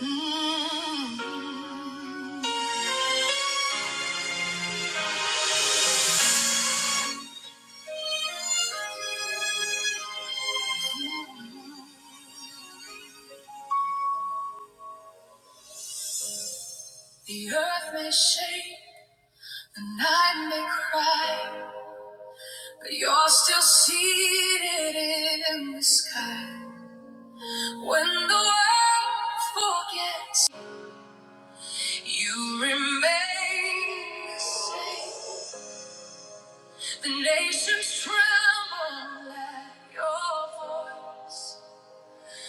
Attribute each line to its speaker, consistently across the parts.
Speaker 1: Mm-hmm. The earth may shake, the night may cry, but you're still seated in the sky. When the world forgets, you remain the same. The nations tremble at your voice,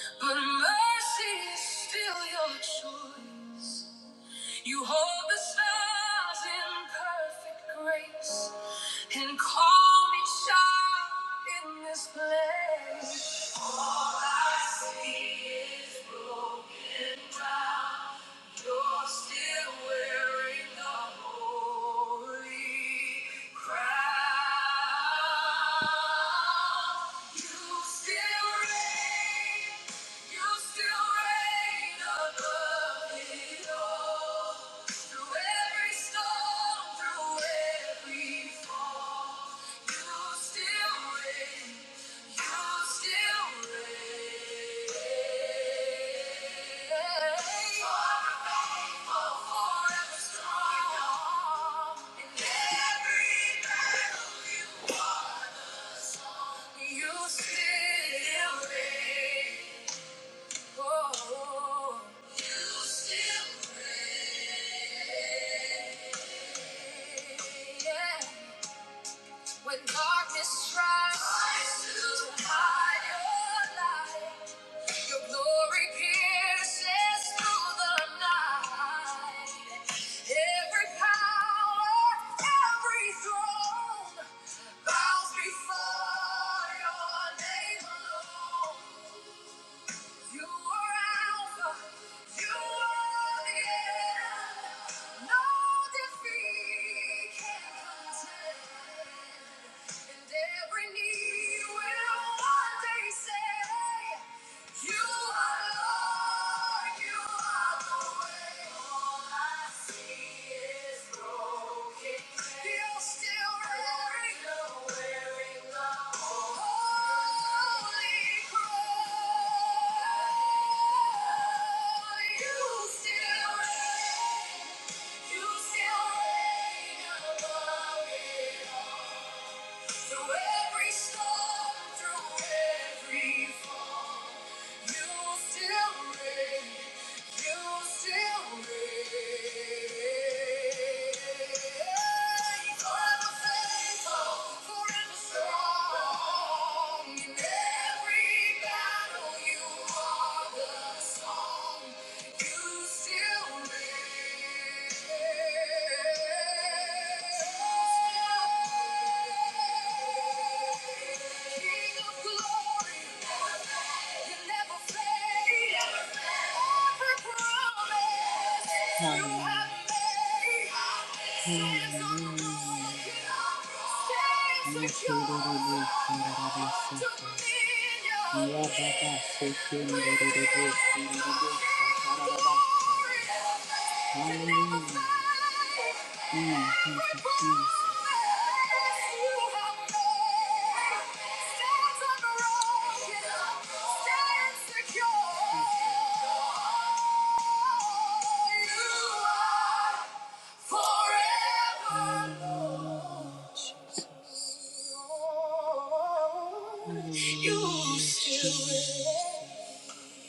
Speaker 1: but mercy is still your choice. You hold the stars in perfect grace and call me child in this place. All I see is broken ground. You're still Still rain. When darkness tries to hide your light. Your glory pierces through the night. Every power, every throne bows before your name alone. You are Alpha, you are the end. No defeat can contend. And every knee will one day say, You are Lord, you are the way. All I see is broken You're still wearing, You're still reign, you still reign above it all. Through every storm, through every King of glory. Hallelujah. Hallelujah. Yeshurururu, kurarabasata. Yababa, sekendererebo, kurarabasa, kararabasa. Hallelujah. Mm, thank you, Jesus.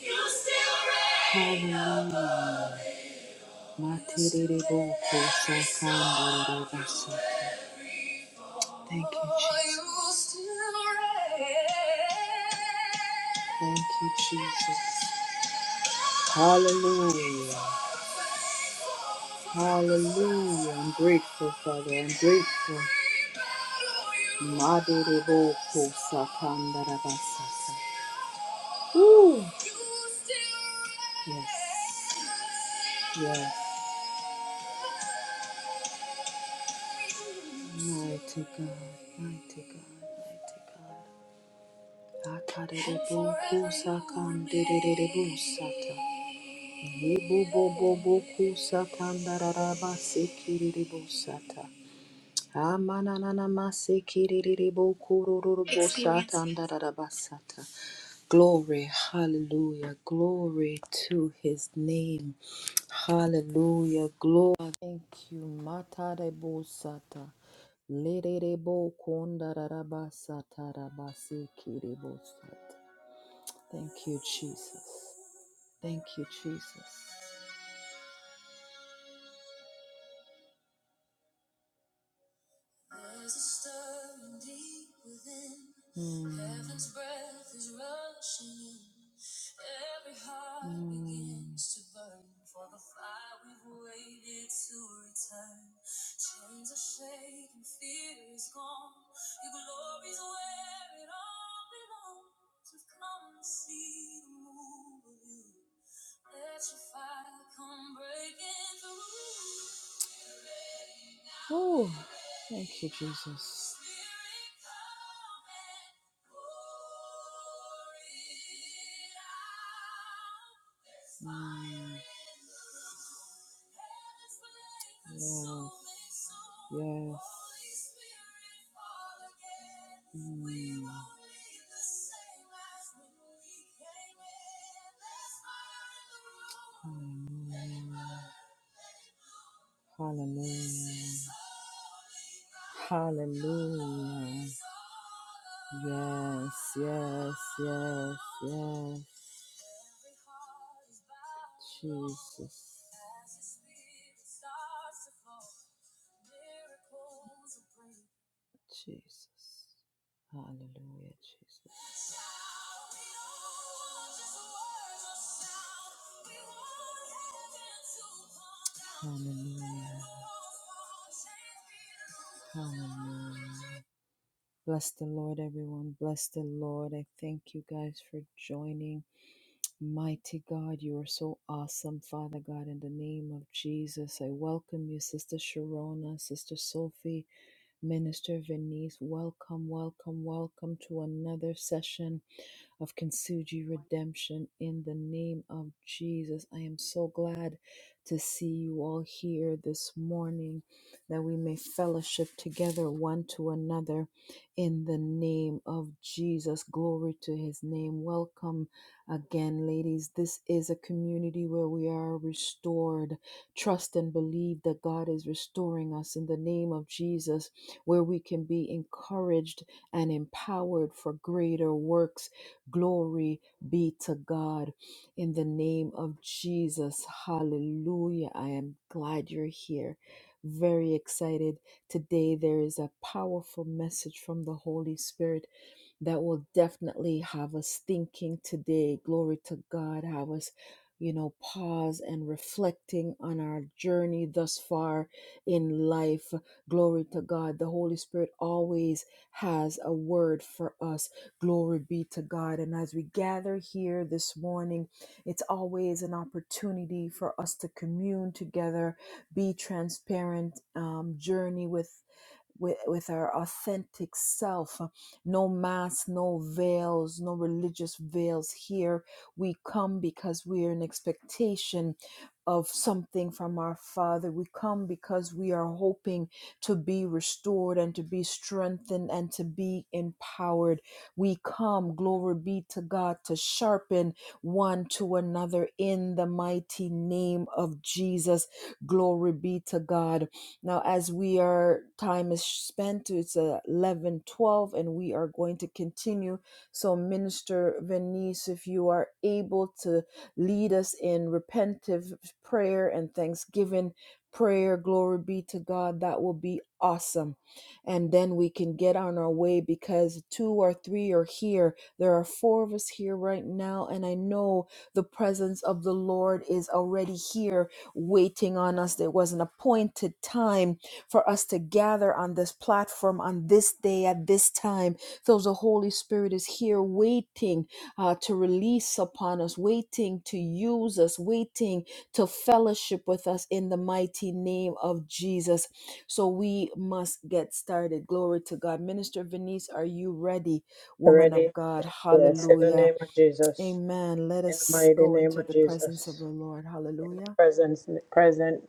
Speaker 1: You still reign. Hallelujah. Materere boko sakandere basa. Thank you, Jesus. Thank you, Jesus. Hallelujah. yeah. Hallelujah. I'm grateful, Father. I'm grateful. Materere boko sakandere basa. Woo. Yes. Yes. Mighty God, mighty God, mighty God. Akarebo kusakan derebo sata. Yebo bo bo bo kusakan dararaba sekirebo sata. Amanananamasikiriribokururuboshatandarabasata. Glory, hallelujah, glory to his name. Hallelujah, glory. Thank you, Matarabosata. Thank you, Jesus. Thank you, Jesus. There's a stirring deep within. Mm. Heaven's breath is rushing in. Every heart Mm. begins to burn for the fire we've waited to return. Chains are shaken, fear is gone. Your glory's where it all belongs. So come and see the move of you. Let your fire come breaking through. Ooh, thank you, Jesus. Mm. Yes. Yes. Mm. Hallelujah. Hallelujah. Hallelujah. Yes, yes, yes, yes. Jesus. Jesus. Hallelujah, Jesus. Hallelujah. Hallelujah. Bless the Lord, everyone. Bless the Lord. I thank you guys for joining. Mighty God, you are so awesome, Father God. In the name of Jesus, I welcome you, Sister Sharona, Sister Sophie, Minister Venice. Welcome, welcome, welcome to another session of Kintsugi redemption in the name of Jesus. I am so glad to see you all here this morning that we may fellowship together one to another in the name of Jesus. Glory to his name. Welcome again, ladies. This is a community where we are restored. Trust and believe that God is restoring us in the name of Jesus, where we can be encouraged and empowered for greater works Glory be to God in the name of Jesus. Hallelujah. I am glad you're here. Very excited. Today there is a powerful message from the Holy Spirit that will definitely have us thinking today. Glory to God. Have us, you know, pause and reflecting on our journey thus far in life. Glory to God. The Holy Spirit always has a word for us. Glory be to God. And as we gather here this morning, it's always an opportunity for us to commune together, be transparent, um, journey with with, with our authentic self. No masks, no veils, no religious veils here. We come because we are in expectation of something from our Father. We come because we are hoping to be restored and to be strengthened and to be empowered. We come, glory be to God, to sharpen one to another in the mighty name of Jesus. Glory be to God. Now, as we are time is spent, it's uh, 11, 12, and we are going to continue. So, Minister Venice, if you are able to lead us in repentive prayer and thanksgiving prayer, glory be to God, that will be awesome. And then we can get on our way because two or three are here. There are four of us here right now, and I know the presence of the Lord is already here waiting on us. There was an appointed time for us to gather on this platform on this day at this time. So the Holy Spirit is here waiting uh, to release upon us, waiting to use us, waiting to fellowship with us in the mighty name of Jesus. So we must get started. Glory to God. Minister Venice, are you ready, woman
Speaker 2: Ready?
Speaker 1: of God?
Speaker 2: Yes, in the
Speaker 1: Hallelujah.
Speaker 2: name of Jesus.
Speaker 1: Amen. Let
Speaker 2: In the
Speaker 1: us
Speaker 2: mighty
Speaker 1: go
Speaker 2: name
Speaker 1: into
Speaker 2: of
Speaker 1: the presence of
Speaker 2: Jesus.
Speaker 1: the Lord.
Speaker 2: In
Speaker 1: Hallelujah.
Speaker 2: the presence, present,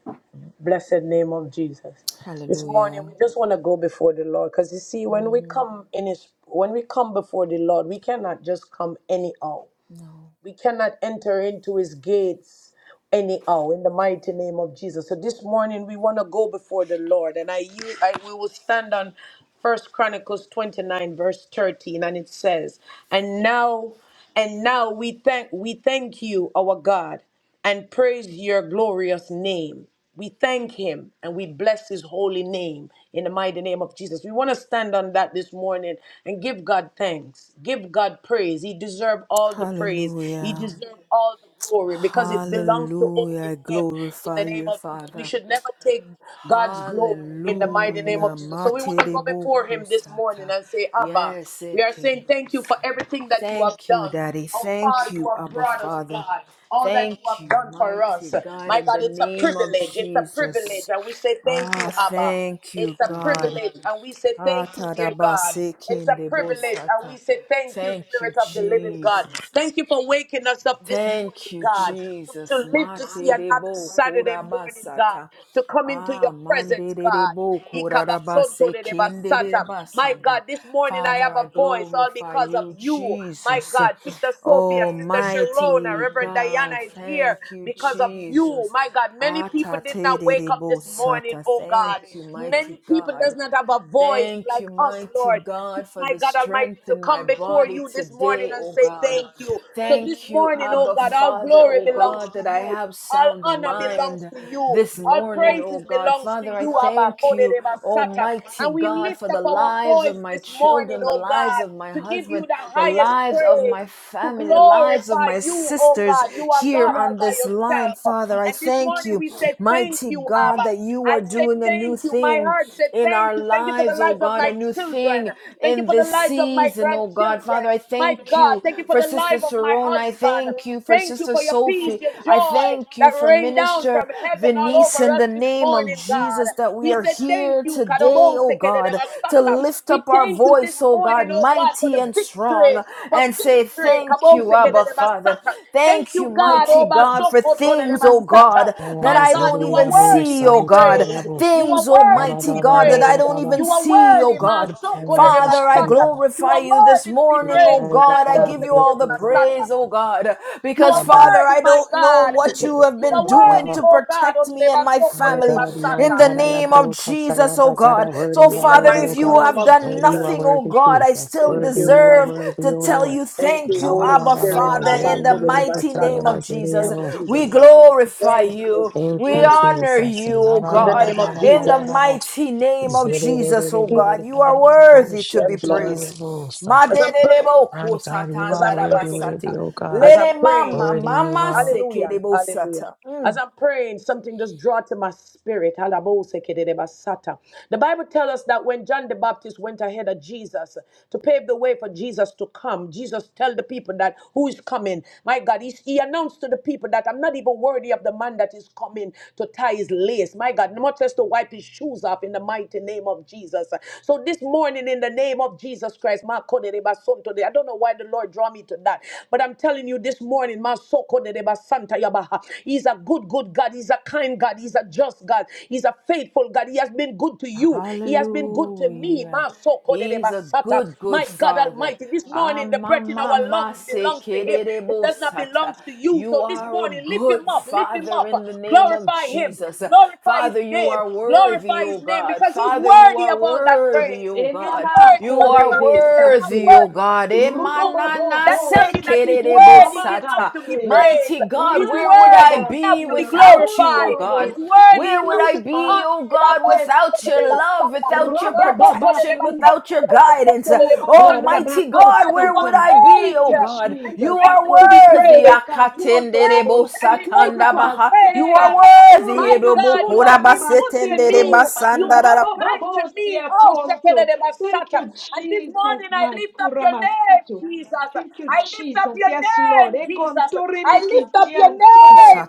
Speaker 2: blessed name of Jesus. This morning,
Speaker 1: Hallelujah.
Speaker 2: we just want to go before the Lord because you see, when we
Speaker 1: Mm,
Speaker 2: come in His, when we come before the Lord, we cannot just come anyhow.
Speaker 1: no.
Speaker 2: We cannot enter into his gates anyhow in the mighty name of Jesus. So this morning we want to go before the Lord and I, yield- I we will stand on First Chronicles 29 verse 13 and it says, "And now and now we thank we thank you, our God and praise your glorious name. We thank him and we bless his holy name in the mighty name of Jesus. We want to stand on that this morning and give God thanks. Give God praise. He deserves all the praise. He
Speaker 1: Hallelujah.
Speaker 2: deserves all the glory because it belongs to
Speaker 1: Hallelujah.
Speaker 2: only
Speaker 1: I
Speaker 2: him in the
Speaker 1: glorify
Speaker 2: name
Speaker 1: you,
Speaker 2: of Jesus. We
Speaker 1: Father.
Speaker 2: should never take God's glory in the mighty name
Speaker 1: Hallelujah.
Speaker 2: of Jesus. So we want to go before him this morning
Speaker 1: Materebo-kosata.
Speaker 2: and say, Abba,
Speaker 1: Yes,
Speaker 2: we are saying thank you for
Speaker 1: eterebo-sata.
Speaker 2: everything that you have
Speaker 1: Thank you,
Speaker 2: done.
Speaker 1: Daddy.
Speaker 2: How far
Speaker 1: Thank
Speaker 2: you
Speaker 1: you,
Speaker 2: have
Speaker 1: Abba
Speaker 2: brought us,
Speaker 1: Father.
Speaker 2: God. All that you
Speaker 1: Thank
Speaker 2: have
Speaker 1: you,
Speaker 2: done for
Speaker 1: mighty
Speaker 2: us.
Speaker 1: God,
Speaker 2: My
Speaker 1: in
Speaker 2: God,
Speaker 1: the
Speaker 2: it's a
Speaker 1: name of
Speaker 2: privilege. It's a privilege.
Speaker 1: Jesus.
Speaker 2: And we say thank you,
Speaker 1: Ah,
Speaker 2: Abba.
Speaker 1: thank you,
Speaker 2: It's a
Speaker 1: God.
Speaker 2: privilege. And we say
Speaker 1: Ah,
Speaker 2: thank you, dear God. It's a privilege. And we
Speaker 1: tadabasekindebosata.
Speaker 2: say thank you,
Speaker 1: Thank you,
Speaker 2: Spirit of the living God.
Speaker 1: Jesus.
Speaker 2: Thank you for waking us up this morning
Speaker 1: Thank
Speaker 2: morning,
Speaker 1: you,
Speaker 2: God, to,
Speaker 1: Jesus.
Speaker 2: to live to see another
Speaker 1: Materebo
Speaker 2: Saturday morning, God,
Speaker 1: korabasata.
Speaker 2: to come into
Speaker 1: Ah,
Speaker 2: your presence, God.
Speaker 1: manderebo korarabase
Speaker 2: Ikabasotorebasata. My
Speaker 1: kinderebasanda.
Speaker 2: God, this morning I
Speaker 1: Father,
Speaker 2: have
Speaker 1: I
Speaker 2: a voice all
Speaker 1: glorify
Speaker 2: because of
Speaker 1: you,
Speaker 2: you. My
Speaker 1: Jesus.
Speaker 2: God, Sister Sophia, Sister Sharona,
Speaker 1: Almighty
Speaker 2: Reverend Diana
Speaker 1: God,
Speaker 2: is here
Speaker 1: thank you,
Speaker 2: because of you.
Speaker 1: Jesus.
Speaker 2: My God, many people did not wake up
Speaker 1: Ataterebo
Speaker 2: this morning,
Speaker 1: sata.
Speaker 2: oh God.
Speaker 1: Thank you, mighty
Speaker 2: Many people does
Speaker 1: God.
Speaker 2: not have a voice
Speaker 1: Thank you,
Speaker 2: like us,
Speaker 1: mighty
Speaker 2: Lord
Speaker 1: God, for
Speaker 2: my
Speaker 1: the
Speaker 2: God Almighty,
Speaker 1: strength
Speaker 2: to
Speaker 1: in my
Speaker 2: come before
Speaker 1: body
Speaker 2: you this morning
Speaker 1: today,
Speaker 2: and
Speaker 1: O
Speaker 2: say
Speaker 1: God.
Speaker 2: thank you. So this
Speaker 1: Thank you,
Speaker 2: morning, oh
Speaker 1: Abba
Speaker 2: God, all
Speaker 1: Father,
Speaker 2: glory
Speaker 1: O
Speaker 2: belongs
Speaker 1: God,
Speaker 2: to
Speaker 1: that I
Speaker 2: you.
Speaker 1: have
Speaker 2: All
Speaker 1: sound
Speaker 2: honor belongs
Speaker 1: mind
Speaker 2: to you.
Speaker 1: this
Speaker 2: All
Speaker 1: morning, O
Speaker 2: praises
Speaker 1: God.
Speaker 2: belongs to
Speaker 1: Father, I
Speaker 2: you, Abba.
Speaker 1: thank you,
Speaker 2: Kodereba Sata.
Speaker 1: Almighty
Speaker 2: And we
Speaker 1: God,
Speaker 2: lift
Speaker 1: for the
Speaker 2: up our
Speaker 1: lives of
Speaker 2: voice
Speaker 1: my
Speaker 2: this morning,
Speaker 1: children, the
Speaker 2: oh
Speaker 1: lives
Speaker 2: God,
Speaker 1: of my
Speaker 2: to give you
Speaker 1: husband,
Speaker 2: the
Speaker 1: the
Speaker 2: highest
Speaker 1: lives of my
Speaker 2: praise to
Speaker 1: family, the lives of
Speaker 2: glorify
Speaker 1: my
Speaker 2: you, oh
Speaker 1: sisters
Speaker 2: God. You are
Speaker 1: here
Speaker 2: God all
Speaker 1: on
Speaker 2: by
Speaker 1: this line,
Speaker 2: yourself.
Speaker 1: Father. I
Speaker 2: And this
Speaker 1: thank
Speaker 2: morning
Speaker 1: you,
Speaker 2: we said, Thank
Speaker 1: mighty
Speaker 2: you,
Speaker 1: God,
Speaker 2: Abba.
Speaker 1: that you are
Speaker 2: I said,
Speaker 1: doing a new
Speaker 2: Thank you. My
Speaker 1: thing
Speaker 2: heart said,
Speaker 1: in
Speaker 2: Thank
Speaker 1: our
Speaker 2: you. Thank you for the
Speaker 1: lives, oh
Speaker 2: lives of
Speaker 1: God, a
Speaker 2: my
Speaker 1: new
Speaker 2: children.
Speaker 1: thing
Speaker 2: Thank you
Speaker 1: in
Speaker 2: for the
Speaker 1: this
Speaker 2: lives of my
Speaker 1: season, oh God. Father,
Speaker 2: grandchildren.
Speaker 1: I
Speaker 2: My
Speaker 1: thank
Speaker 2: God,
Speaker 1: you
Speaker 2: thank you for
Speaker 1: for
Speaker 2: the
Speaker 1: Sister
Speaker 2: life of my
Speaker 1: Sarona. I
Speaker 2: husband.
Speaker 1: thank you for
Speaker 2: Thank you
Speaker 1: Sister
Speaker 2: for your peace,
Speaker 1: Sophie.
Speaker 2: your
Speaker 1: I
Speaker 2: joy
Speaker 1: thank
Speaker 2: that
Speaker 1: you for
Speaker 2: rained down from
Speaker 1: Minister
Speaker 2: heaven all
Speaker 1: Venice
Speaker 2: over
Speaker 1: in
Speaker 2: us
Speaker 1: the
Speaker 2: this
Speaker 1: name of
Speaker 2: morning, God.
Speaker 1: Jesus that we
Speaker 2: We
Speaker 1: are
Speaker 2: said, Thank
Speaker 1: here
Speaker 2: you,
Speaker 1: today,
Speaker 2: Kadobose
Speaker 1: oh
Speaker 2: Kedede
Speaker 1: God, to
Speaker 2: Masaka.
Speaker 1: lift
Speaker 2: We
Speaker 1: up our
Speaker 2: thank you this
Speaker 1: voice, oh
Speaker 2: morning,
Speaker 1: God,
Speaker 2: oh God, for
Speaker 1: mighty
Speaker 2: the
Speaker 1: and
Speaker 2: victory.
Speaker 1: strong,
Speaker 2: For
Speaker 1: and
Speaker 2: victory
Speaker 1: say,
Speaker 2: Re-
Speaker 1: Thank
Speaker 2: kabose
Speaker 1: you,
Speaker 2: ke de
Speaker 1: Abba Father.
Speaker 2: Thank
Speaker 1: Thank you,
Speaker 2: you, God. Oh,
Speaker 1: mighty Almighty God, for
Speaker 2: basoko to de de
Speaker 1: things, oh God, that
Speaker 2: My
Speaker 1: I
Speaker 2: God,
Speaker 1: don't
Speaker 2: you are
Speaker 1: even
Speaker 3: Yabo
Speaker 2: worthy
Speaker 1: see,
Speaker 2: to be
Speaker 1: oh
Speaker 3: Santala
Speaker 1: God.
Speaker 2: praised.
Speaker 3: Yabo
Speaker 2: You are
Speaker 1: Things,
Speaker 2: worthy
Speaker 3: Baba
Speaker 2: to
Speaker 1: Almighty
Speaker 2: be
Speaker 3: Baba
Speaker 1: God, that I
Speaker 3: Baba
Speaker 2: praised.
Speaker 1: don't
Speaker 3: Baba
Speaker 1: even
Speaker 2: You are
Speaker 1: see, oh
Speaker 2: worthy,
Speaker 1: God.
Speaker 2: masoko de de
Speaker 3: Ikatayaba
Speaker 1: Father, I
Speaker 2: basata.
Speaker 3: Shantilayaba
Speaker 2: You
Speaker 1: glorify
Speaker 2: are
Speaker 1: you this
Speaker 2: worthy to be
Speaker 1: morning, oh
Speaker 2: praised.
Speaker 1: God. I
Speaker 2: Kadadabose
Speaker 1: give
Speaker 2: ke
Speaker 1: you
Speaker 2: de
Speaker 1: all the praise, oh God,
Speaker 2: You
Speaker 1: because
Speaker 2: are
Speaker 1: Father,
Speaker 2: worthy,
Speaker 1: I
Speaker 2: my
Speaker 1: don't know
Speaker 2: God.
Speaker 1: what you have
Speaker 2: you
Speaker 1: been
Speaker 2: are
Speaker 1: doing
Speaker 2: worthy,
Speaker 1: to
Speaker 2: oh God. Oh,
Speaker 1: protect
Speaker 2: de
Speaker 1: me
Speaker 2: de
Speaker 1: and my
Speaker 3: My
Speaker 2: de de
Speaker 1: family.
Speaker 3: God, my
Speaker 1: In the
Speaker 3: God, I
Speaker 1: name of
Speaker 3: abro
Speaker 1: Jesus, oh
Speaker 3: Katsayaba Zara
Speaker 1: God,
Speaker 3: worthy
Speaker 1: so,
Speaker 3: you
Speaker 2: In
Speaker 3: are
Speaker 2: the
Speaker 1: Father,
Speaker 3: worthy,
Speaker 1: if
Speaker 3: O
Speaker 2: mighty
Speaker 1: you
Speaker 3: God.
Speaker 2: name
Speaker 1: have
Speaker 2: of
Speaker 1: done
Speaker 3: Worthy you
Speaker 2: Jesus.
Speaker 3: are
Speaker 1: nothing, oh
Speaker 3: worthy,
Speaker 1: God, I
Speaker 3: Jesus.
Speaker 1: still
Speaker 2: Thank
Speaker 3: Worthy
Speaker 2: you.
Speaker 3: you are
Speaker 1: deserve
Speaker 3: worthy,
Speaker 1: to
Speaker 3: O
Speaker 1: tell
Speaker 3: Lord.
Speaker 1: you
Speaker 2: Thank you,
Speaker 1: thank
Speaker 3: La
Speaker 1: you,
Speaker 3: ba
Speaker 2: Holy
Speaker 3: ba
Speaker 1: Abba
Speaker 3: ba ba
Speaker 2: Spirit.
Speaker 3: ba
Speaker 1: Father,
Speaker 2: Abba,
Speaker 1: in
Speaker 3: zere
Speaker 1: the
Speaker 2: ko de de
Speaker 3: abro
Speaker 1: mighty name
Speaker 3: katsayaba
Speaker 1: of Jesus.
Speaker 2: Thank you,
Speaker 3: zere
Speaker 1: We
Speaker 2: Jesus.
Speaker 1: glorify
Speaker 2: Thank you.
Speaker 1: you.
Speaker 3: Thank
Speaker 1: We
Speaker 3: you,
Speaker 2: Mm,
Speaker 1: honor
Speaker 3: Jesus.
Speaker 1: you,
Speaker 3: La,
Speaker 1: oh
Speaker 3: la,
Speaker 2: In
Speaker 3: la,
Speaker 2: the
Speaker 3: la,
Speaker 1: God,
Speaker 2: name
Speaker 3: la,
Speaker 2: of
Speaker 3: la, la,
Speaker 1: in
Speaker 2: Jesus.
Speaker 1: the
Speaker 3: la, la, la.
Speaker 1: mighty name of
Speaker 3: zee dee dee dee
Speaker 1: Jesus,
Speaker 3: dee dee
Speaker 1: oh God.
Speaker 3: dee
Speaker 1: You
Speaker 3: dee
Speaker 1: are
Speaker 3: dee
Speaker 1: worthy to
Speaker 2: Yes,
Speaker 3: dee
Speaker 1: be
Speaker 2: Lord.
Speaker 1: praised.
Speaker 3: dee
Speaker 2: As I'm praying,
Speaker 1: Maderebo
Speaker 3: My God, you
Speaker 2: as
Speaker 3: are
Speaker 2: I'm
Speaker 1: satanda
Speaker 3: worthy,
Speaker 2: praying,
Speaker 1: basata.
Speaker 3: worthy, oh God.
Speaker 2: as I'm
Speaker 1: Lene mama
Speaker 2: praying,
Speaker 3: Worthy you
Speaker 1: mama
Speaker 3: are.
Speaker 2: Hallelujah.
Speaker 1: sekerebo
Speaker 2: Hallelujah.
Speaker 1: sata.
Speaker 2: As I'm praying, something just draw to my spirit. Halabosekedebasata. The Bible tells us that when John the Baptist went ahead of Jesus to pave the way for Jesus to come, Jesus tell the people that who is coming. My God, he, he announced to the people that I'm not even worthy of the man that is coming to tie his lace. My God, much as to wipe his shoes off in the mighty name of Jesus. So this morning, in in the name of Jesus Christ. Makoderebasonto. I don't know why the Lord draw me to that, but I'm telling you this morning, Masokoderebasanta Yabaha. He's a good, good God. He's a kind God. He's a just God. He's a faithful God. He has been good to you. He has been good to me.
Speaker 1: Hallelujah. He's a
Speaker 2: Masokoderebasata.
Speaker 1: good, good
Speaker 2: My God
Speaker 1: father.
Speaker 2: Almighty, this
Speaker 1: Ah,
Speaker 2: morning the
Speaker 1: ma
Speaker 2: breath in
Speaker 1: ma
Speaker 2: our
Speaker 1: ma,
Speaker 2: lungs
Speaker 1: se
Speaker 2: belongs to Him. It does not belong
Speaker 1: Amamamasikerebosata.
Speaker 2: to you.
Speaker 1: You
Speaker 2: So this
Speaker 1: are a
Speaker 2: morning, lift
Speaker 1: good
Speaker 2: Him up, lift Him
Speaker 1: father
Speaker 2: up,
Speaker 1: in the name of
Speaker 2: Glorify him.
Speaker 1: Jesus.
Speaker 2: Glorify his
Speaker 1: Father, you
Speaker 2: name.
Speaker 1: are worthy,
Speaker 2: Glorify
Speaker 1: O
Speaker 2: his name
Speaker 1: God.
Speaker 2: because he's
Speaker 1: Father, you
Speaker 2: worthy
Speaker 1: are
Speaker 2: of all that
Speaker 1: worthy,
Speaker 2: praise.
Speaker 1: O
Speaker 2: He's
Speaker 1: God.
Speaker 4: Enana
Speaker 2: worthy.
Speaker 1: You
Speaker 2: John the
Speaker 1: are
Speaker 4: korebe
Speaker 2: Baptist said, I'm not
Speaker 4: sato.
Speaker 1: worthy, O
Speaker 2: worthy to
Speaker 1: God.
Speaker 2: clean
Speaker 1: Eh,
Speaker 2: his
Speaker 1: ma,
Speaker 2: shoes.
Speaker 1: na
Speaker 4: Rubobobo
Speaker 1: na,
Speaker 2: That
Speaker 1: se
Speaker 2: tell me that he's
Speaker 4: sikitu
Speaker 2: worthy enough
Speaker 1: Emananasekerebosata.
Speaker 2: to be
Speaker 4: rabakase.
Speaker 2: praised.
Speaker 1: Mighty God,
Speaker 2: He's
Speaker 1: where
Speaker 4: Umaki
Speaker 1: would I
Speaker 2: worthy enough
Speaker 1: be
Speaker 2: to
Speaker 4: abasia
Speaker 2: be
Speaker 1: without you, O
Speaker 2: glorified.
Speaker 4: kontorobo
Speaker 1: God?
Speaker 2: He's worthy
Speaker 1: Where
Speaker 4: sikitu
Speaker 1: would
Speaker 2: enough to
Speaker 1: I
Speaker 2: be
Speaker 1: be,
Speaker 2: honored.
Speaker 1: O God, without your
Speaker 4: rabateto.
Speaker 1: love, without your
Speaker 4: Rabababa
Speaker 1: protection,
Speaker 4: ku
Speaker 1: without your
Speaker 2: My
Speaker 1: guidance.
Speaker 4: Oh God,
Speaker 1: Almighty God,
Speaker 2: God, you
Speaker 1: where
Speaker 2: are
Speaker 1: would
Speaker 4: Abakosata.
Speaker 1: I be?
Speaker 2: great
Speaker 4: Thank
Speaker 1: Oh
Speaker 4: you,
Speaker 1: God,
Speaker 2: and
Speaker 1: you
Speaker 4: Jesus.
Speaker 1: are
Speaker 2: greatly to be
Speaker 4: Ikodole
Speaker 1: worthy.
Speaker 2: praised. You are
Speaker 4: mekasoto
Speaker 2: great
Speaker 4: yobose
Speaker 2: and greatly to be praised,
Speaker 1: You are
Speaker 4: kurabase.
Speaker 2: Abba.
Speaker 1: worthy.
Speaker 2: My God, you
Speaker 4: Urikasunta
Speaker 2: have been good to me.
Speaker 4: labaseto.
Speaker 2: You have been kind to me.
Speaker 4: Robobobosia
Speaker 2: Oh, Shekinah
Speaker 4: konto. Thank
Speaker 2: Masata.
Speaker 4: you,
Speaker 2: And this
Speaker 4: Jesus,
Speaker 2: morning I
Speaker 4: my
Speaker 2: lift up your name,
Speaker 4: kuramasato.
Speaker 2: Jesus.
Speaker 4: Thank you,
Speaker 2: I lift up
Speaker 4: Jesus.
Speaker 2: your
Speaker 4: Yes, Lord.
Speaker 2: name, Jesus.
Speaker 4: Ekontore
Speaker 2: I lift up your name.
Speaker 4: mikisianto.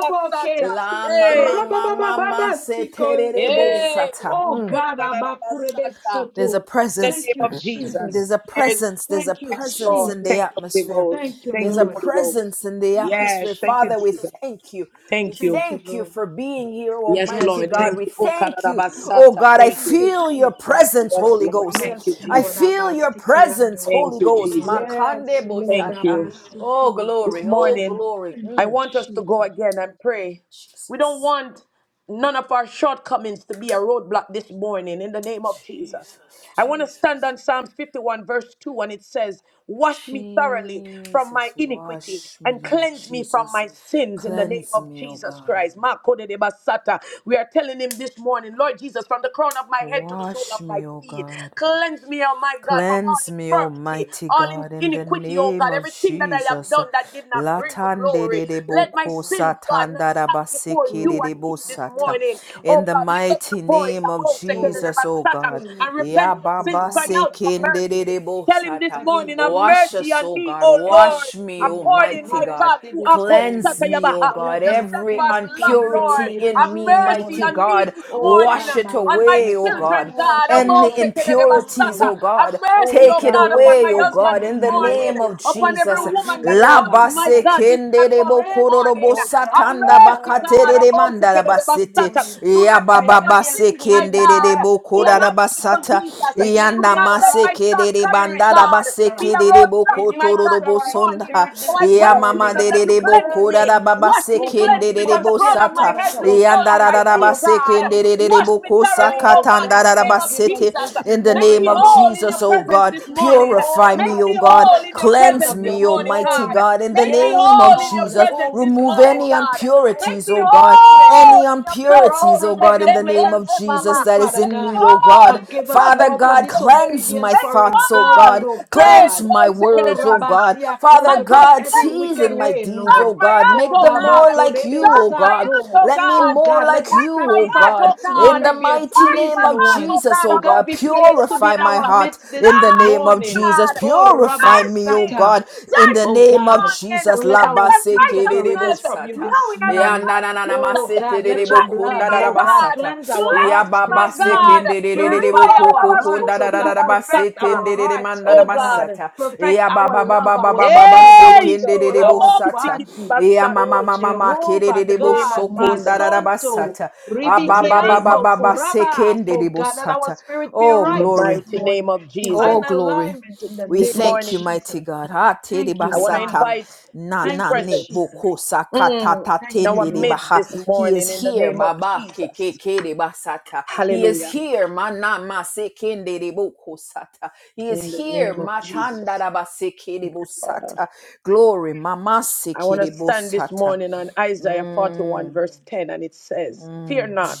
Speaker 2: Masata.
Speaker 1: La ma
Speaker 2: Hey.
Speaker 1: ma ma ma ma
Speaker 4: Rabababababasikonte.
Speaker 2: Hey.
Speaker 1: bosata.
Speaker 4: Oh
Speaker 1: Mm.
Speaker 2: Shoda
Speaker 4: God,
Speaker 2: da da da
Speaker 4: abakurebe
Speaker 2: Masata.
Speaker 1: There's a
Speaker 4: soto.
Speaker 2: In the
Speaker 1: presence
Speaker 4: Thank
Speaker 2: name
Speaker 4: you,
Speaker 2: of
Speaker 4: Jesus.
Speaker 1: There's
Speaker 2: Jesus.
Speaker 1: a
Speaker 2: There-
Speaker 1: presence. There's a
Speaker 4: Thank you,
Speaker 2: Yes,
Speaker 1: presence
Speaker 2: Lord.
Speaker 1: in the
Speaker 4: Jesus.
Speaker 2: Thank you, Holy
Speaker 1: atmosphere.
Speaker 2: Ghost.
Speaker 4: Thank you,
Speaker 1: There's
Speaker 2: Thank
Speaker 1: a
Speaker 2: you,
Speaker 4: Lord.
Speaker 2: Holy Ghost.
Speaker 1: presence in the
Speaker 4: Thank you,
Speaker 2: Yes,
Speaker 1: atmosphere.
Speaker 2: thank you,
Speaker 4: Jesus.
Speaker 1: Father, we
Speaker 2: Jesus.
Speaker 1: thank you. We
Speaker 2: Thank you.
Speaker 4: Thank you,
Speaker 1: thank you
Speaker 4: Lord.
Speaker 1: for being here,
Speaker 2: Yes,
Speaker 4: Yes,
Speaker 1: Almighty
Speaker 2: Lord.
Speaker 1: God.
Speaker 2: Thank
Speaker 4: Lord.
Speaker 1: We
Speaker 2: you. Oh,
Speaker 1: thank you. Oh
Speaker 2: Karabasata.
Speaker 1: God, I
Speaker 2: Thank
Speaker 4: Thank
Speaker 2: you.
Speaker 4: you,
Speaker 1: feel your
Speaker 4: Jesus.
Speaker 1: presence,
Speaker 2: Yes,
Speaker 1: Holy
Speaker 2: Lord.
Speaker 1: Ghost.
Speaker 2: Thank
Speaker 4: Yes,
Speaker 2: you,
Speaker 1: I
Speaker 4: Lord.
Speaker 2: Jesus.
Speaker 1: feel your presence,
Speaker 4: Abatikiando.
Speaker 1: Holy
Speaker 2: Thank you,
Speaker 1: Ghost.
Speaker 2: Jesus.
Speaker 4: Yes,
Speaker 1: Makande
Speaker 4: Lord.
Speaker 2: Thank
Speaker 1: bosata.
Speaker 2: you.
Speaker 1: Oh
Speaker 4: Abasutu.
Speaker 2: This
Speaker 1: glory. Oh
Speaker 2: morning,
Speaker 1: glory.
Speaker 4: Thank
Speaker 2: I
Speaker 4: you,
Speaker 1: Mm.
Speaker 2: want us to go
Speaker 4: Jesus.
Speaker 2: again and pray. We don't
Speaker 1: Jesus.
Speaker 2: want none of our shortcomings to be a roadblock this morning in the name of Jesus.
Speaker 1: Jesus.
Speaker 2: I want to stand
Speaker 1: Jesus.
Speaker 2: on Psalms 51, verse 2, and it says, Wash me thoroughly from my
Speaker 1: Jesus,
Speaker 2: iniquity
Speaker 1: wash me,
Speaker 2: and
Speaker 1: Lord
Speaker 2: cleanse me from
Speaker 1: Jesus.
Speaker 2: my sins in the name
Speaker 1: Cleanse
Speaker 2: of
Speaker 1: me, O
Speaker 2: Jesus
Speaker 1: God.
Speaker 2: Christ. Makodedebasata. We are telling him this morning, Lord Jesus, from the crown of my head to the sole of
Speaker 1: Wash
Speaker 2: my
Speaker 1: me, O
Speaker 2: feet,
Speaker 1: God.
Speaker 2: cleanse me, oh my God, from all
Speaker 1: Cleanse me,
Speaker 2: infirmity,
Speaker 1: Almighty
Speaker 2: all in-
Speaker 1: God, in the
Speaker 2: iniquity, oh
Speaker 1: name
Speaker 2: God,
Speaker 1: of
Speaker 2: everything that I have
Speaker 1: Jesus.
Speaker 2: done that did not God, bring you
Speaker 1: Latande
Speaker 2: glory.
Speaker 1: de de
Speaker 4: Yes,
Speaker 2: Let my
Speaker 1: boko
Speaker 4: Lord.
Speaker 2: sins, God, not
Speaker 1: satanda da
Speaker 2: stand before
Speaker 1: basiki
Speaker 2: you
Speaker 1: de
Speaker 4: Oh,
Speaker 1: de
Speaker 2: and me this
Speaker 4: God,
Speaker 1: bosata.
Speaker 4: yes,
Speaker 2: morning.
Speaker 4: Lord
Speaker 1: In
Speaker 2: Oh
Speaker 1: the
Speaker 2: God,
Speaker 4: God.
Speaker 2: lift up your
Speaker 1: mighty
Speaker 2: voice
Speaker 1: name
Speaker 2: and
Speaker 1: of
Speaker 2: go
Speaker 4: Oh,
Speaker 1: Jesus, O
Speaker 4: God,
Speaker 1: God.
Speaker 2: and
Speaker 4: cleanse me,
Speaker 2: repent
Speaker 4: O
Speaker 2: your sins.
Speaker 1: Yababa
Speaker 2: Cry
Speaker 4: Kuraba,
Speaker 2: out
Speaker 4: from
Speaker 2: for
Speaker 4: all
Speaker 1: sekinde de
Speaker 2: mercy.
Speaker 1: de
Speaker 2: Tell him
Speaker 4: unrighteousness,
Speaker 2: this
Speaker 1: bosata.
Speaker 2: morning,
Speaker 4: every
Speaker 2: have
Speaker 1: Wash
Speaker 4: iniquity.
Speaker 2: mercy
Speaker 1: us,
Speaker 2: on
Speaker 1: O
Speaker 2: me,
Speaker 1: God.
Speaker 2: O
Speaker 4: Every
Speaker 2: Lord.
Speaker 1: Wash me,
Speaker 4: sin, have
Speaker 2: According,
Speaker 1: Almighty
Speaker 2: my
Speaker 4: mercy
Speaker 1: God.
Speaker 2: God, to
Speaker 4: this
Speaker 2: Akko
Speaker 4: morning.
Speaker 1: Cleanse me, O
Speaker 2: Shatayabaha,
Speaker 4: Don't
Speaker 1: God,
Speaker 4: let
Speaker 2: your
Speaker 4: my
Speaker 1: every
Speaker 4: sin
Speaker 2: steadfast love,
Speaker 4: stand in the
Speaker 2: Lord.
Speaker 1: impurity
Speaker 4: way
Speaker 2: Have
Speaker 4: this
Speaker 1: in me,
Speaker 2: mercy
Speaker 1: mighty
Speaker 4: morning.
Speaker 2: on me
Speaker 1: God.
Speaker 2: this
Speaker 4: Oh
Speaker 2: morning,
Speaker 1: Wash
Speaker 4: God,
Speaker 1: it
Speaker 4: my
Speaker 2: on my
Speaker 1: away,
Speaker 4: weakness,
Speaker 1: O
Speaker 4: my
Speaker 2: children,
Speaker 1: God.
Speaker 2: God.
Speaker 4: faults, my
Speaker 1: Any
Speaker 4: shortcomings,
Speaker 1: impurities,
Speaker 2: Obosekedebasaka.
Speaker 1: O
Speaker 4: Lord.
Speaker 2: Have
Speaker 1: God,
Speaker 2: mercy mercy,
Speaker 4: Oh
Speaker 1: take
Speaker 2: oh
Speaker 1: it
Speaker 4: God,
Speaker 2: God,
Speaker 4: you are
Speaker 2: upon
Speaker 1: away,
Speaker 2: my
Speaker 1: O
Speaker 4: acquainted
Speaker 2: husband
Speaker 1: God,
Speaker 2: this
Speaker 1: in
Speaker 4: with
Speaker 1: the
Speaker 4: my
Speaker 2: morning,
Speaker 1: name
Speaker 4: ways.
Speaker 1: of
Speaker 2: upon
Speaker 4: Oh
Speaker 2: every
Speaker 1: Jesus.
Speaker 4: God, you
Speaker 2: woman that
Speaker 4: know my
Speaker 2: joined, my
Speaker 1: Labase
Speaker 4: heart.
Speaker 2: God, this
Speaker 1: kende de
Speaker 2: platform this
Speaker 4: Cleanse
Speaker 1: bokororo
Speaker 4: me,
Speaker 2: morning.
Speaker 4: oh
Speaker 2: Have
Speaker 4: God,
Speaker 1: bosatanda
Speaker 4: from all
Speaker 2: mercy, God,
Speaker 1: bakatere de
Speaker 4: unrighteousness
Speaker 1: mandala
Speaker 4: this
Speaker 1: basete.
Speaker 4: morning.
Speaker 2: Do
Speaker 1: Ya
Speaker 2: not let
Speaker 4: Create
Speaker 1: baba
Speaker 4: in
Speaker 2: our
Speaker 4: me a
Speaker 2: sins, my
Speaker 4: clean
Speaker 1: kende de de
Speaker 2: God,
Speaker 4: heart,
Speaker 2: be
Speaker 1: bokora
Speaker 2: an
Speaker 1: la
Speaker 4: O God.
Speaker 2: obstacle,
Speaker 1: basata.
Speaker 4: Renew
Speaker 2: Jesus.
Speaker 4: in
Speaker 2: Do
Speaker 4: me
Speaker 1: Yanda
Speaker 4: a
Speaker 2: not let
Speaker 1: mase
Speaker 2: my
Speaker 4: right
Speaker 1: kerere
Speaker 2: shortcomings,
Speaker 4: spirit,
Speaker 1: bandara
Speaker 4: oh
Speaker 2: God,
Speaker 1: basse
Speaker 2: be a
Speaker 4: God.
Speaker 1: kerere
Speaker 2: roadblock,
Speaker 1: boko
Speaker 4: Renew
Speaker 2: my
Speaker 4: us
Speaker 2: God,
Speaker 1: tororo
Speaker 4: a
Speaker 2: this
Speaker 4: right
Speaker 1: bosonda.
Speaker 2: morning.
Speaker 4: spirit
Speaker 2: So
Speaker 4: this
Speaker 2: I pray,
Speaker 1: Ya mama
Speaker 4: morning
Speaker 2: Jesus,
Speaker 4: and
Speaker 2: that
Speaker 4: have
Speaker 2: you
Speaker 1: derere
Speaker 2: cleanse
Speaker 1: boko
Speaker 2: me.
Speaker 1: rara
Speaker 4: mercy.
Speaker 2: Wash
Speaker 1: babase
Speaker 2: me,
Speaker 4: O God,
Speaker 2: cleanse me
Speaker 1: kenderere
Speaker 2: from the
Speaker 4: mercy
Speaker 2: crown of my
Speaker 1: bosata.
Speaker 4: upon us,
Speaker 2: head to the
Speaker 4: our
Speaker 2: sole of
Speaker 1: Yandara
Speaker 2: my
Speaker 4: children,
Speaker 1: rara
Speaker 2: feet,
Speaker 4: our
Speaker 1: basse
Speaker 2: God.
Speaker 1: kenderere
Speaker 4: spouses.
Speaker 2: Wash me
Speaker 1: boko
Speaker 2: thoroughly,
Speaker 4: Oh
Speaker 2: oh
Speaker 1: sakata
Speaker 2: God, in the
Speaker 1: andara
Speaker 4: God,
Speaker 2: name of
Speaker 4: forgive us
Speaker 1: basete.
Speaker 2: Jesus.
Speaker 4: this
Speaker 1: In the
Speaker 2: Make
Speaker 1: name
Speaker 2: me
Speaker 4: morning,
Speaker 1: of
Speaker 4: oh
Speaker 2: whole in your
Speaker 1: Jesus,
Speaker 4: God.
Speaker 1: O
Speaker 2: presence
Speaker 1: God,
Speaker 2: this
Speaker 4: You say,
Speaker 2: morning.
Speaker 4: All
Speaker 1: purify me,
Speaker 2: Make
Speaker 4: have
Speaker 1: O
Speaker 2: me
Speaker 1: God.
Speaker 4: sinned
Speaker 2: whole
Speaker 4: and
Speaker 2: in
Speaker 4: come
Speaker 2: your
Speaker 4: short
Speaker 1: Cleanse
Speaker 2: presence
Speaker 4: of
Speaker 2: this
Speaker 4: your
Speaker 1: me, O
Speaker 2: morning,
Speaker 1: mighty
Speaker 2: God.
Speaker 4: glory.
Speaker 1: God. In the
Speaker 2: Make me
Speaker 4: Yes,
Speaker 1: name of
Speaker 2: whole in your
Speaker 4: Lord.
Speaker 1: Jesus,
Speaker 2: presence
Speaker 4: Oh
Speaker 2: this
Speaker 1: remove
Speaker 4: God,
Speaker 2: morning,
Speaker 4: our
Speaker 1: any
Speaker 2: God.
Speaker 4: crooked
Speaker 2: Make
Speaker 4: ways
Speaker 1: impurities,
Speaker 2: me
Speaker 1: O
Speaker 4: make them
Speaker 1: God.
Speaker 4: straight.
Speaker 1: Any
Speaker 2: whole in your
Speaker 4: The
Speaker 2: presence.
Speaker 1: impurities
Speaker 2: Oh,
Speaker 4: rough
Speaker 1: impurities, oh
Speaker 4: road make
Speaker 1: God, in
Speaker 4: them
Speaker 1: the
Speaker 2: shit
Speaker 4: plain
Speaker 1: name
Speaker 4: and
Speaker 1: of Jesus
Speaker 2: mama.
Speaker 4: smooth,
Speaker 1: that is
Speaker 4: Father
Speaker 2: Make
Speaker 1: in
Speaker 2: me
Speaker 1: me,
Speaker 4: God.
Speaker 1: oh
Speaker 2: whole
Speaker 1: God.
Speaker 2: in your
Speaker 4: Forgive us,
Speaker 1: Father
Speaker 2: presence
Speaker 4: Lord,
Speaker 2: this
Speaker 4: for
Speaker 1: God,
Speaker 2: morning.
Speaker 1: cleanse my
Speaker 4: disobedience,
Speaker 2: Make
Speaker 4: for
Speaker 2: me
Speaker 1: thoughts, oh
Speaker 2: whole
Speaker 4: rebellion,
Speaker 1: God.
Speaker 2: in
Speaker 4: oh
Speaker 2: your prayer.
Speaker 1: Cleanse
Speaker 4: God.
Speaker 1: my
Speaker 2: Oh, second
Speaker 4: Oh
Speaker 2: and
Speaker 1: words,
Speaker 2: my
Speaker 1: oh God.
Speaker 2: sucker.
Speaker 4: Rabasia
Speaker 1: Father
Speaker 2: My
Speaker 4: Konto from
Speaker 2: God,
Speaker 1: God,
Speaker 4: every
Speaker 2: cleanse me.
Speaker 4: wicked
Speaker 1: season my
Speaker 4: way,
Speaker 1: deeds,
Speaker 2: Search
Speaker 1: oh
Speaker 4: Lord.
Speaker 2: my
Speaker 1: God.
Speaker 2: heart,
Speaker 4: Oh,
Speaker 1: Make
Speaker 2: oh
Speaker 1: them
Speaker 4: Baba,
Speaker 1: more
Speaker 2: God.
Speaker 1: like you,
Speaker 4: Korebe
Speaker 2: Search
Speaker 1: oh
Speaker 2: my
Speaker 1: God.
Speaker 2: heart,
Speaker 4: Sato.
Speaker 2: oh
Speaker 1: Let me
Speaker 2: God.
Speaker 4: Oh,
Speaker 1: more
Speaker 4: God, let
Speaker 1: like
Speaker 4: this
Speaker 1: you,
Speaker 2: Search my
Speaker 1: oh
Speaker 4: sacrifice
Speaker 2: heart,
Speaker 1: God.
Speaker 2: oh
Speaker 4: this
Speaker 2: God.
Speaker 1: In the
Speaker 4: morning be a
Speaker 1: mighty
Speaker 2: Search
Speaker 1: name
Speaker 2: my
Speaker 4: pleasing
Speaker 1: of
Speaker 2: heart,
Speaker 4: one.
Speaker 1: Jesus, oh
Speaker 4: Oh,
Speaker 2: oh
Speaker 4: God,
Speaker 1: God.
Speaker 4: be pleased to be
Speaker 1: Purify
Speaker 4: in
Speaker 2: God.
Speaker 1: my
Speaker 4: our
Speaker 1: heart
Speaker 4: midst
Speaker 1: in
Speaker 4: this
Speaker 1: the
Speaker 2: Search
Speaker 1: name
Speaker 2: me,
Speaker 1: of
Speaker 4: morning.
Speaker 1: Jesus.
Speaker 2: God.
Speaker 4: Oh, Rabba
Speaker 1: Purify
Speaker 2: Search
Speaker 1: me,
Speaker 2: me.
Speaker 1: oh
Speaker 4: Sata.
Speaker 1: God, in
Speaker 2: Search
Speaker 1: the
Speaker 2: me
Speaker 4: Oh
Speaker 2: this
Speaker 1: name of Jesus.
Speaker 4: God,
Speaker 2: morning.
Speaker 1: Jesus
Speaker 4: don't let
Speaker 2: Every
Speaker 4: our
Speaker 1: labase
Speaker 4: sin separate us
Speaker 2: unrighteousness,
Speaker 4: from you
Speaker 1: kerebosata.
Speaker 4: this
Speaker 2: knowing and
Speaker 1: Ya
Speaker 4: morning.
Speaker 1: na na
Speaker 2: unknowing,
Speaker 1: na na
Speaker 4: Oh
Speaker 2: Jesus.
Speaker 1: masete
Speaker 4: God, let
Speaker 1: rebo
Speaker 4: your
Speaker 2: Cleanse me,
Speaker 4: blood,
Speaker 1: kunda da
Speaker 2: my
Speaker 1: da
Speaker 4: oh God,
Speaker 2: God.
Speaker 1: basata.
Speaker 4: cleanse our
Speaker 1: Ya
Speaker 2: Cleanse me,
Speaker 4: hearts
Speaker 2: my
Speaker 1: baba
Speaker 4: this
Speaker 1: se
Speaker 4: morning.
Speaker 2: God.
Speaker 1: kende rebo
Speaker 4: Purify our
Speaker 1: koko kunda
Speaker 4: hearts,
Speaker 1: da
Speaker 4: oh
Speaker 1: da da
Speaker 4: God.
Speaker 1: da
Speaker 4: Perfect
Speaker 1: basete
Speaker 2: Ribababababasukudidibasata.
Speaker 4: our
Speaker 1: ndere
Speaker 4: hearts,
Speaker 1: manda da
Speaker 2: Oh
Speaker 4: oh God.
Speaker 2: God.
Speaker 1: basata.
Speaker 4: Perfect
Speaker 1: Ya
Speaker 4: our
Speaker 1: baba baba
Speaker 4: love, our
Speaker 1: baba baba
Speaker 4: spirit,
Speaker 1: se
Speaker 4: our
Speaker 2: Hey,
Speaker 1: kende
Speaker 4: soul,
Speaker 1: rebo
Speaker 4: our
Speaker 1: sata.
Speaker 4: body.
Speaker 1: Ya
Speaker 2: Robosikidibasata.
Speaker 1: mama
Speaker 4: Oh
Speaker 1: mama mama kere
Speaker 2: in
Speaker 4: Jehovah
Speaker 2: the
Speaker 1: rebo
Speaker 2: name of
Speaker 4: God, my
Speaker 1: sokunda
Speaker 2: Jesus.
Speaker 1: da da
Speaker 4: santo,
Speaker 1: basata.
Speaker 2: In the
Speaker 1: Ababa
Speaker 2: name
Speaker 1: baba
Speaker 2: of
Speaker 4: ribikianto,
Speaker 1: baba
Speaker 2: Jesus.
Speaker 1: se
Speaker 4: koraba.
Speaker 1: kende
Speaker 4: Oh
Speaker 1: rebo
Speaker 4: God, let our
Speaker 1: sata.
Speaker 4: spirit be
Speaker 1: Oh
Speaker 2: In
Speaker 4: right
Speaker 2: the
Speaker 1: glory.
Speaker 4: this
Speaker 2: mighty
Speaker 4: morning.
Speaker 2: name of Jesus.
Speaker 1: Oh,
Speaker 4: Divine
Speaker 1: glory.
Speaker 4: alignment in the
Speaker 1: We
Speaker 2: This
Speaker 4: name of
Speaker 1: thank you,
Speaker 2: morning,
Speaker 1: mighty
Speaker 4: Jesus.
Speaker 1: God. Ha te de
Speaker 4: Thank
Speaker 2: I
Speaker 4: you,
Speaker 2: want to
Speaker 1: basata
Speaker 4: Father.
Speaker 2: invite
Speaker 1: na
Speaker 2: his
Speaker 4: Thank
Speaker 1: na
Speaker 4: you,
Speaker 1: ne
Speaker 2: presence.
Speaker 4: Jesus.
Speaker 1: boko sakata
Speaker 2: Mm,
Speaker 1: ta
Speaker 4: Thank
Speaker 2: in
Speaker 4: you,
Speaker 2: our
Speaker 1: tende de
Speaker 4: Lord.
Speaker 2: midst
Speaker 1: baha.
Speaker 2: this
Speaker 1: He
Speaker 2: morning
Speaker 1: is
Speaker 2: in the
Speaker 1: here,
Speaker 2: name of
Speaker 1: baba ke ke
Speaker 2: Jesus.
Speaker 1: ke de basata. He is
Speaker 2: Hallelujah.
Speaker 1: here, mana masekende de boko sata. He is
Speaker 2: In the
Speaker 1: here,
Speaker 2: name of
Speaker 1: matanda
Speaker 2: Jesus.
Speaker 1: da baseke de
Speaker 2: Thank you, Father.
Speaker 1: bosata. Glory, mama
Speaker 2: I
Speaker 1: seke
Speaker 2: want to
Speaker 1: de
Speaker 2: stand this
Speaker 1: bosata.
Speaker 2: morning on Isaiah 41,
Speaker 1: Mm,
Speaker 2: verse 10, and it says, Fear
Speaker 1: mm,
Speaker 2: not,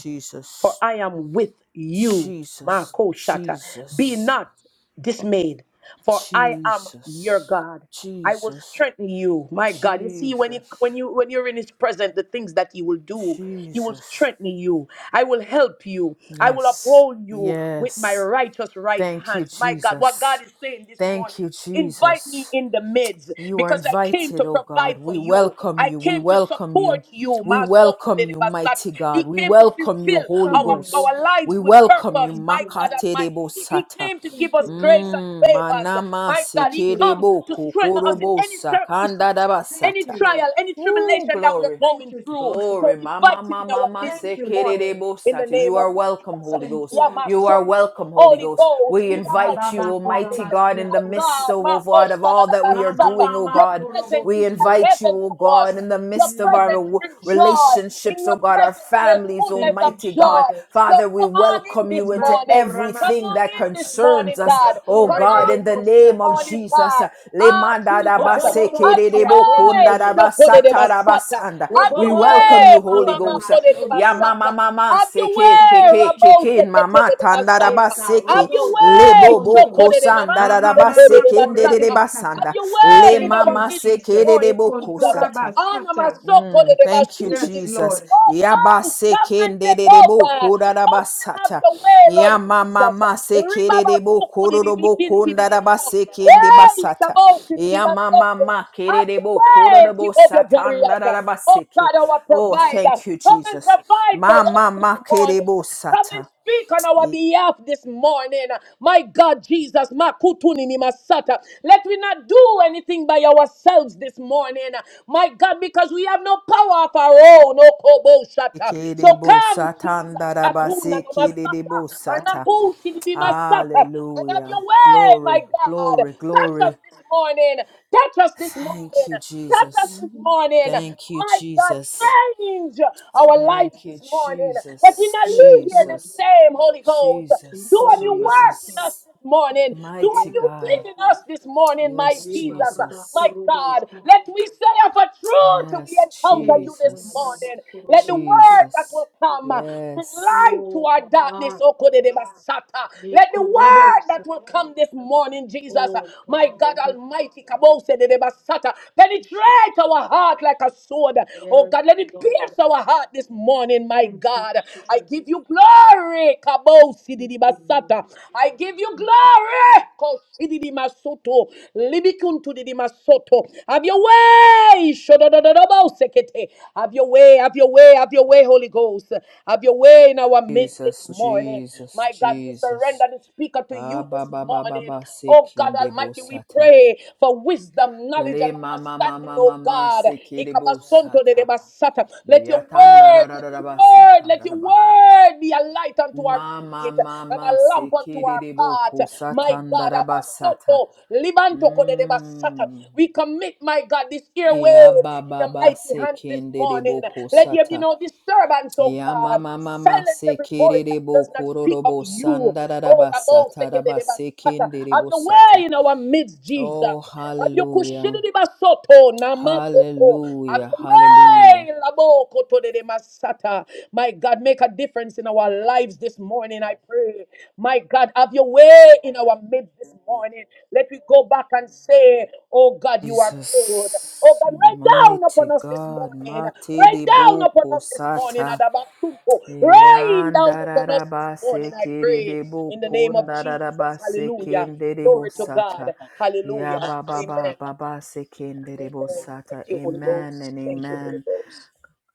Speaker 2: for I am with you,
Speaker 1: Jesus,
Speaker 2: Marco Shata. Be
Speaker 1: Jesus.
Speaker 2: not dismayed, for I am your
Speaker 1: Jesus,
Speaker 2: God. I will
Speaker 1: Jesus,
Speaker 2: strengthen you, my God. You see, when you
Speaker 1: Jesus,
Speaker 2: when you when you're in His presence, the things that He will do, He will
Speaker 1: Jesus.
Speaker 2: strengthen you. I will help you. I will
Speaker 1: Yes,
Speaker 2: uphold you with my
Speaker 1: yes.
Speaker 2: righteous right
Speaker 1: Thank you,
Speaker 2: hands, my God. What God
Speaker 1: Jesus.
Speaker 2: is saying this
Speaker 1: Thank
Speaker 2: morning
Speaker 1: you,
Speaker 2: Invite me
Speaker 1: Jesus.
Speaker 2: in the midst
Speaker 1: You are
Speaker 2: because I came to
Speaker 1: invited, oh God.
Speaker 2: provide for
Speaker 1: We
Speaker 2: you.
Speaker 1: welcome
Speaker 2: I
Speaker 1: you. We
Speaker 2: came to
Speaker 1: welcome you.
Speaker 2: support you.
Speaker 1: We welcome you,
Speaker 2: Masokodelebasata.
Speaker 1: mighty
Speaker 2: He
Speaker 1: God. We
Speaker 2: came to
Speaker 1: welcome you,
Speaker 2: fulfill
Speaker 1: Holy
Speaker 4: Come
Speaker 2: our,
Speaker 4: on,
Speaker 1: Ghost.
Speaker 2: our
Speaker 4: Lord.
Speaker 1: We
Speaker 2: lives with
Speaker 1: welcome you,
Speaker 2: purpose.
Speaker 4: Thank
Speaker 2: My
Speaker 4: you,
Speaker 2: God
Speaker 4: Lord.
Speaker 2: Almighty.
Speaker 1: Makaterebo
Speaker 2: He
Speaker 1: Sata.
Speaker 2: came to give
Speaker 4: Thank
Speaker 2: us
Speaker 4: you,
Speaker 2: grace
Speaker 4: Baba.
Speaker 2: and
Speaker 1: Mm,
Speaker 2: favors.
Speaker 1: manama
Speaker 2: My God, He
Speaker 4: Thank you,
Speaker 2: come
Speaker 4: Baba.
Speaker 1: sekerebo
Speaker 2: to
Speaker 4: Thank
Speaker 2: strengthen us in
Speaker 4: you.
Speaker 1: kokorobo
Speaker 2: any
Speaker 1: sakanda
Speaker 2: circumstances,
Speaker 4: Thank
Speaker 2: any
Speaker 1: dabasata.
Speaker 4: you.
Speaker 2: trial, any
Speaker 1: Ooh,
Speaker 2: tribulation that we're
Speaker 1: glory.
Speaker 4: Thank
Speaker 2: going
Speaker 4: you,
Speaker 2: through.
Speaker 4: Jesus.
Speaker 2: So
Speaker 1: Glory. Mama,
Speaker 2: invite Him
Speaker 1: mama,
Speaker 2: in our
Speaker 1: mama,
Speaker 2: midst
Speaker 4: Thank
Speaker 2: this
Speaker 4: you,
Speaker 2: morning
Speaker 4: Lord.
Speaker 2: in
Speaker 1: sekerebosa.
Speaker 2: the
Speaker 1: You
Speaker 2: name of
Speaker 1: are welcome,
Speaker 2: Jesus.
Speaker 1: Holy
Speaker 4: Thank
Speaker 1: Ghost.
Speaker 4: you,
Speaker 1: You
Speaker 4: Baba.
Speaker 2: Yamasoto.
Speaker 1: are welcome, Holy
Speaker 2: Holy
Speaker 1: Ghost.
Speaker 2: Ghost,
Speaker 1: We
Speaker 2: we
Speaker 4: Oh,
Speaker 2: honor you
Speaker 1: invite
Speaker 4: Baba,
Speaker 2: this
Speaker 1: you,
Speaker 4: Baba,
Speaker 1: Almighty
Speaker 2: morning.
Speaker 1: God, in
Speaker 4: Kurabasia,
Speaker 1: the
Speaker 2: My
Speaker 4: Kuntu.
Speaker 1: midst,
Speaker 2: God,
Speaker 1: oh
Speaker 2: my
Speaker 1: God,
Speaker 2: host,
Speaker 1: of all that we are
Speaker 4: Mama,
Speaker 1: doing, oh
Speaker 2: your
Speaker 4: Mama,
Speaker 1: God.
Speaker 2: presence
Speaker 1: We
Speaker 2: is like
Speaker 4: Kurabosia.
Speaker 1: invite you,
Speaker 2: heaven
Speaker 1: oh
Speaker 2: to
Speaker 1: God,
Speaker 2: us.
Speaker 1: in the
Speaker 2: Your
Speaker 1: midst of our
Speaker 2: presence
Speaker 4: Mm.
Speaker 1: w-
Speaker 2: brings joy. In
Speaker 1: relationships, oh
Speaker 2: your
Speaker 1: God, our
Speaker 2: presence, there's
Speaker 1: families,
Speaker 2: fullness
Speaker 4: Thank you,
Speaker 2: of
Speaker 1: Almighty God.
Speaker 2: joy.
Speaker 4: Jesus.
Speaker 2: So
Speaker 1: Father, we
Speaker 2: come on in
Speaker 1: welcome you
Speaker 2: this
Speaker 1: into
Speaker 2: morning. Come
Speaker 1: everything
Speaker 2: on
Speaker 1: that
Speaker 2: in
Speaker 4: Maturamasata.
Speaker 1: concerns
Speaker 2: this morning,
Speaker 1: concerns us.
Speaker 2: God.
Speaker 1: Oh
Speaker 2: Come
Speaker 1: God,
Speaker 2: on
Speaker 1: in the
Speaker 2: in this
Speaker 1: name of
Speaker 4: Urebebekosata.
Speaker 2: morning,
Speaker 1: Jesus.
Speaker 2: God. Ah, Jesus. Have your
Speaker 4: Obobobosia,
Speaker 2: way,
Speaker 4: Kuntu.
Speaker 2: Shokorebasata.
Speaker 4: Bo-
Speaker 2: Have
Speaker 4: bo-
Speaker 1: We
Speaker 2: your
Speaker 4: bo- bo-
Speaker 1: welcome
Speaker 4: bo-
Speaker 1: you,
Speaker 2: way,
Speaker 1: Holy
Speaker 4: kura
Speaker 2: Mama
Speaker 4: la
Speaker 1: Ghost.
Speaker 4: masonto.
Speaker 2: Makorebasata. Have your
Speaker 1: yamamamamaseke
Speaker 4: Thank
Speaker 1: ke
Speaker 4: you,
Speaker 2: way,
Speaker 1: ke
Speaker 2: Rabo
Speaker 4: Jesus.
Speaker 2: Rabosekerebasata.
Speaker 4: Eka
Speaker 2: Have your
Speaker 4: robo
Speaker 2: way,
Speaker 4: siakonto.
Speaker 2: Shokore Mama
Speaker 4: Mama mama korebe
Speaker 2: Tibokorebasata. Have
Speaker 4: sata.
Speaker 2: your way in
Speaker 4: Thank
Speaker 2: our
Speaker 4: you,
Speaker 2: midst this
Speaker 4: Jesus.
Speaker 1: de
Speaker 2: morning, Jesus.
Speaker 4: Ekontora
Speaker 1: bokosata
Speaker 2: Ana
Speaker 4: basata.
Speaker 1: Mm, Thank you,
Speaker 2: Masokorebasata.
Speaker 4: Yes,
Speaker 1: Jesus.
Speaker 4: Lord.
Speaker 2: Holy Ghost,
Speaker 1: Yabase
Speaker 2: come and take
Speaker 1: kenderebo
Speaker 2: over. Come and Have
Speaker 1: kurarabasata.
Speaker 2: your way, Lord Jesus.
Speaker 1: Yamamama
Speaker 2: Ribaba
Speaker 1: sekerebo
Speaker 2: suku di di
Speaker 1: kororobo
Speaker 2: bikinti di di baba.
Speaker 1: kondarabase
Speaker 2: Hey,
Speaker 1: kendebasata.
Speaker 2: shaboti di di basonto.
Speaker 1: Yamamama
Speaker 2: Have your
Speaker 1: kererebo
Speaker 2: way,
Speaker 1: kororobo
Speaker 2: Jehovah Jireh. Oh
Speaker 1: satandarabaseke.
Speaker 2: God, our
Speaker 1: Oh,
Speaker 2: provider.
Speaker 1: thank you,
Speaker 2: Come and
Speaker 1: Jesus.
Speaker 2: provide for us
Speaker 1: Mama ma
Speaker 2: this morning.
Speaker 1: makerebo
Speaker 2: Come and
Speaker 1: sata.
Speaker 2: speak on our behalf this morning. My God, Jesus, makutuni ni masata. Let we not do anything by ourselves this morning. My God, because we have no power of our Oh, no kobo shata. So
Speaker 1: Kerebo
Speaker 2: come, Jesus. Katuna
Speaker 1: satandarabase
Speaker 2: no
Speaker 1: kere
Speaker 2: masata.
Speaker 1: debo sata.
Speaker 2: Anapushi di masata. And have
Speaker 1: Hallelujah.
Speaker 2: your way, my
Speaker 1: Glory,
Speaker 2: God.
Speaker 1: glory,
Speaker 2: Touch us
Speaker 1: glory.
Speaker 2: this morning. Touch us this
Speaker 1: Thank
Speaker 2: morning.
Speaker 1: you,
Speaker 2: Touch us
Speaker 1: Jesus.
Speaker 2: this
Speaker 4: Mhm.
Speaker 2: morning.
Speaker 1: Thank you,
Speaker 2: My God,
Speaker 1: Jesus.
Speaker 2: change our
Speaker 1: Thank
Speaker 2: lives
Speaker 1: you,
Speaker 2: this morning. That we
Speaker 1: Jesus.
Speaker 2: not
Speaker 4: Yes,
Speaker 2: leave here the
Speaker 4: Lord.
Speaker 1: Jesus.
Speaker 2: same, Holy Ghost.
Speaker 1: Jesus.
Speaker 2: Do a new
Speaker 4: Ekoraba.
Speaker 2: work in
Speaker 1: Jesus.
Speaker 2: us this morning? Do what
Speaker 1: Mighty
Speaker 4: Yes,
Speaker 2: you
Speaker 4: Lord.
Speaker 1: God.
Speaker 2: think in us this morning, my
Speaker 1: Yes,
Speaker 4: Ye
Speaker 2: Jesus,
Speaker 4: baba ba
Speaker 2: my
Speaker 1: Jesus.
Speaker 4: korobo
Speaker 2: God. Let
Speaker 4: sata.
Speaker 2: we say of a truth till we
Speaker 1: Yes,
Speaker 2: encounter you this
Speaker 4: Eka
Speaker 1: Jesus.
Speaker 4: baba
Speaker 2: morning. Let the
Speaker 4: korobo
Speaker 2: word
Speaker 4: sata.
Speaker 2: that
Speaker 1: Jesus.
Speaker 2: will come bring
Speaker 1: Yes.
Speaker 2: light to
Speaker 4: Oh,
Speaker 2: our darkness.
Speaker 4: baba.
Speaker 2: Oh, kodedebasata. Let the word that
Speaker 4: Mikorobosa.
Speaker 2: will come this morning, Jesus,
Speaker 4: Oh
Speaker 2: my
Speaker 4: God,
Speaker 2: God
Speaker 4: oh we
Speaker 2: Almighty, kabosededebasata, penetrate our heart like a sword. Oh
Speaker 4: Yes,
Speaker 2: God, let it
Speaker 4: Lord.
Speaker 2: pierce our heart this morning, my
Speaker 4: Thank you,
Speaker 2: God.
Speaker 4: Jesus.
Speaker 2: I give you glory. Hey, Kabo
Speaker 4: Thank
Speaker 2: sididi
Speaker 4: you, Lord.
Speaker 2: basata. I give you
Speaker 4: Thank you,
Speaker 2: glory.
Speaker 4: Jesus.
Speaker 2: Ko sididi masoto. Libikun to didi masoto. Have your way. shododododobo sekete. Have your way. Have your way. Have your way, Holy Ghost. Have your way in our midst this
Speaker 1: Jesus,
Speaker 2: morning.
Speaker 1: Jesus,
Speaker 2: My God, we
Speaker 1: Jesus.
Speaker 2: surrender the speaker to
Speaker 1: Ah,
Speaker 2: you
Speaker 1: ba
Speaker 2: this
Speaker 1: ba ba ba
Speaker 2: morning.
Speaker 1: ba,
Speaker 2: Oh God
Speaker 1: sekinde
Speaker 2: Almighty, we
Speaker 1: bosata.
Speaker 2: pray for wisdom, knowledge,
Speaker 1: Le
Speaker 2: and
Speaker 1: mama mama
Speaker 2: understanding,
Speaker 1: mama ma
Speaker 2: oh
Speaker 1: ma ma,
Speaker 2: God.
Speaker 1: sekinde
Speaker 2: Ikabasonto de debasata. Let your
Speaker 1: Yatanda
Speaker 2: word, let let your word,
Speaker 1: rararabasata
Speaker 2: let your
Speaker 1: rarabaha.
Speaker 2: word be a light unto our
Speaker 1: Ma ma
Speaker 2: feet
Speaker 1: ma
Speaker 2: and
Speaker 1: ma
Speaker 2: a lamp unto our path.
Speaker 1: sekiriribuku
Speaker 2: My
Speaker 1: satanda
Speaker 2: God,
Speaker 1: rabasata.
Speaker 2: Abasoto, Libanto Kodedebasata.
Speaker 1: hmm
Speaker 2: we commit, my God, this airway
Speaker 1: Ya ba
Speaker 2: in
Speaker 1: ba
Speaker 2: the
Speaker 1: ba
Speaker 2: mighty hands this morning.
Speaker 1: sekindiribuku
Speaker 2: Let there be
Speaker 1: sata.
Speaker 2: no disturbance, oh
Speaker 1: Ya ma
Speaker 2: God.
Speaker 1: ma ma ma
Speaker 2: Silence every voice that does not
Speaker 1: sekiriribuku
Speaker 2: speak of
Speaker 1: rorobo
Speaker 2: you.
Speaker 1: sanda
Speaker 2: Oh, Abasoto
Speaker 1: rarabasata
Speaker 2: Kodedebasata. have
Speaker 1: rabasekindiribu
Speaker 2: your
Speaker 1: sata.
Speaker 2: way in our midst,
Speaker 1: Oh,
Speaker 2: Jesus. Have your
Speaker 1: hallelujah.
Speaker 2: kushiri basoto namakoto. Have
Speaker 1: Hallelujah.
Speaker 2: your
Speaker 1: Hallelujah.
Speaker 2: way Labo labokoto de de masata. My God, make a difference in our lives this morning. I pray. My God, have your way in our midst this morning. Let we go back and say, Oh God, you are good. Oh
Speaker 1: Jesus,
Speaker 2: God, rain down upon
Speaker 1: mighty
Speaker 2: us this
Speaker 1: God,
Speaker 2: morning.
Speaker 1: mighty
Speaker 2: Rain
Speaker 1: de
Speaker 2: down upon
Speaker 1: boko
Speaker 2: us this morning.
Speaker 1: sata,
Speaker 2: Adabasuto. Rain down upon us this
Speaker 1: yandararaba
Speaker 2: morning. I
Speaker 1: sekiri
Speaker 2: pray
Speaker 1: de
Speaker 2: in the
Speaker 1: boko,
Speaker 2: name of Jesus.
Speaker 1: ndararaba
Speaker 2: Hallelujah.
Speaker 1: sekende de
Speaker 2: Glory to God.
Speaker 1: bosata,
Speaker 2: Hallelujah.
Speaker 1: yababa
Speaker 2: Amen.
Speaker 1: baba
Speaker 2: Amen.
Speaker 1: baba sekende de bosata.
Speaker 2: Thank you, Holy
Speaker 1: Amen
Speaker 2: Ghost.
Speaker 1: and
Speaker 2: Thank you, Holy
Speaker 1: amen.
Speaker 2: Ghost.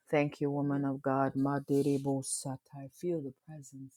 Speaker 1: Thank you, woman of God, mighty de bosata. I feel the presence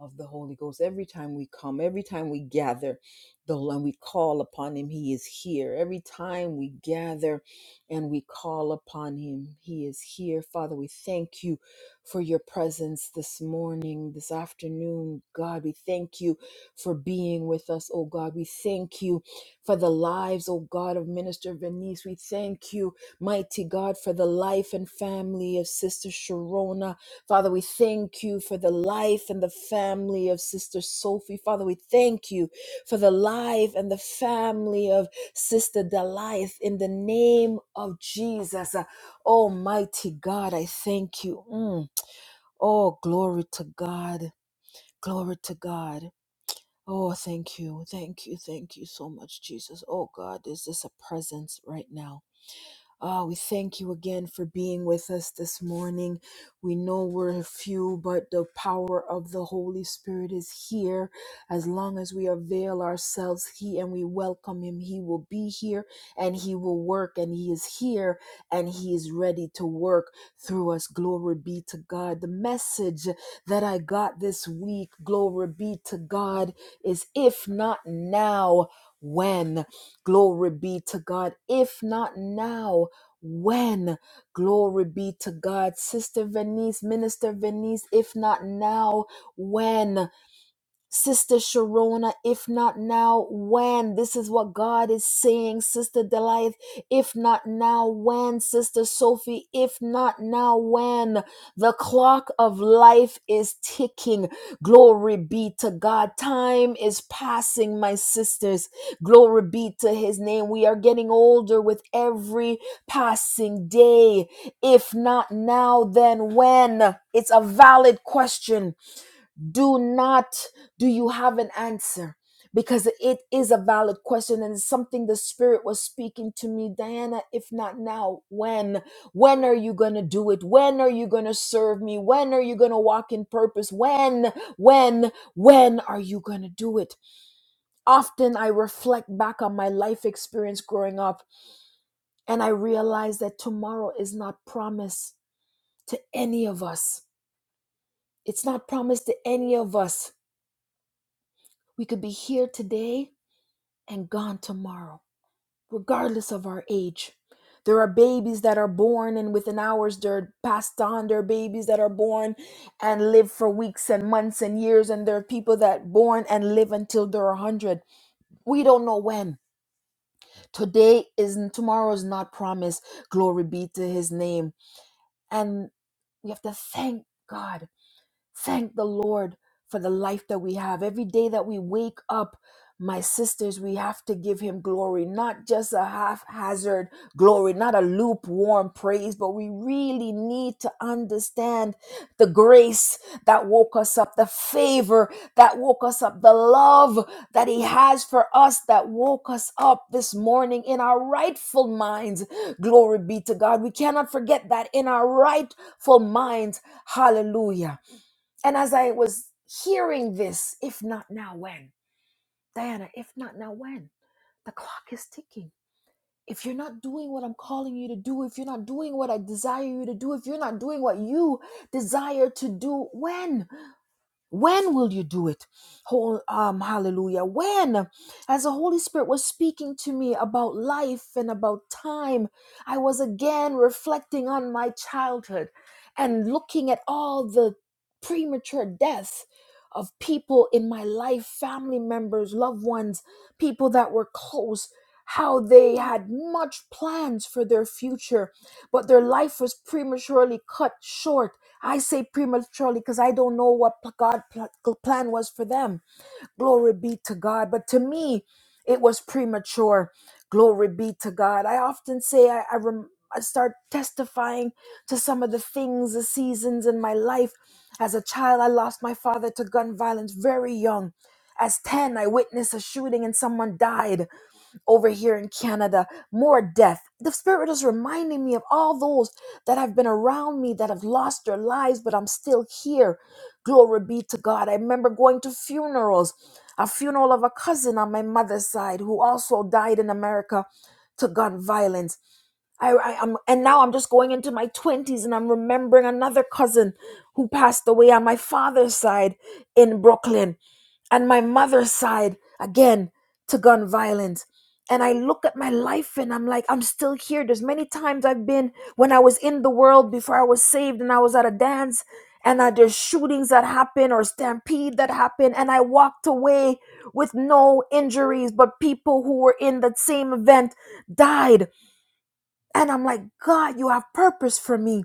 Speaker 1: of the Holy Ghost. Every time we come, every time we gather, the and we call upon Him, He is here. Every time we gather and we call upon Him, He is here. Father, we thank you for your presence this morning, this afternoon. God, we thank you for being with us, oh God. We thank you for the lives, oh God, of Minister Venice. We thank you, mighty God, for the life and family of Sister Sharona. Father, we thank you for the life and the family of Sister Sophie. Father, we thank you for the life and the family of Sister Deliath in the name of Jesus. Uh, Almighty God, I thank you. Mm. Oh, glory to God. Glory to God. Oh, thank you. Thank you. Thank you so much, Jesus. Oh, God, is this a presence right now? Ah, we thank you again for being with us this morning. We know we're few, but the power of the Holy Spirit is here. As long as we avail ourselves, He and we welcome Him, He will be here and He will work, and He is here and He is ready to work through us. Glory be to God. The message that I got this week, glory be to God, is if not now, when? Glory be to God. If not now, when? Glory be to God. Sister Venice, Minister Venice, if not now, when? Sister Sharona, if not now, when? This is what God is saying, Sister Delight. If not now, when? Sister Sophie, if not now, when? The clock of life is ticking. Glory be to God. Time is passing, my sisters. Glory be to His name. We are getting older with every passing day. If not now, then when? It's a valid question do not do you have an answer because it is a valid question and it's something the spirit was speaking to me diana if not now when when are you going to do it when are you going to serve me when are you going to walk in purpose when when when are you going to do it often i reflect back on my life experience growing up and i realize that tomorrow is not promised to any of us it's not promised to any of us we could be here today and gone tomorrow, regardless of our age. There are babies that are born and within hours they're passed on. There are babies that are born and live for weeks and months and years. And there are people that born and live until they're 100. We don't know when. Today is tomorrow is not promised. Glory be to his name. And we have to thank God Thank the Lord for the life that we have. Every day that we wake up, my sisters, we have to give him glory, not just a haphazard glory, not a lukewarm praise, but we really need to understand the grace that woke us up, the favor that woke us up, the love that he has for us that woke us up this morning in our rightful minds. Glory be to God. We cannot forget that in our rightful minds. Hallelujah. And as I was hearing this, if not now, when? Diana, if not now, when? The clock is ticking. If you're not doing what I'm calling you to do, if you're not doing what I desire you to do, if you're not doing what you desire to do, when? When will you do it? Whole um, hallelujah. When? As the Holy Spirit was speaking to me about life and about time, I was again reflecting on my childhood and looking at all the premature deaths of people in my life, family members, loved ones, people that were close, how they had much plans for their future, but their life was prematurely cut short I say prematurely because I don't know what pl- God pl- plan was for them. Glory be to God. But to me, it was premature. Glory be to God. I often say I, I, rem- I start testifying to some of the things, the seasons in my life. As a child, I lost my father to gun violence very young. As 10, I witnessed a shooting and someone died over here in Canada, more death. The Spirit is reminding me of all those that have been around me that have lost their lives, but I'm still here. Glory be to God. I remember going to funerals, a funeral of a cousin on my mother's side who also died in America to gun violence. I, I, am and now I'm just going into my 20s and I'm remembering another cousin who passed away on my father's side in Brooklyn and my mother's side again to gun violence and i look at my life and i'm like i'm still here there's many times i've been when i was in the world before i was saved and i was at a dance and uh, there's shootings that happen or stampede that happen and i walked away with no injuries but people who were in that same event died and I'm like, God, you have purpose for me.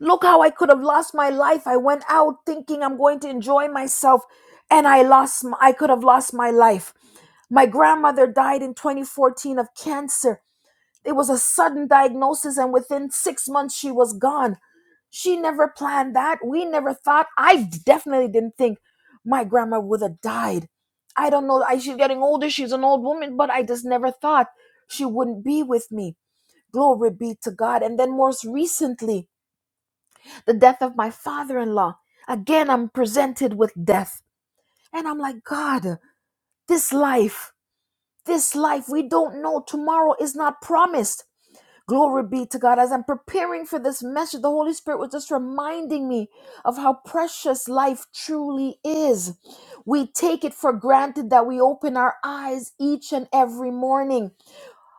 Speaker 1: Look how I could have lost my life. I went out thinking I'm going to enjoy myself and I lost m- I could have lost my life. My grandmother died in 2014 of cancer. It was a sudden diagnosis and within 6 months she was gone. She never planned that. We never thought. I definitely didn't think my grandma would have died. I don't know. I, she's getting older. She's an old woman, but I just never thought she wouldn't be with me. Glory be to God. And then, most recently, the death of my father in law. Again, I'm presented with death. And I'm like, God, this life, this life, we don't know. Tomorrow is not promised. Glory be to God. As I'm preparing for this message, the Holy Spirit was just reminding me of how precious life truly is. We take it for granted that we open our eyes each and every morning.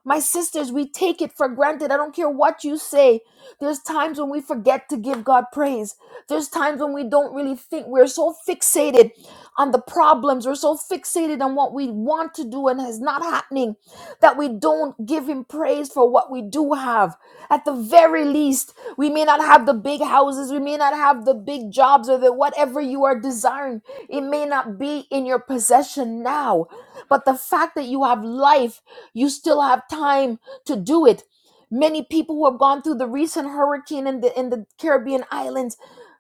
Speaker 1: My sisters, we take it for granted. I don't care what you say. There's times when we forget to give God praise. There's times when we don't really think. We're so fixated on the problems. We're so fixated on what we want to do and is not happening that we don't give Him praise for what we do have. At the very least, we may not have the big houses. We may not have the big jobs or the whatever you are desiring. It may not be in your possession now. But the fact that you have life, you still have time to do it. Many people who have gone through the recent hurricane in the in the Caribbean islands,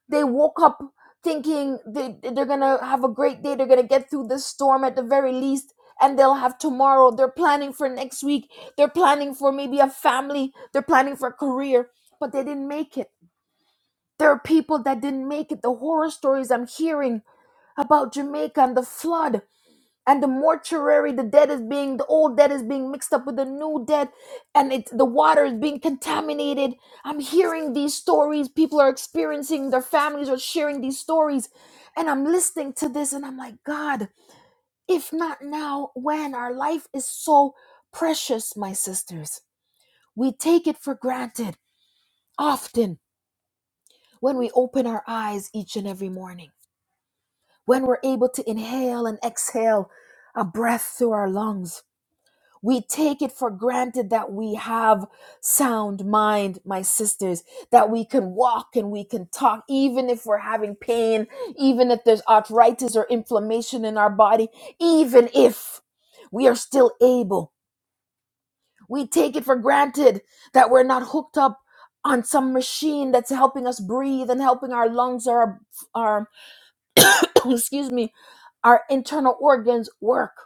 Speaker 1: they woke up thinking they, they're gonna have a great day. They're gonna get through this storm at the very least, and they'll have tomorrow. They're planning for next week. They're planning for maybe a family. They're planning for a career, but they didn't make it. There are people that didn't make it. The horror stories I'm hearing about Jamaica and the flood and the mortuary the dead is being the old dead is being mixed up with the new dead and it's the water is being contaminated i'm hearing these stories people are experiencing their families are sharing these stories and i'm listening to this and i'm like god if not now when our life is so precious my sisters we take it for granted often when we open our eyes each and every morning when we're able to inhale and exhale a breath through our lungs We take it for granted that we have sound mind, my sisters, that we can walk and we can talk, even if we're having pain, even if there's arthritis or inflammation in our body, even if we are still able. We take it for granted that we're not hooked up on some machine that's helping us breathe and helping our lungs or our, our excuse me, our internal organs work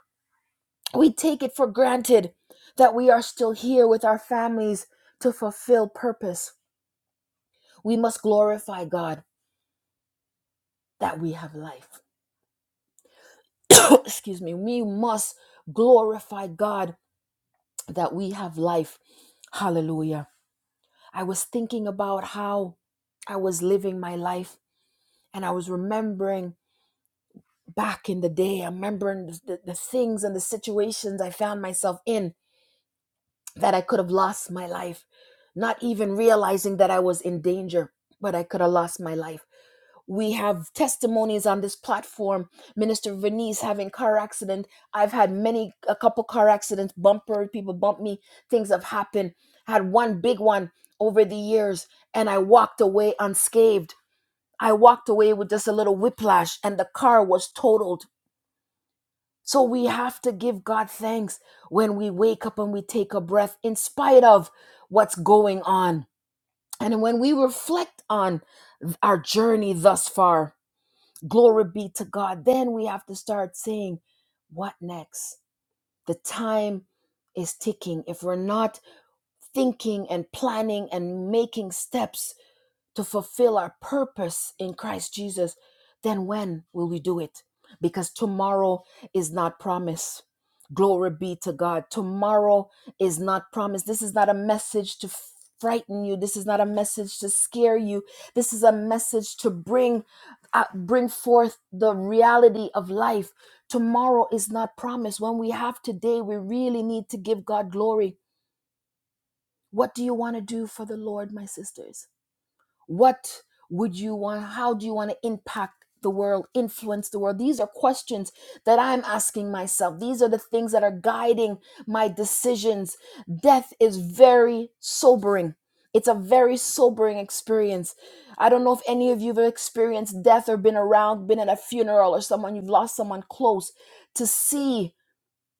Speaker 1: we take it for granted that we are still here with our families to fulfill purpose. We must glorify God that we have life. Excuse me. We must glorify God that we have life. Hallelujah. I was thinking about how I was living my life and I was remembering back in the day, I'm remembering the, the things and the situations I found myself in that I could have lost my life, not even realizing that I was in danger, but I could have lost my life. We have testimonies on this platform. Minister Venice having car accident. I've had many, a couple car accidents, bumper, people bump me, things have happened. Had one big one over the years, and I walked away unscathed. I walked away with just a little whiplash, and the car was totaled so we have to give God thanks when we wake up and we take a breath in spite of what's going on. And when we reflect on our journey thus far, glory be to God, then we have to start saying, what next? The time is ticking. If we're not thinking and planning and making steps, to fulfill our purpose in Christ Jesus, then when will we do it? Because tomorrow is not promised. Glory be to God. Tomorrow is not promised. This is not a message to frighten you. This is not a message to scare you. This is a message to bring uh, bring forth the reality of life. Tomorrow is not promised. When we have today, we really need to give God glory. What do you want to do for the Lord, my sisters? What would you want? How do you want to impact the world, influence the world? These are questions that I'm asking myself. These are the things that are guiding my decisions. Death is very sobering. It's a very sobering experience. I don't know if any of you have experienced death or been around, been at a funeral or someone, you've lost someone close. To see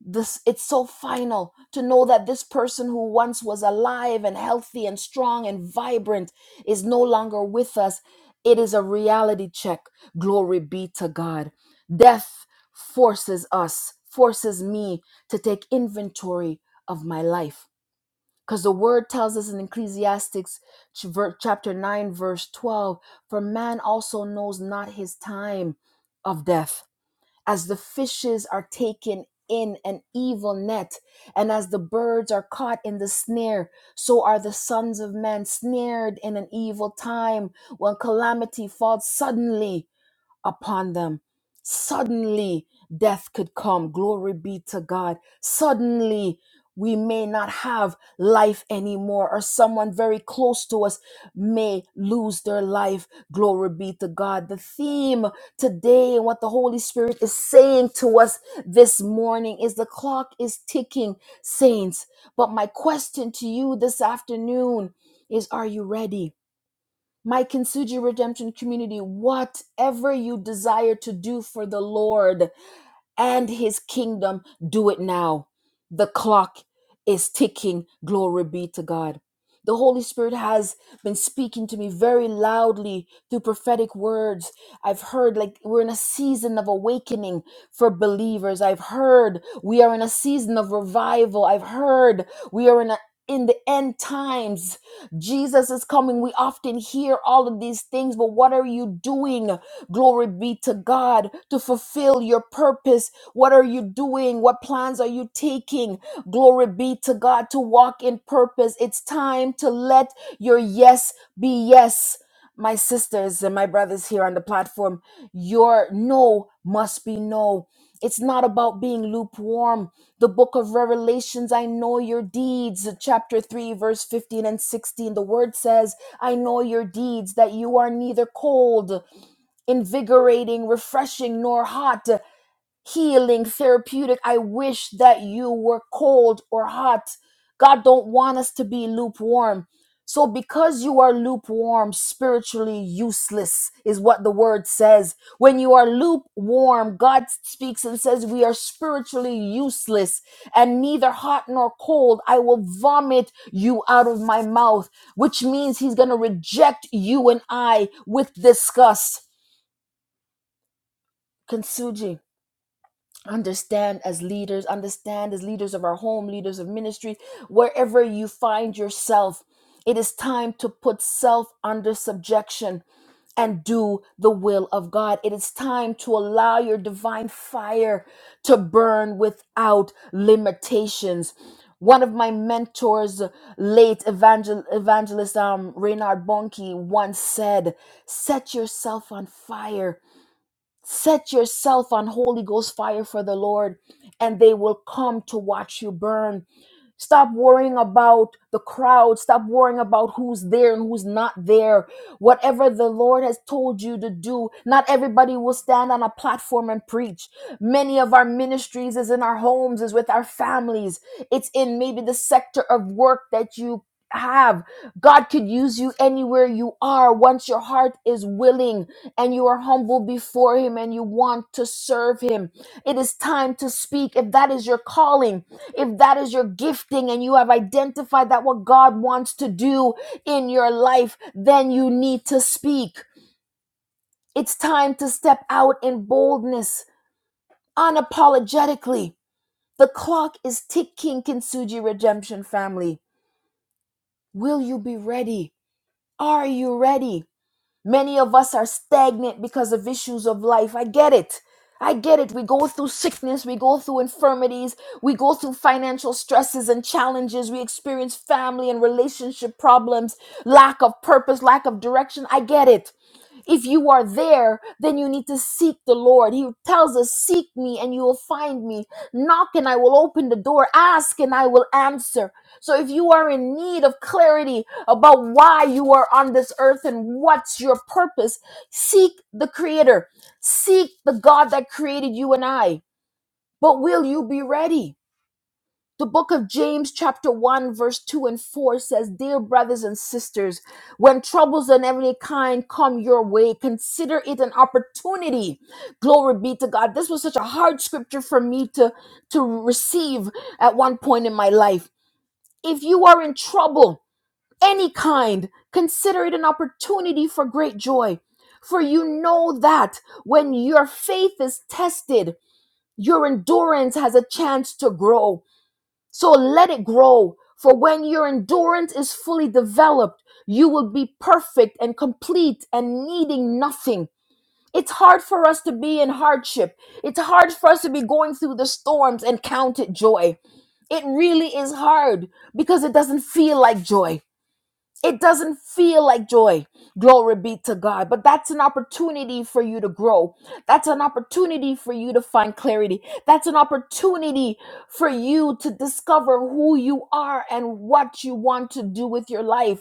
Speaker 1: this it's so final to know that this person who once was alive and healthy and strong and vibrant is no longer with us it is a reality check glory be to god death forces us forces me to take inventory of my life because the word tells us in ecclesiastics ch- ver- chapter 9 verse 12 for man also knows not his time of death as the fishes are taken in an evil net, and as the birds are caught in the snare, so are the sons of man snared in an evil time when calamity falls suddenly upon them. Suddenly, death could come. Glory be to God. Suddenly, we may not have life anymore, or someone very close to us may lose their life. Glory be to God. The theme today and what the Holy Spirit is saying to us this morning is the clock is ticking, saints. But my question to you this afternoon is Are you ready? my Kintsugi Redemption community, whatever you desire to do for the Lord, and his kingdom. Do it now. The clock is ticking. Glory be to God. The Holy Spirit has been speaking to me very loudly through prophetic words. I've heard like we're in a season of awakening for believers. I've heard we are in a season of revival. I've heard we are in a in the end times, Jesus is coming. We often hear all of these things, but what are you doing? Glory be to God to fulfill your purpose. What are you doing? What plans are you taking? Glory be to God to walk in purpose. It's time to let your yes be yes. My sisters and my brothers here on the platform, your no must be no. It's not about being lukewarm. The book of Revelations, I know your deeds, chapter 3, verse 15 and 16. The word says, I know your deeds, that you are neither cold invigorating, refreshing, nor hot, uh, healing, therapeutic. I wish that you were cold or hot. God don't want us to be lukewarm. So because you are lukewarm, spiritually useless is what the word says. When you are lukewarm, God speaks and says we are spiritually useless and neither hot nor cold. I will vomit you out of my mouth, which means he's going to reject you and I with disgust Kansuji, understand as leaders, understand as leaders of our home, leaders of ministry, wherever you find yourself, it is time to put self under subjection and do the will of God. It is time to allow your divine fire to burn without limitations. One of my mentors, late evangel- evangelist um, Reynard Bonnke, once said, Set yourself on fire Set yourself on Holy Ghost fire for the Lord, and they will come to watch you burn. Stop worrying about the crowd. Stop worrying about who's there and who's not there. Whatever the Lord has told you to do, not everybody will stand on a platform and preach. Many of our ministries is in our homes, is with our families. It's in maybe the sector of work that you have. God could use you anywhere you are once your heart is willing and you are humble before him and you want to serve him. It is time to speak. If that is your calling, if that is your gifting, and you have identified that what God wants to do in your life, then you need to speak. It's time to step out in boldness, unapologetically. The clock is ticking, Kintsugi Redemption family. Will you be ready? Are you ready? Many of us are stagnant because of issues of life. I get it. I get it. We go through sickness, we go through infirmities, we go through financial stresses and challenges, we experience family and relationship problems, lack of purpose, lack of direction. I get it if you are there, then you need to seek the Lord. He tells us, Seek me and you will find me. Knock and I will open the door. Ask and I will answer. So if you are in need of clarity about why you are on this earth and what's your purpose, seek the Creator. Seek the God that created you and I. But will you be ready? The book of James, chapter 1, verse 2 and 4 says, Dear brothers and sisters, when troubles of every kind come your way, consider it an opportunity. Glory be to God. This was such a hard scripture for me to, to receive at one point in my life. If you are in trouble, any kind, consider it an opportunity for great joy. For you know that when your faith is tested, your endurance has a chance to grow. So let it grow. For when your endurance is fully developed, you will be perfect and complete and needing nothing. It's hard for us to be in hardship. It's hard for us to be going through the storms and count it joy. It really is hard because it doesn't feel like joy. It doesn't feel like joy. Glory be to God. But that's an opportunity for you to grow. That's an opportunity for you to find clarity. That's an opportunity for you to discover who you are and what you want to do with your life.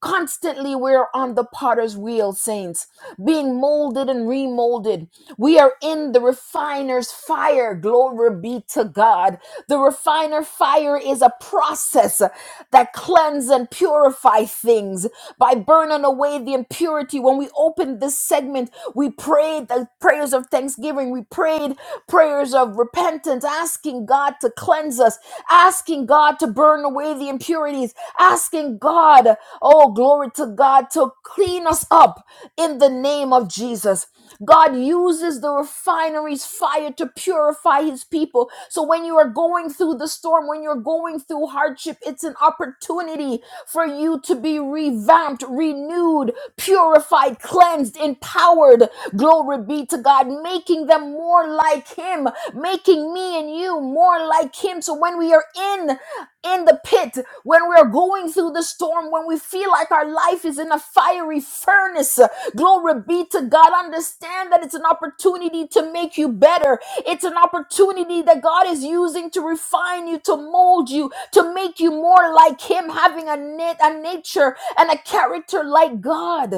Speaker 1: Constantly, we're on the potter's wheel, saints, being molded and remolded. We are in the refiner's fire. Glory be to God. The refiner fire is a process that cleanse and purify things by burning away the impurity. When we opened this segment, we prayed the prayers of thanksgiving. We prayed prayers of repentance, asking God to cleanse us, asking God to burn away the impurities asking God, oh, glory to God, to clean us up in the name of Jesus. God uses the refinery's fire to purify his people. So when you are going through the storm, when you're going through hardship, it's an opportunity for you to be revamped, renewed, purified, cleansed, empowered. Glory be to God, making them more like him, making me and you more like him. So when we are in in the pit, when we're going through the storm, when we feel like our life is in a fiery furnace. Glory be to God. Understand that it's an opportunity to make you better. It's an opportunity that God is using to refine you, to mold you, to make you more like Him, having a, nat- a nature and a character like God.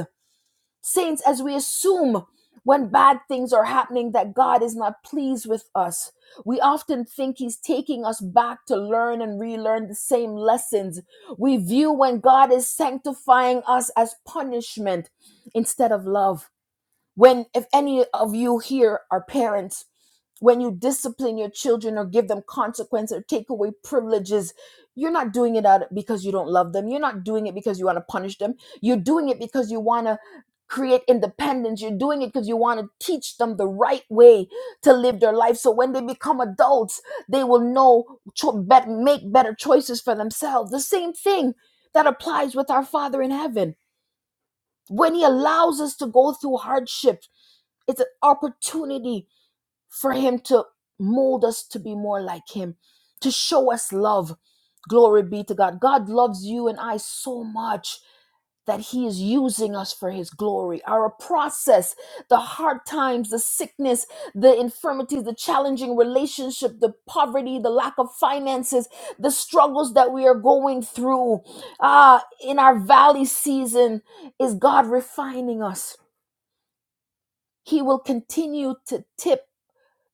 Speaker 1: Saints, as we assume when bad things are happening that God is not pleased with us, we often think He's taking us back to learn and relearn the same lessons. We view when God is sanctifying us as punishment instead of love. When, if any of you here are parents, when you discipline your children or give them consequence or take away privileges you're not doing it out because you don't love them you're not doing it because you want to punish them you're doing it because you want to create independence you're doing it because you want to teach them the right way to live their life so when they become adults they will know cho- bet- make better choices for themselves the same thing that applies with our father in heaven when he allows us to go through hardship, it's an opportunity for him to mold us to be more like him, to show us love. Glory be to God. God loves you and I so much that he is using us for his glory. Our process, the hard times, the sickness, the infirmities, the challenging relationship, the poverty, the lack of finances, the struggles that we are going through uh, in our valley season is God refining us. He will continue to tip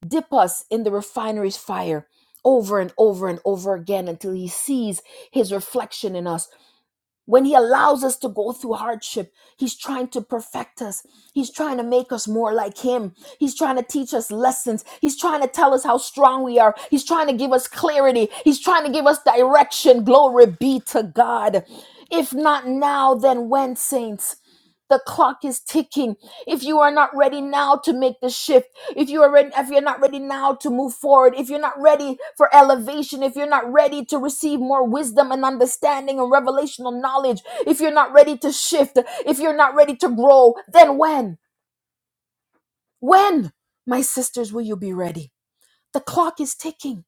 Speaker 1: dip us in the refinery's fire over and over and over again until he sees his reflection in us. When he allows us to go through hardship, he's trying to perfect us. He's trying to make us more like him. He's trying to teach us lessons. He's trying to tell us how strong we are. He's trying to give us clarity. He's trying to give us direction. Glory be to God. If not now, then when, saints? The clock is ticking. If you are not ready now to make the shift, if you are ready, if you're not ready now to move forward, if you're not ready for elevation, if you're not ready to receive more wisdom and understanding and revelational knowledge, if you're not ready to shift, if you're not ready to grow, then when? When, my sisters, will you be ready? The clock is ticking.